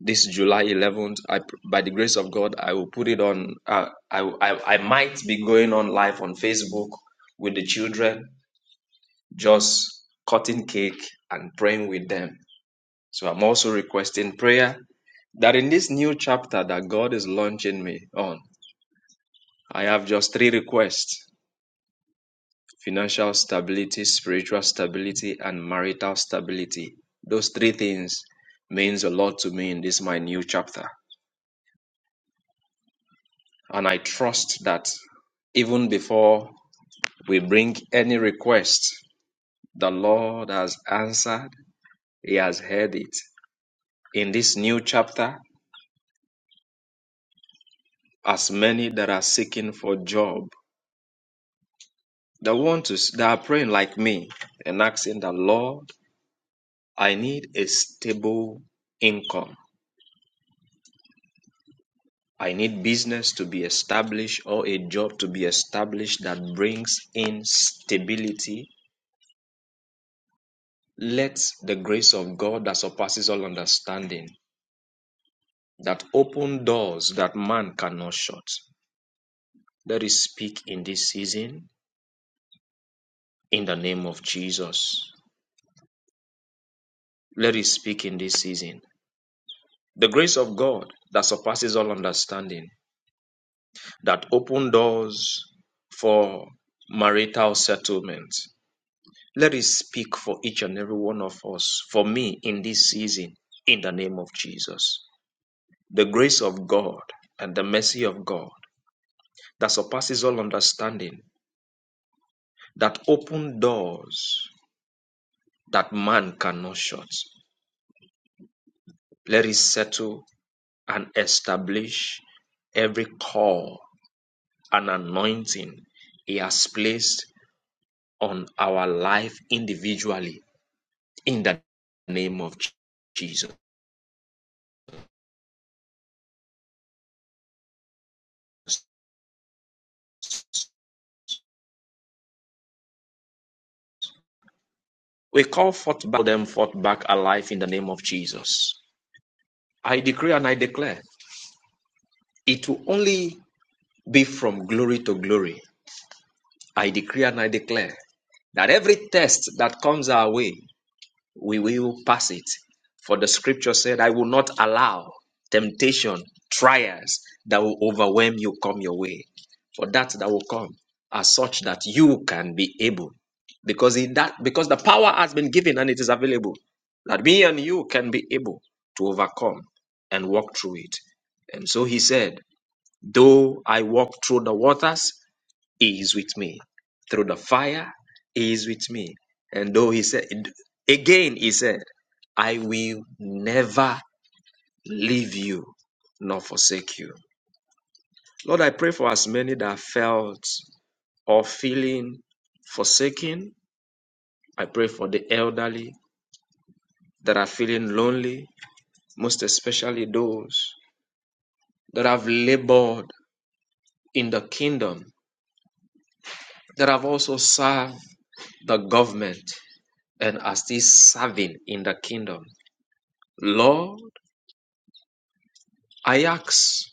This July 11th, I, by the grace of God, I will put it on. Uh, I, I, I might be going on live on Facebook with the children, just cutting cake and praying with them. So I'm also requesting prayer that in this new chapter that God is launching me on, I have just three requests. financial stability, spiritual stability, and marital stability. Those three things means a lot to me in this my new chapter. And I trust that even before we bring any request, the Lord has answered, He has heard it. In this new chapter, as many that are seeking for job, that want to s- that are praying like me and asking the Lord, I need a stable income. I need business to be established or a job to be established that brings in stability. Let the grace of God that surpasses all understanding, that open doors that man cannot shut. Let it speak in this season in the name of Jesus. Let it speak in this season. The grace of God that surpasses all understanding, that open doors for marital settlement, Let it speak for each and every one of us, for me in this season, in the name of Jesus. The grace of God and the mercy of God that surpasses all understanding, that open doors that man cannot shut. Let it settle and establish every call and anointing He has placed on our life individually in the name of Jesus. We call forth back them forth back alive in the name of Jesus. I decree and I declare it will only be from glory to glory. I decree and I declare that every test that comes our way we will pass it. For the scripture said, I will not allow temptation, trials that will overwhelm you come your way. For that that will come are such that you can be able. Because in that because the power has been given and it is available. That me and you can be able to overcome and walk through it. And so he said, Though I walk through the waters, he is with me. Through the fire, He is with me. And though He said, again, He said, I will never leave you nor forsake you. Lord, I pray for as many that felt or feeling forsaken. I pray for the elderly that are feeling lonely, most especially those that have labored in the kingdom, that have also served the government and are still serving in the kingdom. Lord, I ask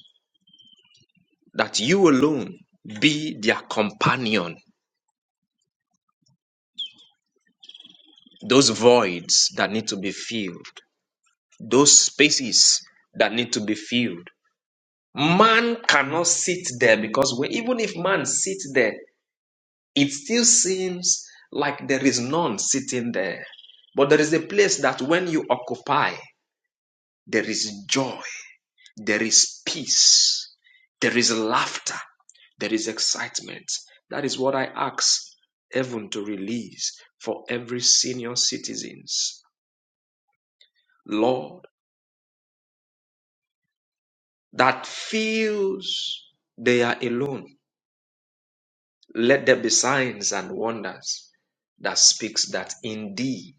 that you alone be their companion, those voids that need to be filled, those spaces that need to be filled. Man cannot sit there because when, even if man sits there, it still seems like there is none sitting there. But there is a place that when you occupy, there is joy, There is peace. There is laughter. There is excitement. That is what I ask heaven to release for every senior citizens. Lord, that feels they are alone. Let there be signs and wonders that speaks that indeed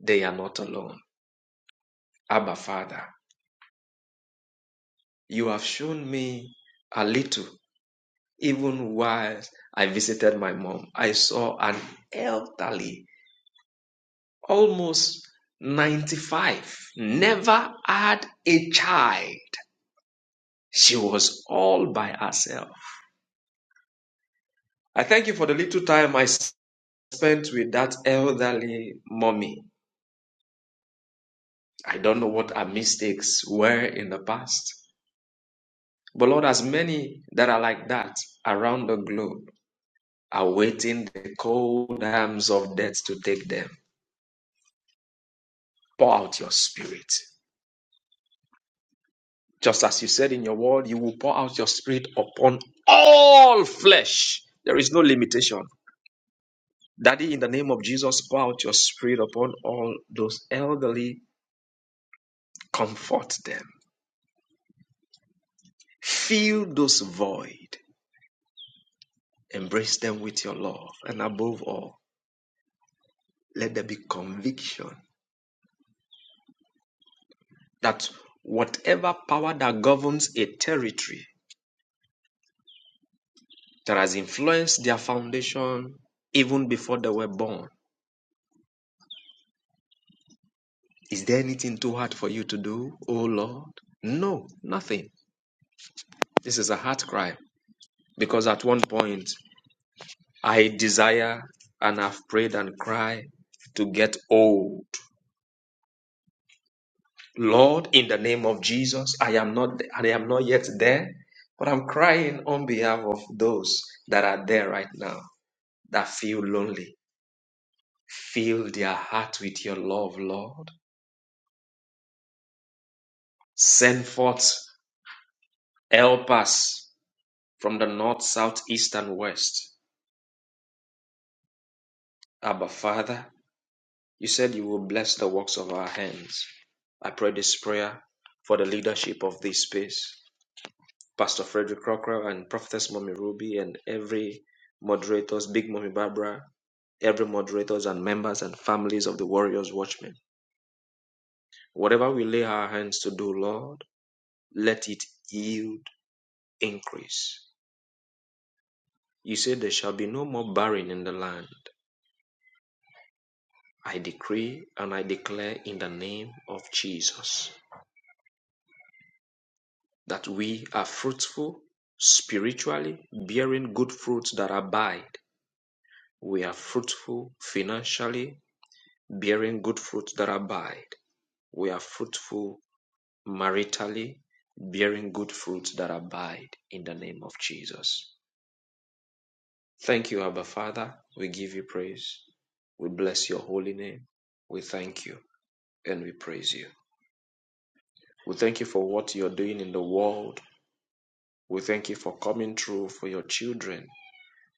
they are not alone. Abba Father, you have shown me a little, even while I visited my mom. I saw an elderly almost 95, never had a child. She was all by herself. I thank you for the little time I spent with that elderly mommy. I don't know what her mistakes were in the past, but Lord, as many that are like that around the globe are waiting the cold arms of death to take them. Pour out your spirit. Just as you said in your word, you will pour out your spirit upon all flesh. There is no limitation. Daddy, in the name of Jesus, pour out your spirit upon all those elderly. Comfort them. Fill those void. Embrace them with your love. And above all, let there be conviction that whatever power that governs a territory that has influenced their foundation even before they were born Is there anything too hard for you to do, O Lord? No, nothing. This is a heart cry because at one point I desire and have prayed and cried to get old. Lord, in the name of Jesus, I am not I am not yet there, but I'm crying on behalf of those that are there right now that feel lonely. Fill their heart with your love, Lord. Send forth helpers from the north, south, east, and west Abba, Father, you said you will bless the works of our hands. I pray this prayer for the leadership of this space, Pastor Frederick Crocker and Prophetess Mommy Ruby and every moderators, Big Mommy Barbara, every moderators and members and families of the Warriors Watchmen. Whatever we lay our hands to do, Lord, let it yield increase. You said there shall be no more barren in the land. I decree and I declare in the name of Jesus. that we are fruitful spiritually, bearing good fruits that abide. We are fruitful financially, bearing good fruits that abide. We are fruitful maritally, bearing good fruits that abide in the name of Jesus. Thank you, Abba Father. We give you praise. We bless your holy name. We thank you and we praise you. We thank you for what you're doing in the world. We thank you for coming through for your children.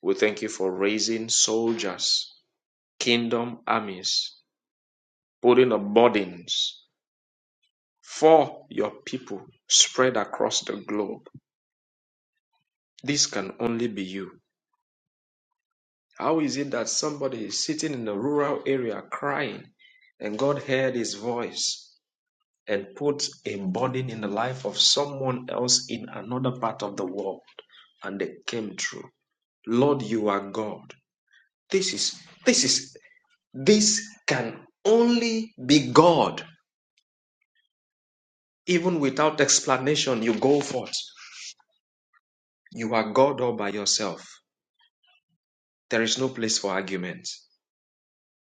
We thank you for raising soldiers, kingdom armies, putting up burdens for your people spread across the globe. This can only be you. How is it that somebody is sitting in a rural area crying and God heard his voice and put a burden in the life of someone else in another part of the world and they came through? Lord, you are God. This is this is This can only be God. Even without explanation, you go forth. You are God all by yourself. There is no place for argument.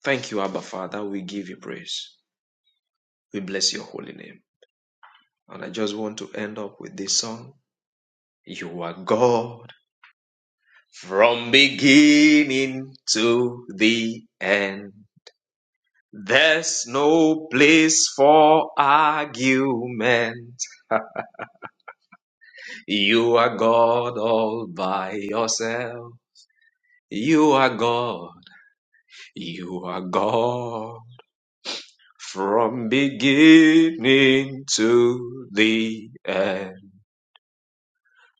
Thank you, Abba Father. We give you praise. We bless your holy name. And I just want to end up with this song. You are God from beginning to the end. There's no place for argument. You are God all by yourself. You are God. You are God. From beginning to the end.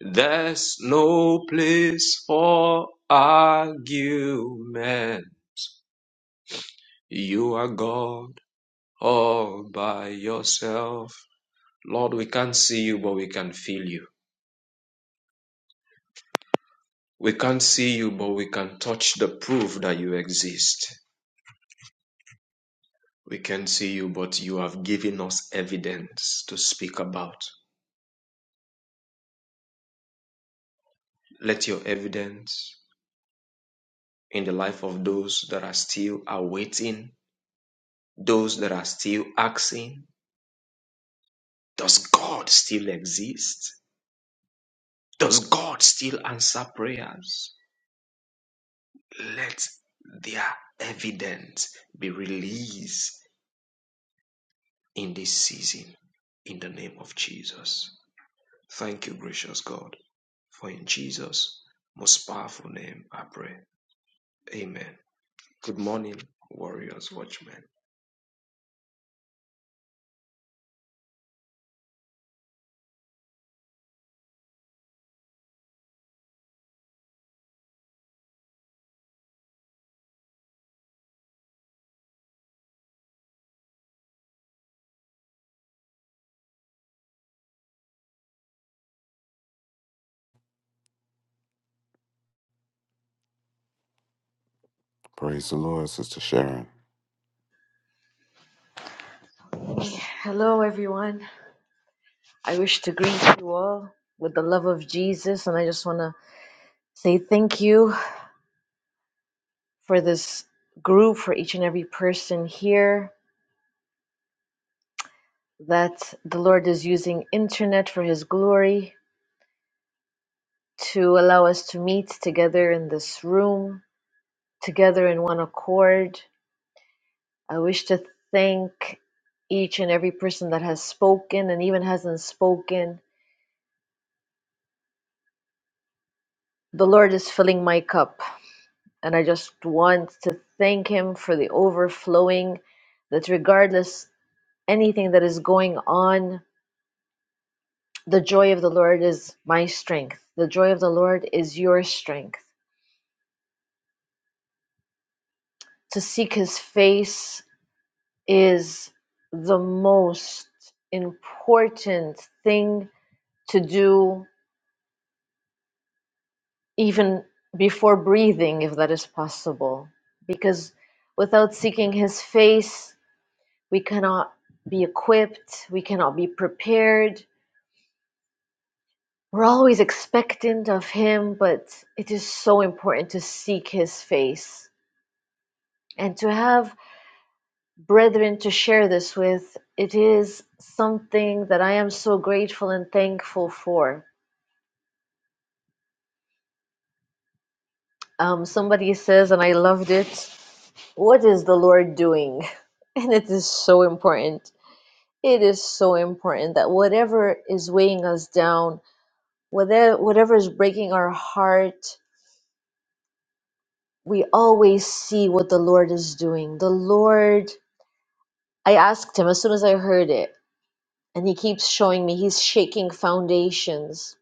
There's no place for argument. You are God all by yourself. Lord, we can't see you, but we can feel you. We can't see you, but we can touch the proof that you exist. We can see you, but you have given us evidence to speak about. Let your evidence in the life of those that are still awaiting, those that are still asking, does God still exist? Does God still answer prayers? Let their evidence be released in this season in the name of Jesus. Thank you, gracious God, for in Jesus' most powerful name I pray. Amen. Good morning, warriors, watchmen. Praise the Lord, Sister Sharon. Hello, everyone. I wish to greet you all with the love of Jesus, and I just want to say thank you for this group, for each and every person here, that the Lord is using internet for His glory to allow us to meet together in this room, together in one accord. I wish to thank each and every person that has spoken and even hasn't spoken. The Lord is filling my cup. And I just want to thank him for the overflowing that regardless anything that is going on, the joy of the Lord is my strength. The joy of the Lord is your strength. To seek his face is the most important thing to do, even before breathing, if that is possible. Because without seeking his face, We cannot be equipped, we cannot be prepared. We're always expectant of Him, but it is so important to seek His face and to have brethren to share this with. It is something that I am so grateful and thankful for. Um, somebody says, and I loved it, what is the Lord doing? And it is so important. It is so important that whatever is weighing us down, whether whatever is breaking our heart, we always see what the Lord is doing. The Lord, I asked him as soon as I heard it, and he keeps showing me he's shaking foundations.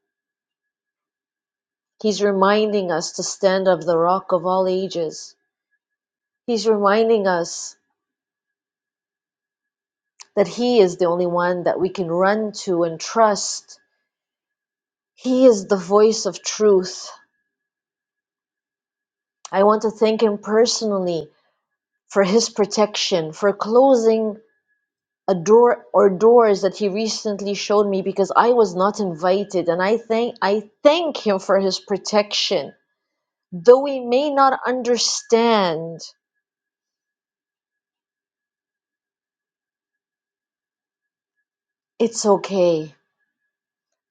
He's reminding us to stand up the rock of all ages. He's reminding us that he is the only one that we can run to and trust. He is the voice of truth. I want to thank him personally for his protection, for closing a door or doors that he recently showed me because I was not invited and I thank I thank him for his protection. Though we may not understand, it's okay.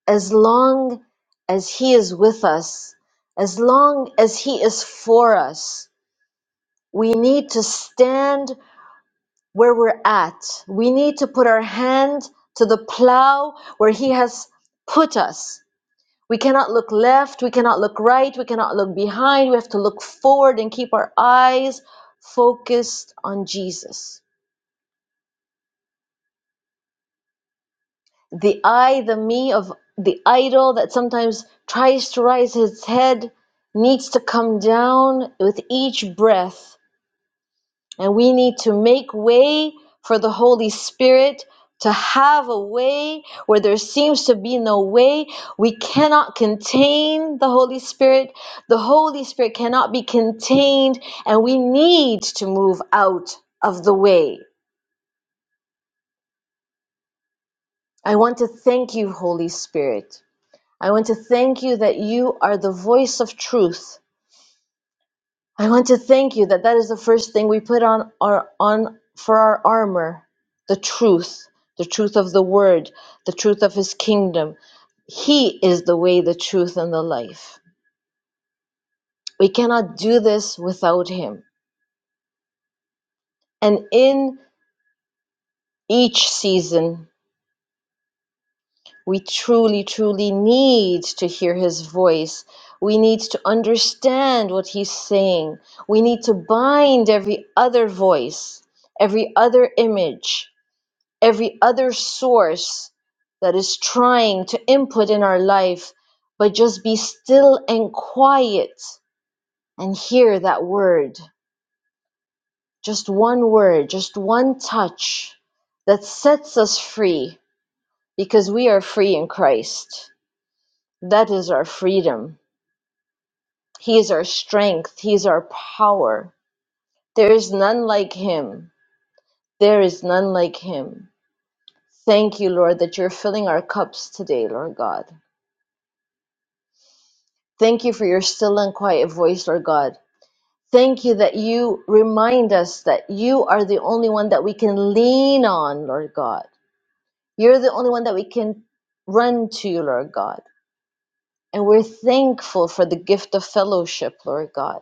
As long as he is with us, as long as he is for us, we need to stand where we're at. We need to put our hand to the plow where he has put us We cannot look left, we cannot look right, we cannot look behind. We have to look forward and keep our eyes focused on Jesus. The I, the me of the idol that sometimes tries to raise his head needs to come down with each breath And we need to make way for the Holy Spirit to have a way where there seems to be no way. We cannot contain the Holy Spirit. The Holy Spirit cannot be contained, and we need to move out of the way. I want to thank you, Holy Spirit. I want to thank you that you are the voice of truth I want to thank you that that is the first thing we put on our on for our armor, the truth, the truth of the word, the truth of his kingdom. He is the way, the truth and the life. We cannot do this without him. And in each season, we truly truly need to hear his voice. We need to understand what he's saying. We need to bind every other voice, every other image every other source that is trying to input in our life, but just be still and quiet and hear that word. Just one word, just one touch that sets us free because we are free in Christ. That is our freedom. He is our strength, He is our power. There is none like Him. There is none like Him. Thank you, Lord, that you're filling our cups today, Lord God. Thank you for your still and quiet voice, Lord God. Thank you that you remind us that you are the only one that we can lean on, Lord God. You're the only one that we can run to, Lord God. And we're thankful for the gift of fellowship, Lord God.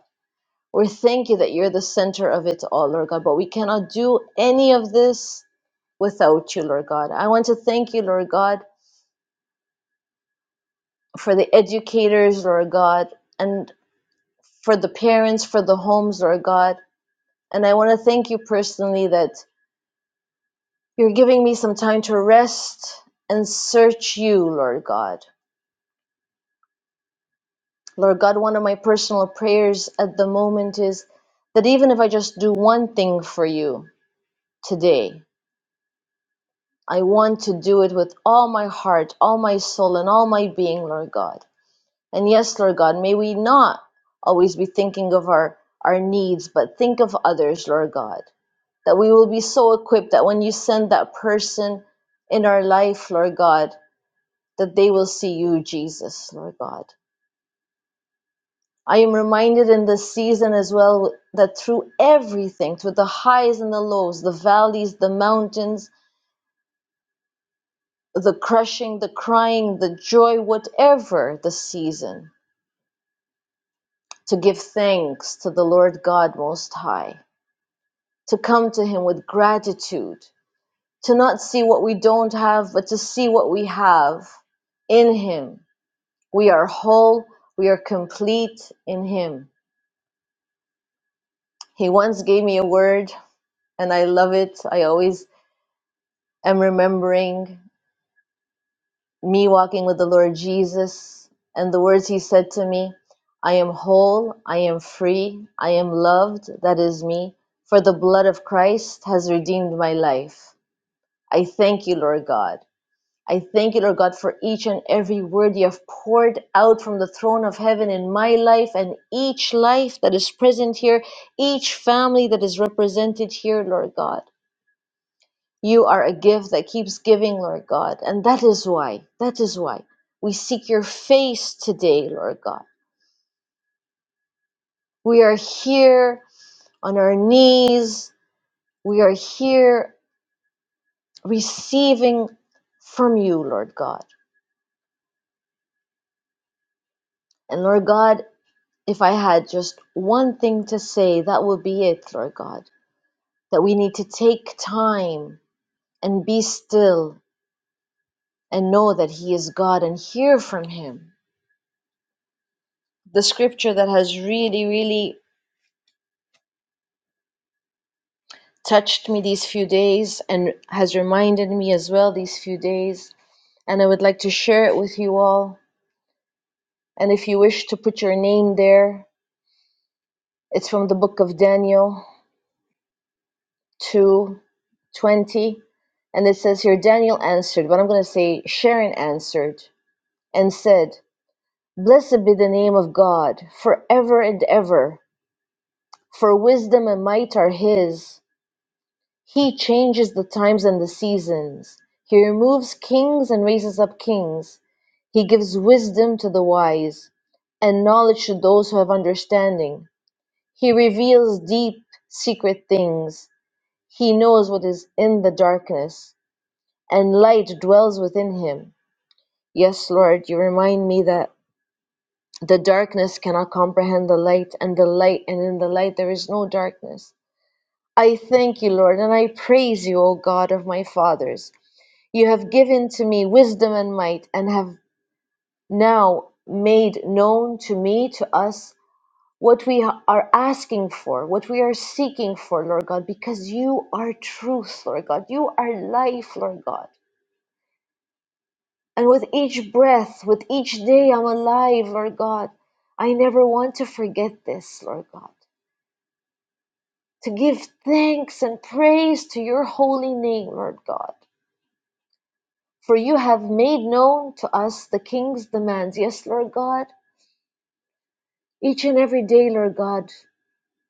we thank you that you're the center of it all, Lord God. But we cannot do any of this without you, Lord God. I want to thank you, Lord God, for the educators, Lord God, and for the parents, for the homes, Lord God And I want to thank you personally that you're giving me some time to rest and search you, Lord God. Lord God, one of my personal prayers at the moment is that even if I just do one thing for you today, I want to do it with all my heart, all my soul, and all my being, Lord God. And yes, Lord God, may we not always be thinking of our, our needs, but think of others, Lord God. That we will be so equipped that when you send that person in our life, Lord God, that they will see you, Jesus, Lord God. I am reminded in this season as well that through everything, through the highs and the lows, the valleys, the mountains, the crushing, the crying, the joy, whatever the season, to give thanks to the Lord God Most High to come to Him with gratitude, to not see what we don't have, but to see what we have in Him. We are whole, we are complete in Him. He once gave me a word, and I love it. I always am remembering me walking with the Lord Jesus and the words He said to me I am whole, I am free, I am loved, that is me, for the blood of Christ has redeemed my life. I thank you, Lord God. I thank you, Lord God, for each and every word you have poured out from the throne of heaven in my life and each life that is present here, each family that is represented here, Lord God. You are a gift that keeps giving, Lord God. And that is why, that is why we seek your face today, Lord God. We are here on our knees. We are here receiving from you, Lord God. And Lord God, If I had just one thing to say, that would be it, Lord God. That we need to take time and be still and know that He is God and hear from Him. The scripture that has really, really touched me these few days and has reminded me as well these few days, and I would like to share it with you all. And if you wish to put your name there, it's from the book of Daniel, 2 20, And it says here, Daniel answered, but I'm going to say Sharon answered and said, Blessed be the name of God forever and ever, for wisdom and might are his. He changes the times and the seasons. He removes kings and raises up kings. He gives wisdom to the wise and knowledge to those who have understanding. He reveals deep, secret things. He knows what is in the darkness. and light dwells within him. Yes, Lord, you remind me that the darkness cannot comprehend the light, and the light, and in the light there is no darkness. I thank you, Lord, and I praise you, O God of my fathers. You have given to me wisdom and might, and have now made known to me, to us, what we are asking for, what we are seeking for, Lord God, because you are truth, Lord God. You are life, Lord God. And with each breath, with each day I'm alive, Lord God, I never want to forget this, Lord God. To give thanks and praise to your holy name, Lord God. For you have made known to us the King's demands. Yes, Lord God. Each and every day, Lord God,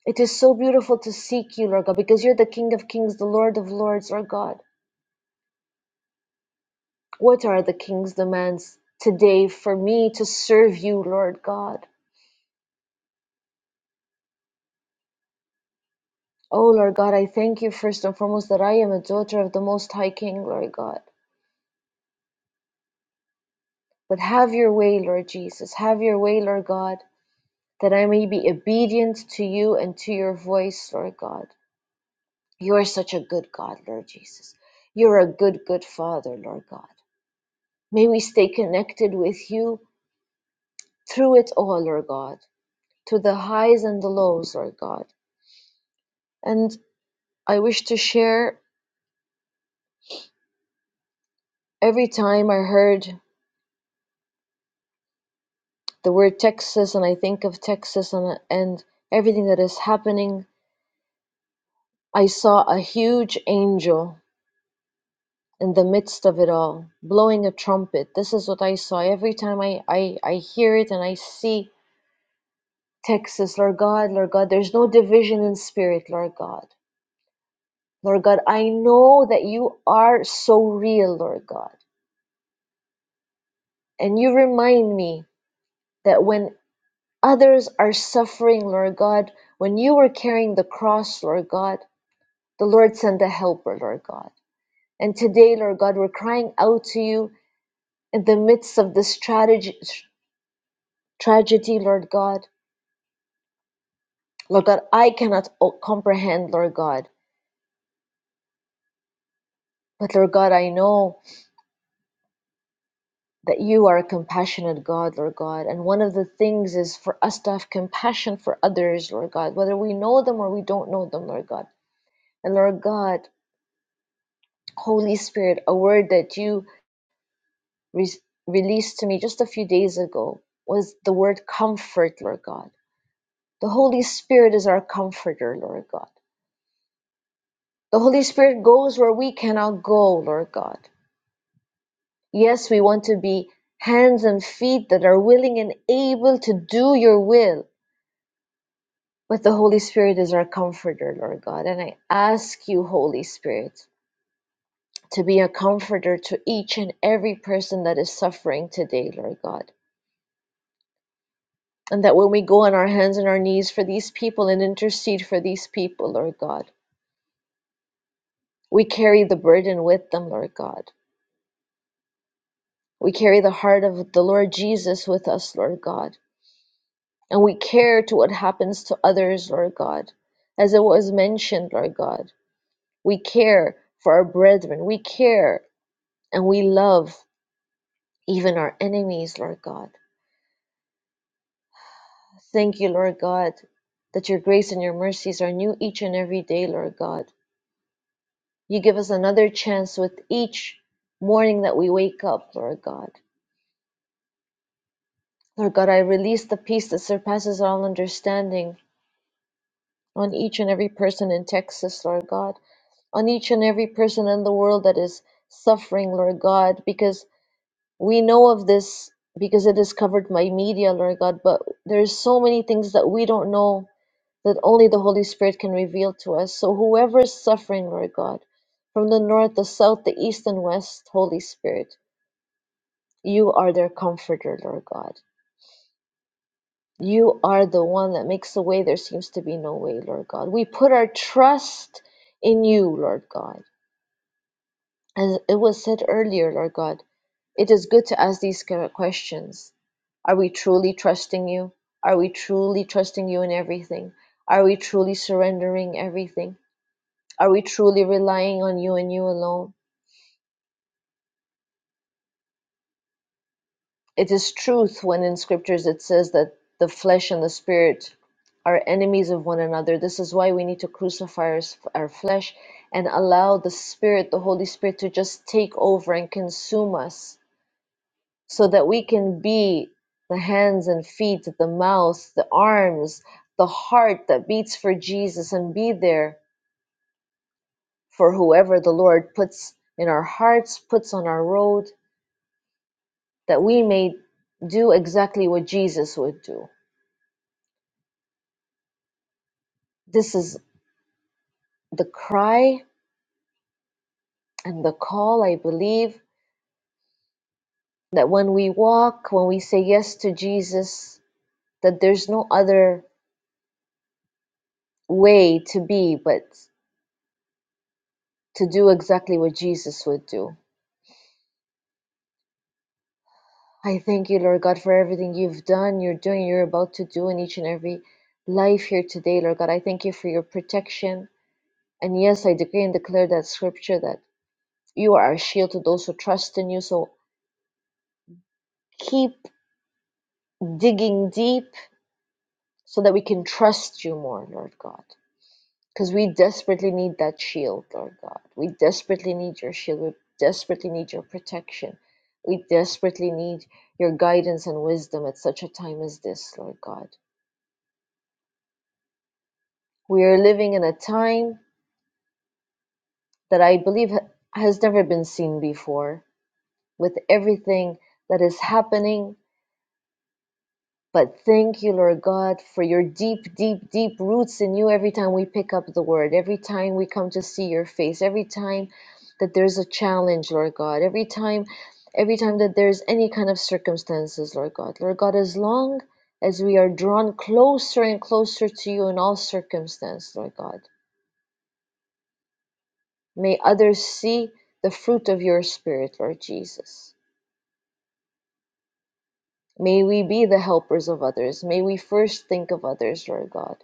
it is so beautiful to seek you, Lord God, because you're the King of Kings, the Lord of Lords, Lord God. What are the King's demands today for me to serve you, Lord God? Oh, Lord God, I thank you first and foremost that I am a daughter of the Most High King, Lord God. But have your way, Lord Jesus. Have your way, Lord God, that I may be obedient to you and to your voice, Lord God. You are such a good God, Lord Jesus. You're a good, good Father, Lord God. May we stay connected with you through it all, Lord God, to the highs and the lows, Lord God. And I wish to share every time I heard the word Texas and I think of Texas and, and everything that is happening, I saw a huge angel in the midst of it all, blowing a trumpet. This is what I saw. Every time I, I, I hear it and I see Texas, Lord God, Lord God, there's no division in spirit, Lord God. Lord God, I know that you are so real, Lord God. And you remind me that when others are suffering, Lord God, when you were carrying the cross, Lord God, The Lord send a helper, Lord God. And today, Lord God, we're crying out to you in the midst of this tragedy, tragedy Lord God. Lord God, I cannot comprehend, Lord God. But Lord God, I know that you are a compassionate God, Lord God. And one of the things is for us to have compassion for others, Lord God, whether we know them or we don't know them, Lord God. And Lord God, Holy Spirit, a word that you re- released to me just a few days ago was the word comfort, Lord God The Holy Spirit is our comforter, Lord God. The Holy Spirit goes where we cannot go, Lord God. Yes, we want to be hands and feet that are willing and able to do your will, but the Holy Spirit is our comforter, Lord God. And I ask you, Holy Spirit, to be a comforter to each and every person that is suffering today, Lord God. And that when we go on our hands and our knees for these people and intercede for these people, Lord God, we carry the burden with them, Lord God. We carry the heart of the Lord Jesus with us, Lord God. And we care to what happens to others, Lord God. As it was mentioned, Lord God, we care for our brethren. We care and we love even our enemies, Lord God. Thank you, Lord God, that your grace and your mercies are new each and every day, Lord God. You give us another chance with each morning that we wake up, Lord God. Lord God, I release the peace that surpasses all understanding on each and every person in Texas, Lord God, on each and every person in the world that is suffering, Lord God, because we know of this because it is covered by media, Lord God, but there's so many things that we don't know that only the Holy Spirit can reveal to us. So whoever is suffering, Lord God, from the north, the south, the east and west, Holy Spirit, you are their comforter, Lord God. You are the one that makes a way. There seems to be no way, Lord God. We put our trust in you, Lord God. As it was said earlier, Lord God, it is good to ask these kind of questions. Are we truly trusting you? Are we truly trusting you in everything? Are we truly surrendering everything? Are we truly relying on you and you alone? It is truth when in scriptures it says that the flesh and the spirit are enemies of one another. This is why we need to crucify our, s- our flesh and allow the spirit, the Holy Spirit, to just take over and consume us so that we can be the hands and feet, the mouth, the arms, the heart that beats for Jesus and be there for whoever the Lord puts in our hearts, puts on our road, that we may do exactly what Jesus would do. This is the cry and the call, I believe, that when we walk, when we say yes to Jesus, that there's no other way to be but to do exactly what Jesus would do. I thank you, Lord God, for everything you've done, you're doing, you're about to do in each and every life here today, Lord God. I thank you for your protection. And yes, I decree and declare that scripture that you are our shield to those who trust in you. So keep digging deep so that we can trust you more, Lord God. Because we desperately need that shield, Lord God. We desperately need your shield. We desperately need your protection. We desperately need your guidance and wisdom at such a time as this, Lord God. We are living in a time that I believe ha- has never been seen before with everything that is happening But thank you, Lord God, for your deep, deep, deep roots in you every time we pick up the word, every time we come to see your face, every time that there's a challenge, Lord God, every time, every time that there's any kind of circumstances, Lord God. Lord God, as long as we are drawn closer and closer to you in all circumstance, Lord God, may others see the fruit of your spirit, Lord Jesus. May we be the helpers of others. May we first think of others, Lord God.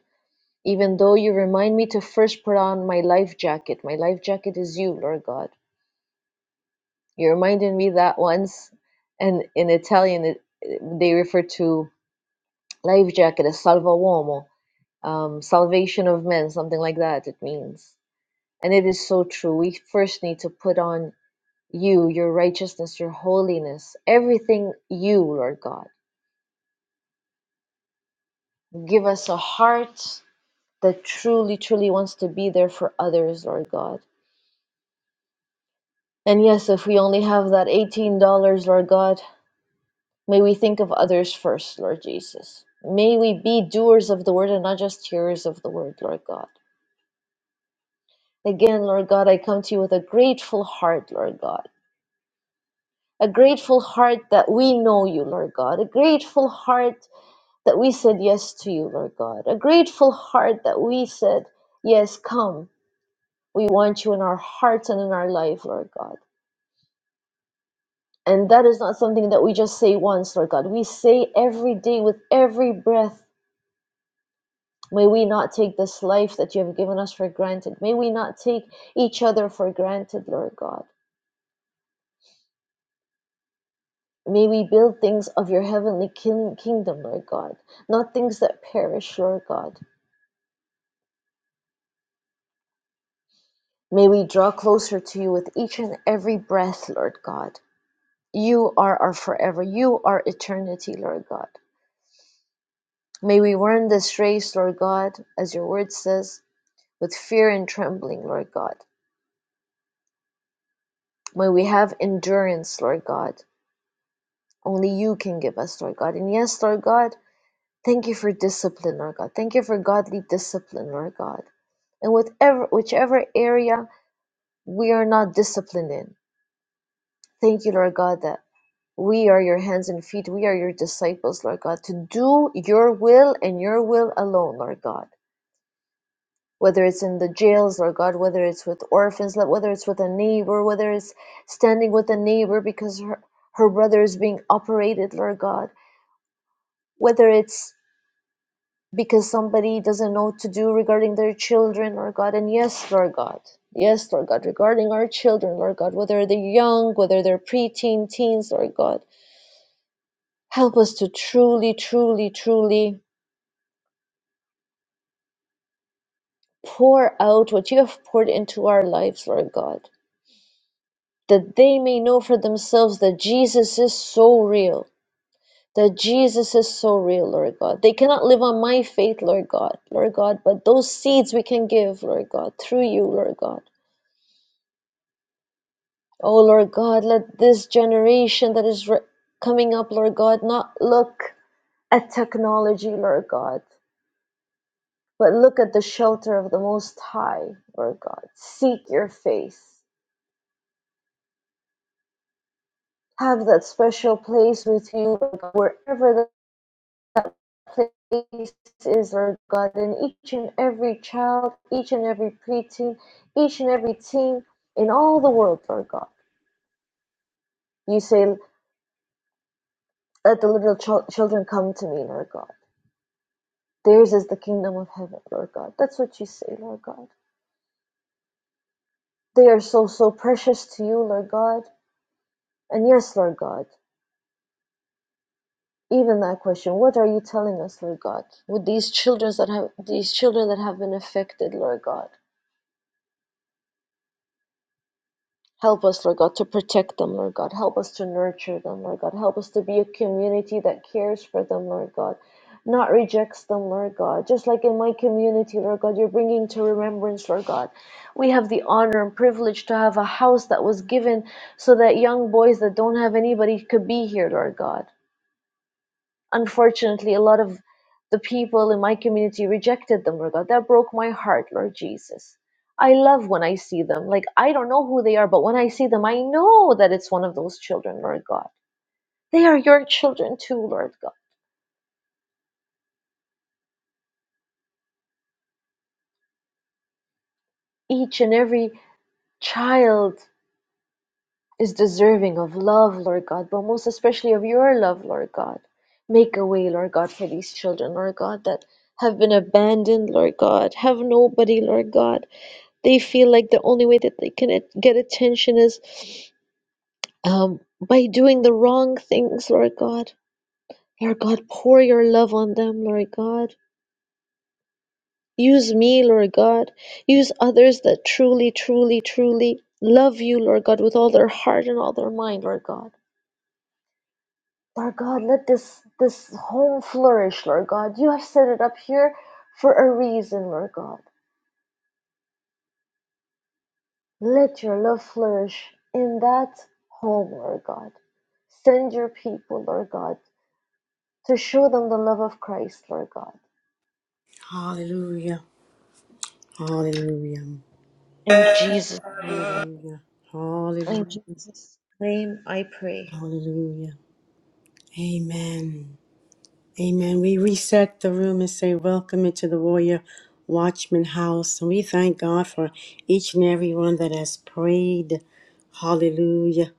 even though you remind me to first put on my life jacket. My life jacket is you, Lord God. You reminded me that once, and in Italian, it, they refer to life jacket as salva uomo, um, salvation of men, something like that, it means. And it is so true. We first need to put on you, your righteousness, your holiness, everything you, Lord God. Give us a heart that truly, truly wants to be there for others, Lord God And yes, if we only have that $18, Lord God, may we think of others first, Lord Jesus. May we be doers of the word and not just hearers of the word, Lord God. Again, Lord God, I come to you with a grateful heart, Lord God. A grateful heart that we know you, Lord God. A grateful heart that we said yes to you, Lord God. A grateful heart that we said, Yes, come. We want you in our hearts and in our life, Lord God. And that is not something that we just say once, Lord God. We say every day with every breath, may we not take this life that you have given us for granted. May we not take each other for granted, Lord God. May we build things of your heavenly kingdom, Lord God, not things that perish, Lord God. May we draw closer to you with each and every breath, Lord God. You are our forever. You are eternity, Lord God. May we run this race, Lord God, as your word says, with fear and trembling, Lord God. May we have endurance, Lord God. Only you can give us, Lord God. And yes, Lord God, thank you for discipline, Lord God. Thank you for godly discipline, Lord God. And whatever, whichever area we are not disciplined in, thank you, Lord God, that we are your hands and feet. We are your disciples, Lord God, to do your will and your will alone, Lord God. whether it's in the jails, Lord God, whether it's with orphans, like, whether it's with a neighbor, whether it's standing with a neighbor because her, her brother is being operated, Lord God, whether it's because somebody doesn't know what to do regarding their children, Lord God, and yes, Lord God. Yes, Lord God, regarding our children, Lord God, whether they're young, whether they're preteen, teens, Lord God, help us to truly, truly, truly pour out what you have poured into our lives, Lord God that they may know for themselves that Jesus is so real. That Jesus is so real, Lord God. They cannot live on my faith, Lord God, Lord God, but those seeds we can give, Lord God, through you, Lord God. Oh, Lord God, let this generation that is re- coming up, Lord God, not look at technology, Lord God, but look at the shelter of the Most High, Lord God. Seek your face. Have that special place with you, Lord God, wherever that place is, Lord God, and each and every child, each and every preteen, each and every teen in all the world, Lord God. You say, Let the little chil- children come to me, Lord God. Theirs is the kingdom of heaven, Lord God. That's what you say, Lord God. They are so, so precious to you, Lord God. And yes, Lord God, even that question, what are you telling us, Lord God, with these children that have these children that have been affected, Lord God? Help us, Lord God, to protect them, Lord God. Help us to nurture them, Lord God. Help us to be a community that cares for them, Lord God. Not rejects them, Lord God. Just like in my community, Lord God, you're bringing to remembrance, Lord God. We have the honor and privilege to have a house that was given so that young boys that don't have anybody could be here, Lord God. Unfortunately, a lot of the people in my community rejected them, Lord God. That broke my heart, Lord Jesus. I love when I see them. Like, I don't know who they are, but when I see them, I know that it's one of those children, Lord God. They are your children too, Lord God. Each and every child is deserving of love, Lord God, but most especially of your love, Lord God. Make a way, Lord God, for these children, Lord God, that have been abandoned, Lord God, have nobody, Lord God They feel like the only way that they can at- get attention is um, by doing the wrong things, Lord God. Lord God, pour your love on them, Lord God. Use me, Lord God. Use others that truly, truly, truly love you, Lord God, with all their heart and all their mind, Lord God. Lord God, let this this home flourish, Lord God. You have set it up here for a reason, Lord God. Let your love flourish in that home, Lord God. Send your people, Lord God, to show them the love of Christ, Lord God. Hallelujah. Hallelujah. In Jesus, in Hallelujah. Jesus' name I pray. Hallelujah. Amen. Amen. We reset the room and say, Welcome into the Warrior Watchman House. And we thank God for each and every one that has prayed. Hallelujah.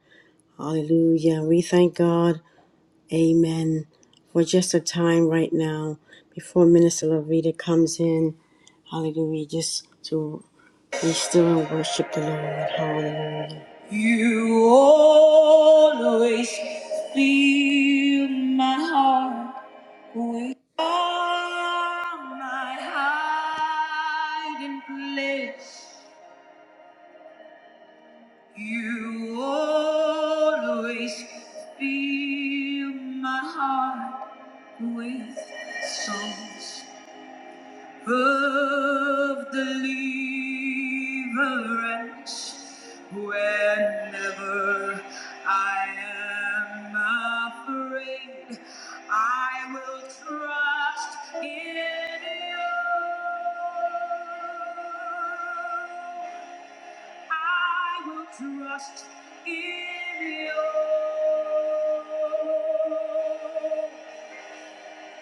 Hallelujah. We thank God. Amen. For just a time right now before Minister Lavita comes in. Hallelujah. Just to be still and worship the Lord. Hallelujah. With songs. of deliverance whenever I am afraid. I will trust in you. I will trust in you.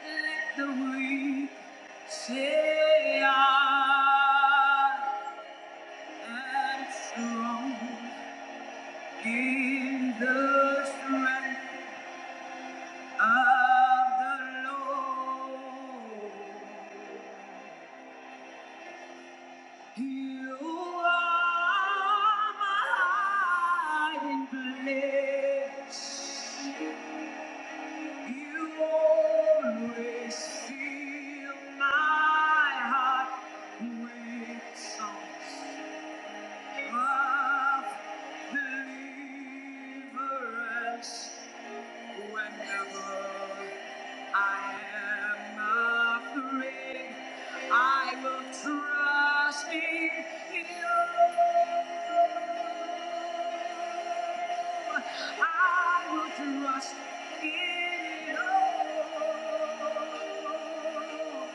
Let the weak say I am strong in the strength of the Lord. You are my hiding place. You always fill my heart with songs of deliverance whenever I am afraid. I will trust in you. I will trust in you.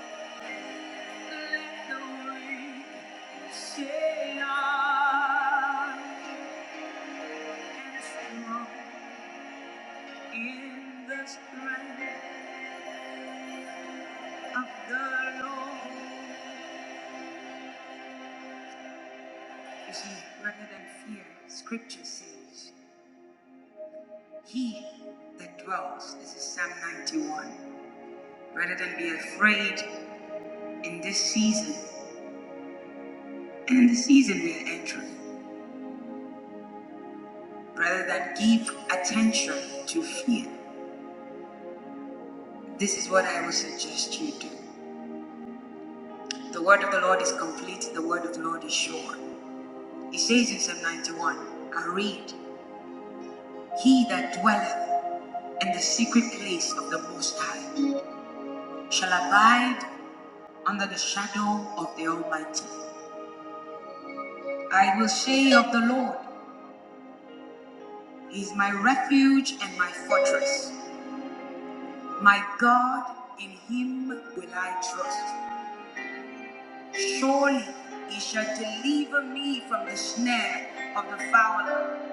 Scripture says, He that dwells, this is Psalm 91, rather than be afraid in this season and in the season we are entering, rather than give attention to fear, this is what I would suggest you do. The word of the Lord is complete, the word of the Lord is sure. He says in Psalm 91, I read, He that dwelleth in the secret place of the Most High shall abide under the shadow of the Almighty. I will say of the Lord, He is my refuge and my fortress. My God, in Him will I trust. Surely He shall deliver me from the snare of the fowler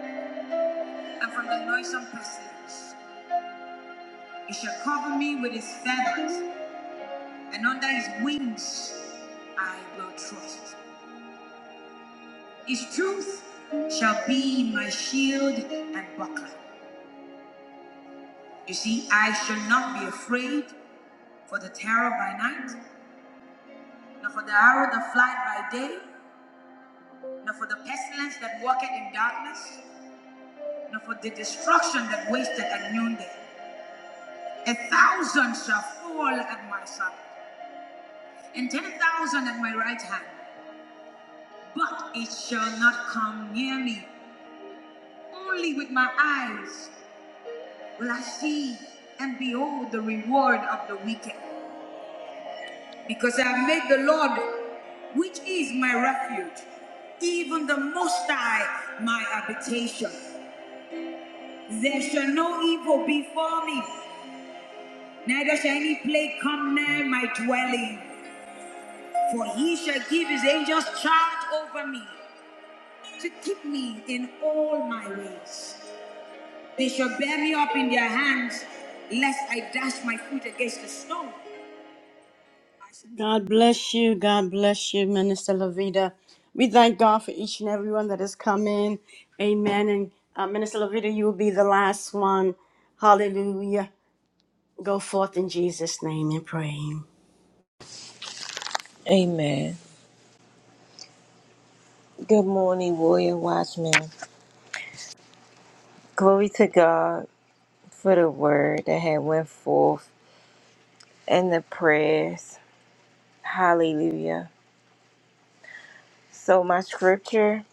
and from the noisome pestilence. He shall cover me with his feathers, and under his wings I will trust. His truth shall be my shield and buckler. You see, I shall not be afraid for the terror by night, nor for the arrow that flies by day, nor for the pestilence that walketh in darkness, nor for the destruction that wasteth at noonday. A thousand shall fall at my side, and ten thousand at my right hand, but it shall not come near me. Only with my eyes will I see and behold the reward of the wicked. Because I have made the Lord, which is my refuge, even the Most High, my habitation. There shall no evil befall me, neither shall any plague come near my dwelling. For he shall give his angels charge over me to keep me in all my ways. They shall bear me up in their hands, lest I dash my foot against a stone. God bless you. God bless you, Minister Lavita. We thank God for each and every one that has come in. Amen. And uh, Minister Lavita, you will be the last one. Hallelujah. Go forth in Jesus' name and pray. Amen. Good morning, warrior watchman. Glory to God for the word that had went forth and the prayers. Hallelujah. So my scripture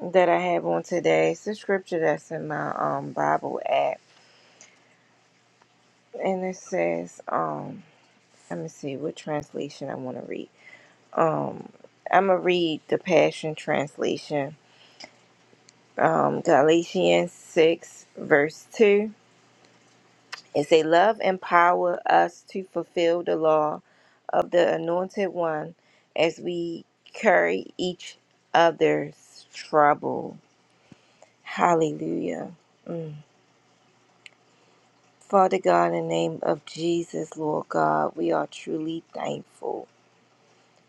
that I have on today is the scripture that's in my um Bible app. And it says, um, let me see what translation I want to read. Um I'ma read the Passion Translation. Um Galatians six verse two. It say, Love empower us to fulfill the law of the anointed one as we carry each other's trouble. Hallelujah. Mm. Father God, in the name of Jesus, Lord God, we are truly thankful.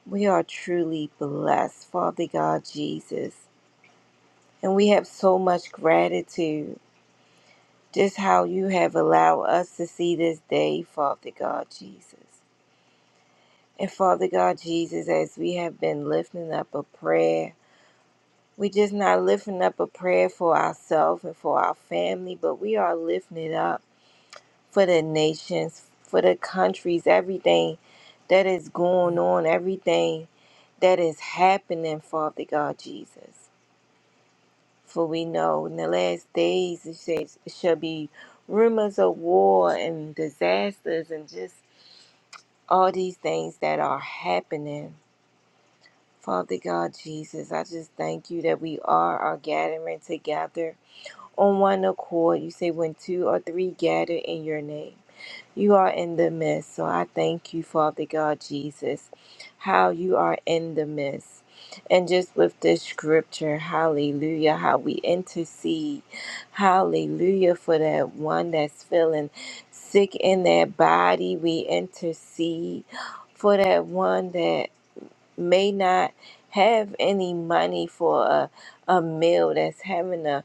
We are truly blessed, Father God Jesus. And we have so much gratitude just how you have allowed us to see this day, Father God Jesus. And Father God Jesus, as we have been lifting up a prayer, we just not lifting up a prayer for ourselves and for our family, but we are lifting it up for the nations, for the countries, everything that is going on, everything that is happening, Father God Jesus. For we know in the last days it says it shall be rumors of war and disasters and just all these things that are happening. Father God Jesus, I just thank you that we are, are gathering together on one accord. You say when two or three gather in your name, you are in the midst. So I thank you, Father God Jesus, how you are in the midst. And just with this scripture, hallelujah, how we intercede, hallelujah, for that one that's feeling sick in their body. We intercede for that one that may not have any money for a, a meal that's having a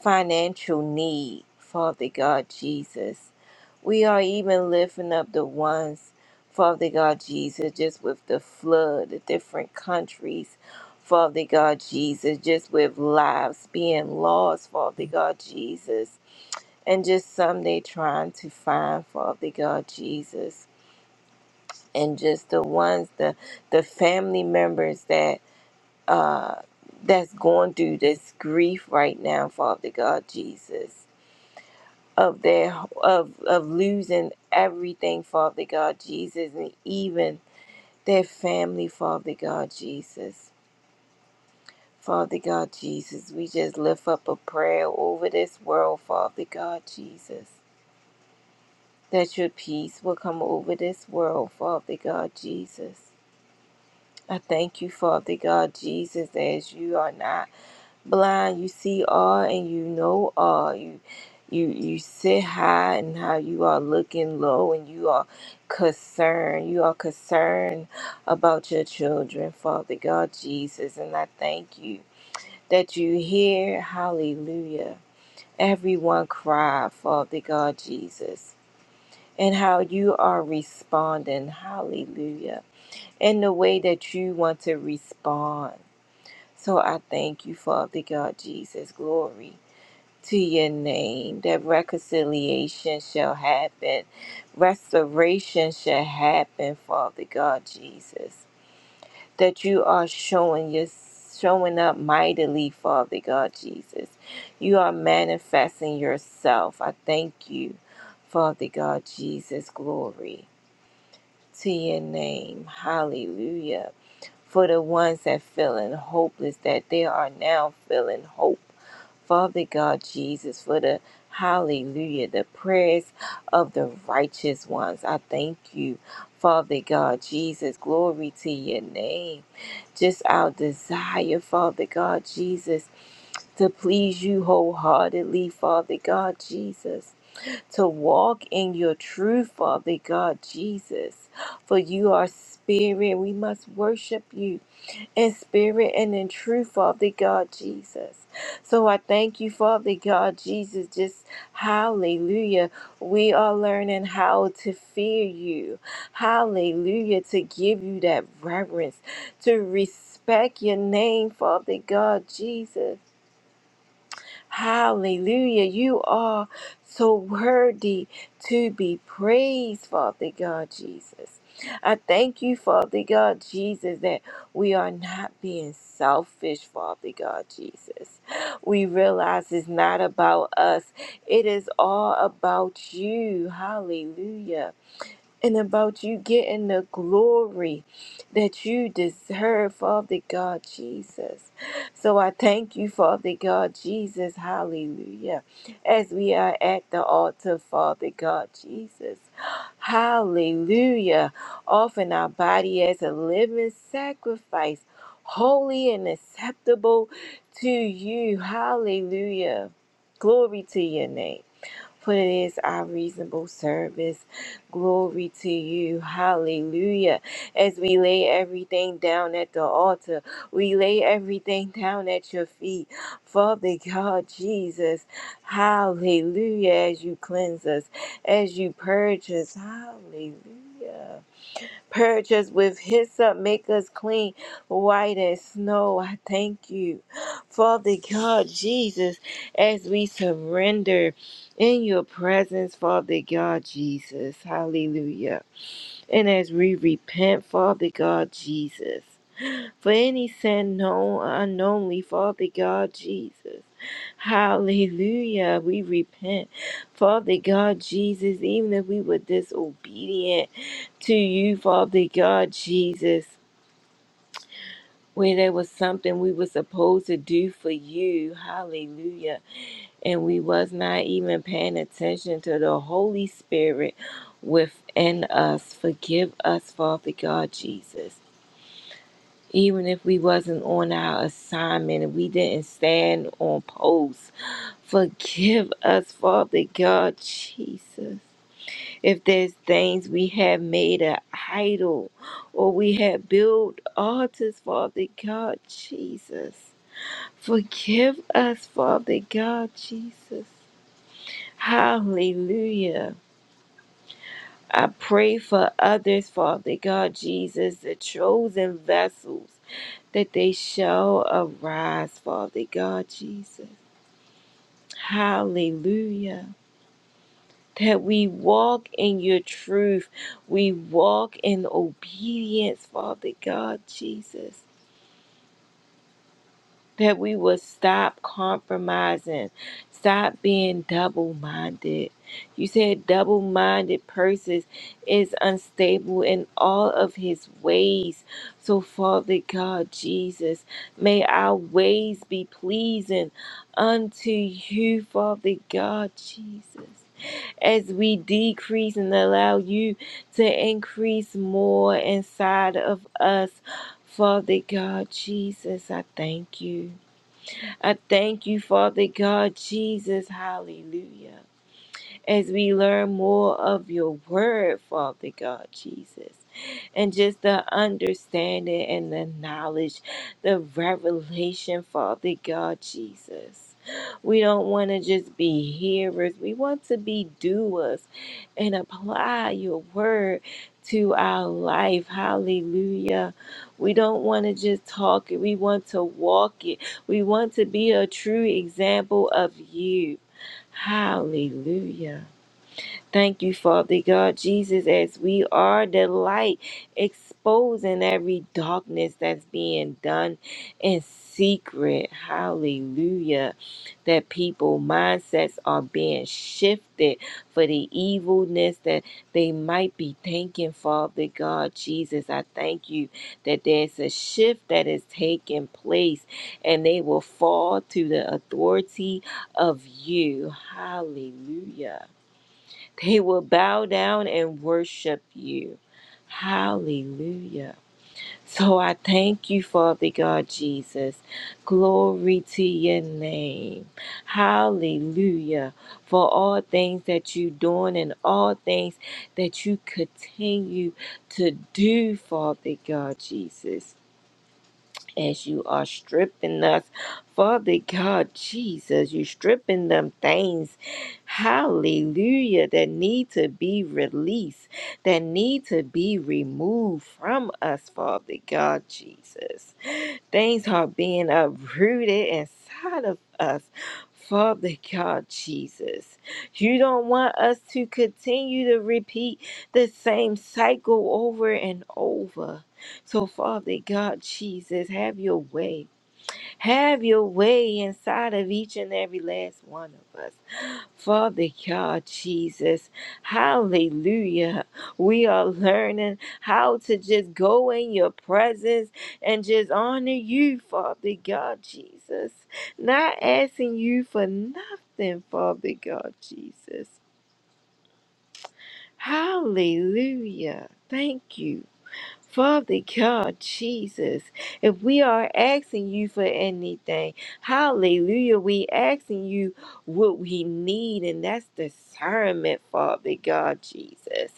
financial need, Father God Jesus. We are even lifting up the ones, Father God Jesus, just with the flood, the different countries, Father God Jesus, just with lives being lost, Father God Jesus, and just some they trying to find, Father God Jesus. And just the ones, the the family members that uh, that's going through this grief right now, Father God Jesus, of their of of losing everything, Father God Jesus, and even their family, Father God Jesus. Father God Jesus, we just lift up a prayer over this world, Father God Jesus, that your peace will come over this world, Father God Jesus. I thank you, Father God Jesus, as you are now. blind, you see all and you know all. You you you sit high and how you are looking low and you are concerned. You are concerned about your children, Father God Jesus, and I thank you that you hear hallelujah. Everyone cry, Father God Jesus. And how you are responding, hallelujah, in the way that you want to respond. So I thank you, Father God Jesus. Glory to your name, that reconciliation shall happen, restoration shall happen, Father God Jesus. That you are showing your showing up mightily, Father God Jesus. You are manifesting yourself. I thank you, Father God Jesus. Glory to your name. Hallelujah. For the ones that feeling hopeless, that they are now feeling hope Father God Jesus, for the hallelujah, the prayers of the righteous ones. I thank you, Father God Jesus. Glory to your name. Just our desire, Father God Jesus, to please you wholeheartedly, Father God Jesus, to walk in your truth, Father God Jesus. For you are spirit. We must worship you in spirit and in truth, Father God Jesus. So I thank you, Father God Jesus. Just hallelujah. We are learning how to fear you. Hallelujah. To give you that reverence, to respect your name, Father God Jesus. Hallelujah. You are so worthy to be praised, Father God Jesus. I thank you, Father God Jesus, that we are not being selfish, Father God Jesus. We realize it's not about us, it is all about you. Hallelujah and about you getting the glory that you deserve, Father God Jesus. So I thank you, Father God Jesus. Hallelujah. As we are at the altar, Father God Jesus. Hallelujah. Offering our body as a living sacrifice, holy and acceptable to you. Hallelujah. Glory to your name for it is our reasonable service. Glory to you. Hallelujah. As we lay everything down at the altar, we lay everything down at your feet. Father God, Jesus, hallelujah. As you cleanse us, as you purge us, hallelujah. Purge us with hyssop, make us clean, white as snow. I thank you, Father God, Jesus, as we surrender in your presence, Father God, Jesus. Hallelujah. And as we repent, Father God, Jesus for any sin known or unknownly, Father God Jesus. Hallelujah. We repent, Father God Jesus, even if we were disobedient to you, Father God Jesus. Where there was something we were supposed to do for you, hallelujah, and we was not even paying attention to the Holy Spirit within us. Forgive us, Father God Jesus. even if we wasn't on our assignment and we didn't stand on post. Forgive us, Father God, Jesus. If there's things we have made an idol or we have built altars, Father God, Jesus. Forgive us, Father God, Jesus. Hallelujah. I pray for others, Father God, Jesus, the chosen vessels that they shall arise, Father God Jesus. Hallelujah. That we walk in your truth. We walk in obedience, Father God Jesus. that we will stop compromising, stop being double minded. You said double minded person is unstable in all of his ways. So, Father God, Jesus, may our ways be pleasing unto you, Father God, Jesus. As we decrease and allow you to increase more inside of us, Father God, Jesus, I thank you. I thank you, Father God, Jesus. Hallelujah as we learn more of your word, Father God Jesus. And just the understanding and the knowledge, the revelation, Father God Jesus. We don't want to just be hearers, we want to be doers and apply your word to our life. Hallelujah. We don't want to just talk it, we want to walk it. We want to be a true example of you. Hallelujah. Thank you, Father God, Jesus, as we are the light, exposing every darkness that's being done in secret. Hallelujah. That people mindsets are being shifted for the evilness that they might be thinking, Father God, Jesus. I thank you that there's a shift that is taking place and they will fall to the authority of you. Hallelujah. They will bow down and worship you. Hallelujah. So I thank you, Father God Jesus. Glory to your name. Hallelujah. For all things that you're doing and all things that you continue to do, Father God Jesus as you are stripping us, Father God Jesus, you stripping them things, hallelujah, that need to be released, that need to be removed from us, Father God Jesus. Things are being uprooted inside of us. Father God Jesus, you don't want us to continue to repeat the same cycle over and over. So, Father God Jesus, have your way. Have your way inside of each and every last one of us. Father God, Jesus, hallelujah. We are learning how to just go in your presence and just honor you, Father God, Jesus. Not asking you for nothing, Father God, Jesus. Hallelujah. Thank you. Father God, Jesus, if we are asking you for anything, hallelujah, we asking you what we need, and that's discernment, Father God, Jesus.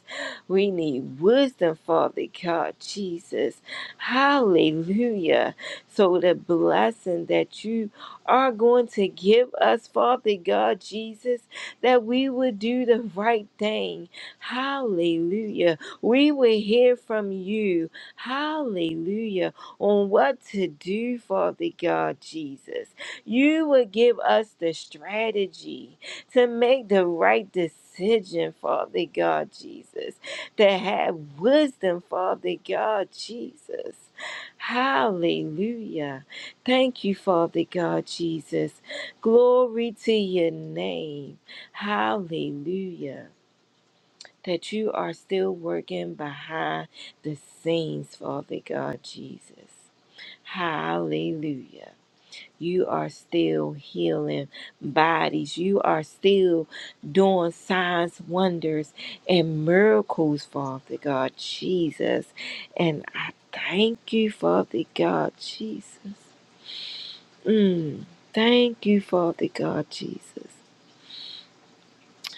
We need wisdom, Father God, Jesus. Hallelujah. So the blessing that you are going to give us, Father God, Jesus, that we would do the right thing. Hallelujah we will hear from you. Hallelujah. On what to do, Father God Jesus. You will give us the strategy to make the right decision, Father God Jesus. To have wisdom, Father God Jesus. Hallelujah. Thank you, Father God Jesus. Glory to your name. Hallelujah that you are still working behind the scenes, Father God Jesus. Hallelujah. You are still healing bodies. You are still doing signs, wonders, and miracles, Father God Jesus. And I thank you, Father God Jesus. Mm. Thank you, Father God Jesus.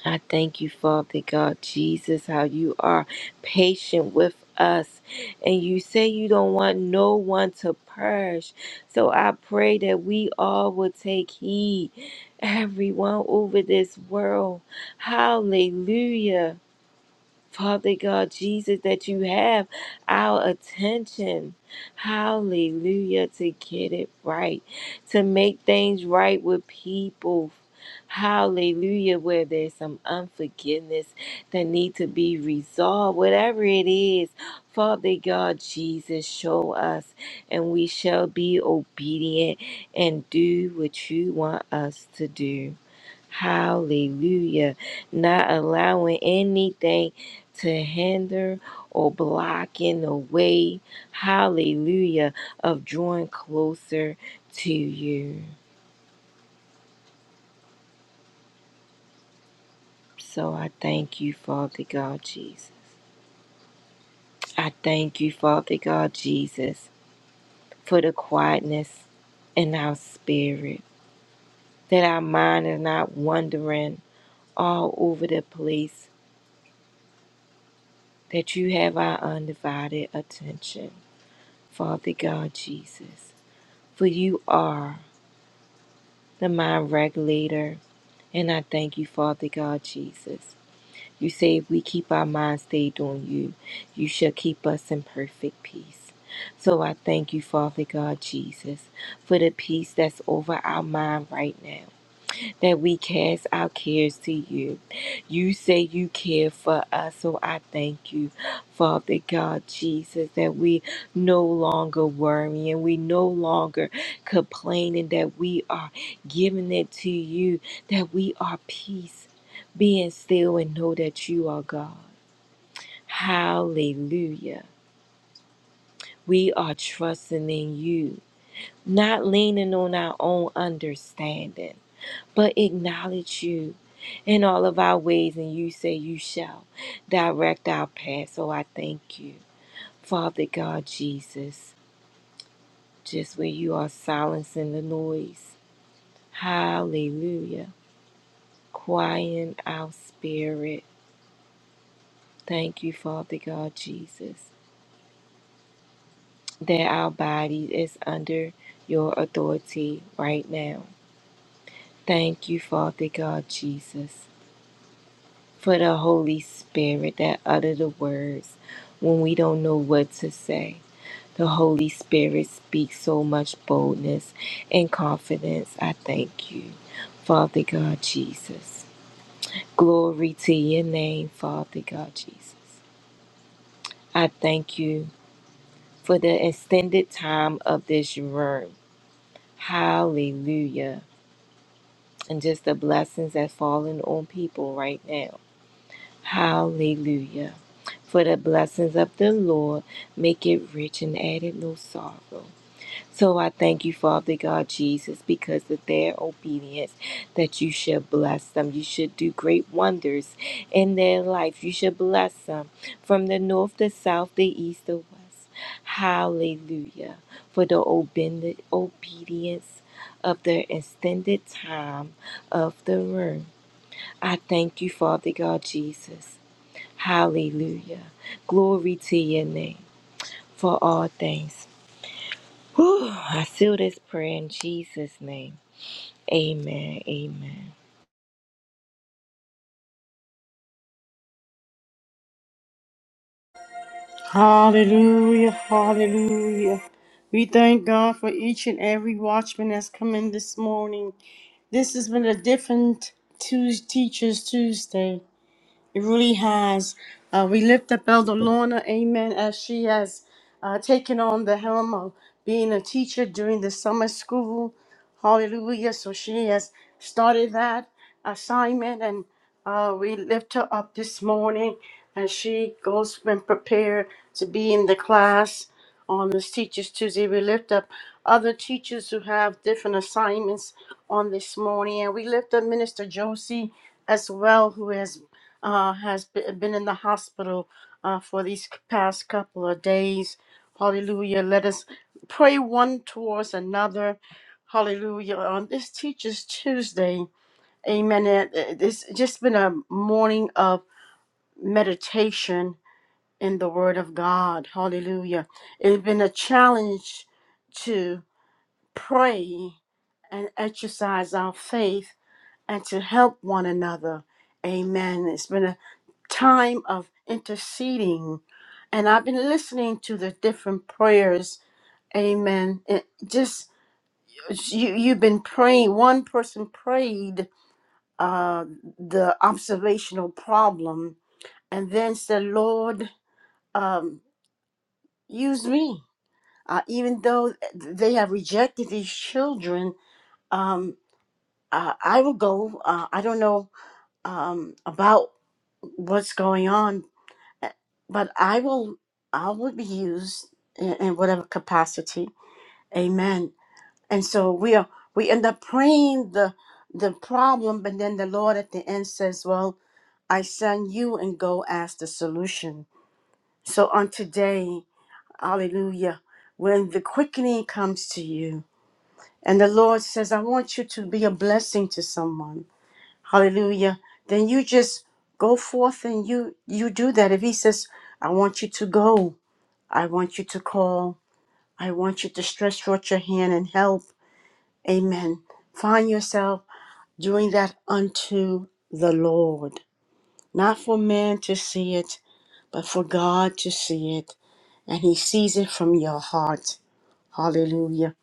I thank you, Father God Jesus, how you are patient with us. And you say you don't want no one to perish. So I pray that we all will take heed, everyone over this world. Hallelujah. Father God Jesus, that you have our attention. Hallelujah. To get it right, to make things right with people. Hallelujah. Where there's some unforgiveness that need to be resolved, whatever it is, Father God Jesus, show us and we shall be obedient and do what you want us to do. Hallelujah. Not allowing anything to hinder or block in the way, hallelujah, of drawing closer to you. So I thank you, Father God Jesus. I thank you, Father God Jesus, for the quietness in our spirit, that our mind is not wandering all over the place, that you have our undivided attention. Father God Jesus. for you are the mind regulator. And I thank you, Father God Jesus. You say if we keep our mind stayed on you, you shall keep us in perfect peace. So I thank you, Father God Jesus, for the peace that's over our mind right now that we cast our cares to you. You say you care for us, so I thank you, Father God Jesus, that we no longer worry and we no longer complaining that we are giving it to you, that we are peace, being still and know that you are God. Hallelujah. We are trusting in you, not leaning on our own understanding but acknowledge you in all of our ways, and you say you shall direct our path. So I thank you, Father God Jesus, just where you are silencing the noise. Hallelujah. quieting our spirit. Thank you, Father God Jesus, that our body is under your authority right now. Thank you, Father God Jesus. for the Holy Spirit that utter the words when we don't know what to say. The Holy Spirit speaks so much boldness and confidence. I thank you, Father God Jesus. Glory to your name, Father God Jesus. I thank you for the extended time of this room. Hallelujah. And just the blessings that falling on people right now. Hallelujah. For the blessings of the Lord make it rich and added no sorrow. So I thank you, Father God Jesus, because of their obedience, that you should bless them. You should do great wonders in their life. You should bless them from the north, the south, the east, the west. Hallelujah. For the obend- obedience of the extended time of the room. I thank you, Father God Jesus. Hallelujah. Glory to your name for all things. Whew, I seal this prayer in Jesus' name. Amen. Amen. Hallelujah. Hallelujah. We thank God for each and every watchman that's come in this morning. This has been a different Tues Teachers Tuesday. It really has. Uh, we lift up Elder Lorna, amen, as she has uh, taken on the helm of being a teacher during the summer school. Hallelujah. So she has started that assignment, and uh, we lift her up this morning as she goes and prepare to be in the class on this Teachers Tuesday. We lift up other teachers who have different assignments on this morning, and we lift up Minister Josie as well, who has uh, has be- been in the hospital uh, for these past couple of days. Hallelujah. Let us pray one towards another. Hallelujah. On this Teacher's Tuesday, amen. It- it- It's just been a morning of meditation in the Word of God. Hallelujah. It's been a challenge to pray and exercise our faith and to help one another. Amen. It's been a time of interceding. And I've been listening to the different prayers. Amen. It just you you've been praying. One person prayed uh, the observational problem, and then said, "Lord, um, use me." Uh, even though they have rejected these children, um, uh, I will go. Uh, I don't know um, about what's going on, but I will I will be used in, in whatever capacity. Amen. And so we are we end up praying the the problem, but then the Lord at the end says, Well, I send you and go ask the solution. So on today, hallelujah, when the quickening comes to you and the Lord says, I want you to be a blessing to someone, hallelujah, then you just go forth and you you do that. If he says, I want you to go, I want you to call. I want you to stretch out your hand and help. Amen. Find yourself doing that unto the Lord, not for man to see it, but for God to see it. And He sees it from your heart. Hallelujah.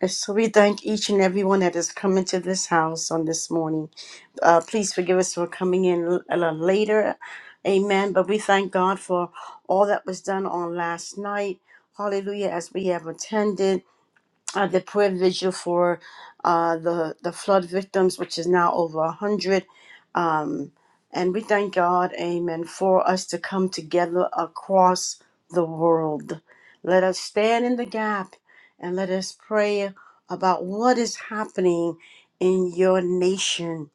And so we thank each and everyone that has come into this house on this morning. Uh, please forgive us for coming in l- a little later. Amen. But we thank God for all that was done on last night. Hallelujah. As we have attended. uh, the prayer vigil for uh, the the flood victims, which is now over a hundred. Um, and we thank God, Amen, for us to come together across the world. Let us stand in the gap and let us pray about what is happening in your nation,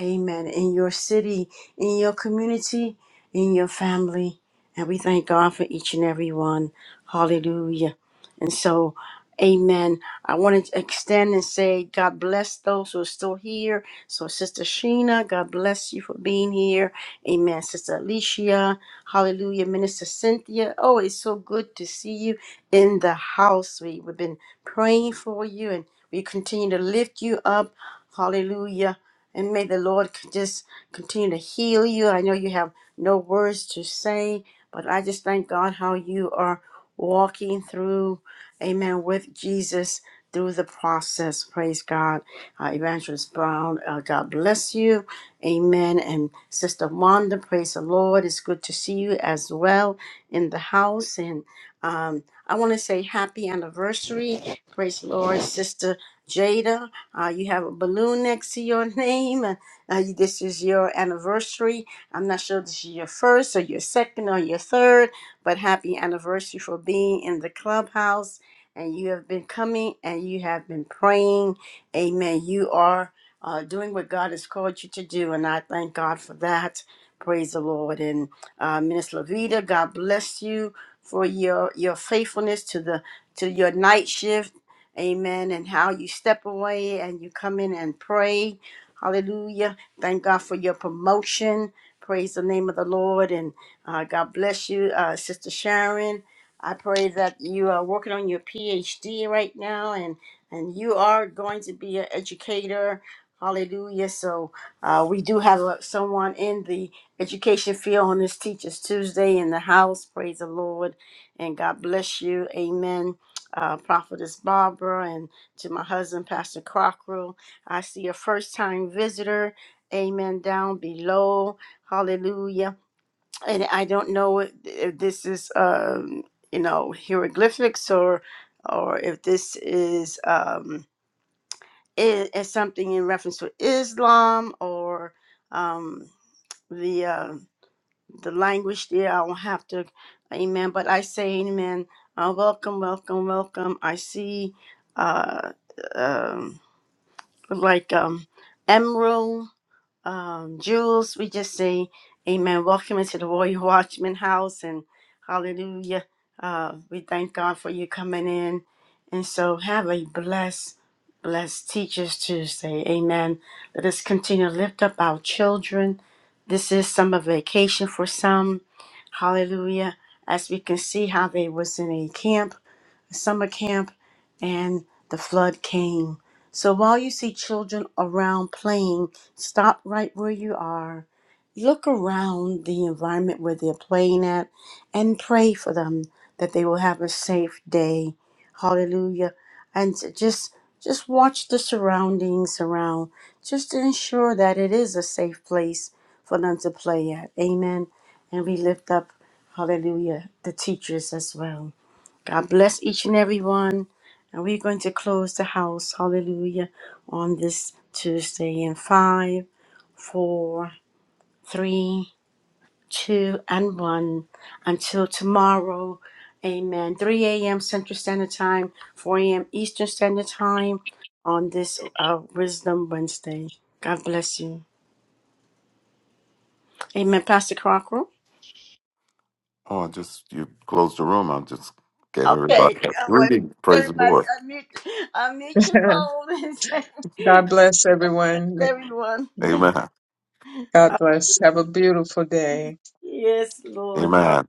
Amen, in your city, in your community, in your family. And we thank God for each and every one. Hallelujah. And so, amen. I want to extend and say, God bless those who are still here. So, Sister Sheena, God bless you for being here. Amen. Sister Alicia, hallelujah. Minister Cynthia, oh, it's so good to see you in the house. We, we've been praying for you and we continue to lift you up. Hallelujah. And may the Lord c- just continue to heal you. I know you have no words to say, but I just thank God how you are walking through amen, with Jesus through the process. Praise God. Uh, Evangelist Brown, uh, God bless you. Amen. And Sister Wanda, praise the Lord. It's good to see you as well in the house. And um, I want to say happy anniversary. Praise the Lord, Sister Jada. Uh, you have a balloon next to your name. And uh, this is your anniversary. I'm not sure this is your first or your second or your third, but happy anniversary for being in the clubhouse and you have been coming and you have been praying. Amen. You are uh, doing what God has called you to do, and I thank God for that. Praise the Lord. And uh, Minister Lavita, God bless you for your your faithfulness to the to your night shift. Amen. And how you step away and you come in and pray. Hallelujah. Thank God for your promotion. Praise the name of the Lord. And uh, God bless you, uh, Sister Sharon. I pray that you are working on your PhD right now, and and you are going to be an educator. Hallelujah! So uh, we do have a, someone in the education field on this Teachers Tuesday in the house. Praise the Lord, and God bless you. Amen. Uh, Prophetess Barbara, and to my husband, Pastor Crocker. I see a first-time visitor. Amen. Down below. Hallelujah and I don't know if this is um, you know hieroglyphics or or if this is um, is, is something in reference to Islam or um, the uh, the language there. I don't have to, Amen. But I say, Amen. Uh, welcome, welcome, welcome. I see, uh, um, like um, emerald um, Jules, we just say, Amen. Welcome into the Royal Watchman House and hallelujah. Uh, we thank God for you coming in. And so have a blessed, blessed Teachers Tuesday. Amen. Let us continue to lift up our children. This is summer vacation for some. Hallelujah. As we can see how they was in a camp summer camp and the flood came. So while you see children around playing, stop right where you are. Look around the environment where they're playing at and pray for them that they will have a safe day. Hallelujah. And to just just watch the surroundings around just to ensure that it is a safe place for them to play at. Amen. And we lift up, hallelujah, the teachers as well. God bless each and every one. And we're going to close the house, hallelujah, on this Tuesday in five, four, three, two, and one. Until tomorrow, amen. 3 a.m. Central Standard Time, 4 a.m. Eastern Standard Time on this uh, Wisdom Wednesday. God bless you. Amen. Pastor Crocker. Oh, I just you closed the room. I just gave Okay, everybody a uh, well, reading. Praise the everybody Lord. unmute, unmute your phone and say, God bless everyone. everyone. Amen. God bless. Have a beautiful day. Yes, Lord. Hallelujah. Amen.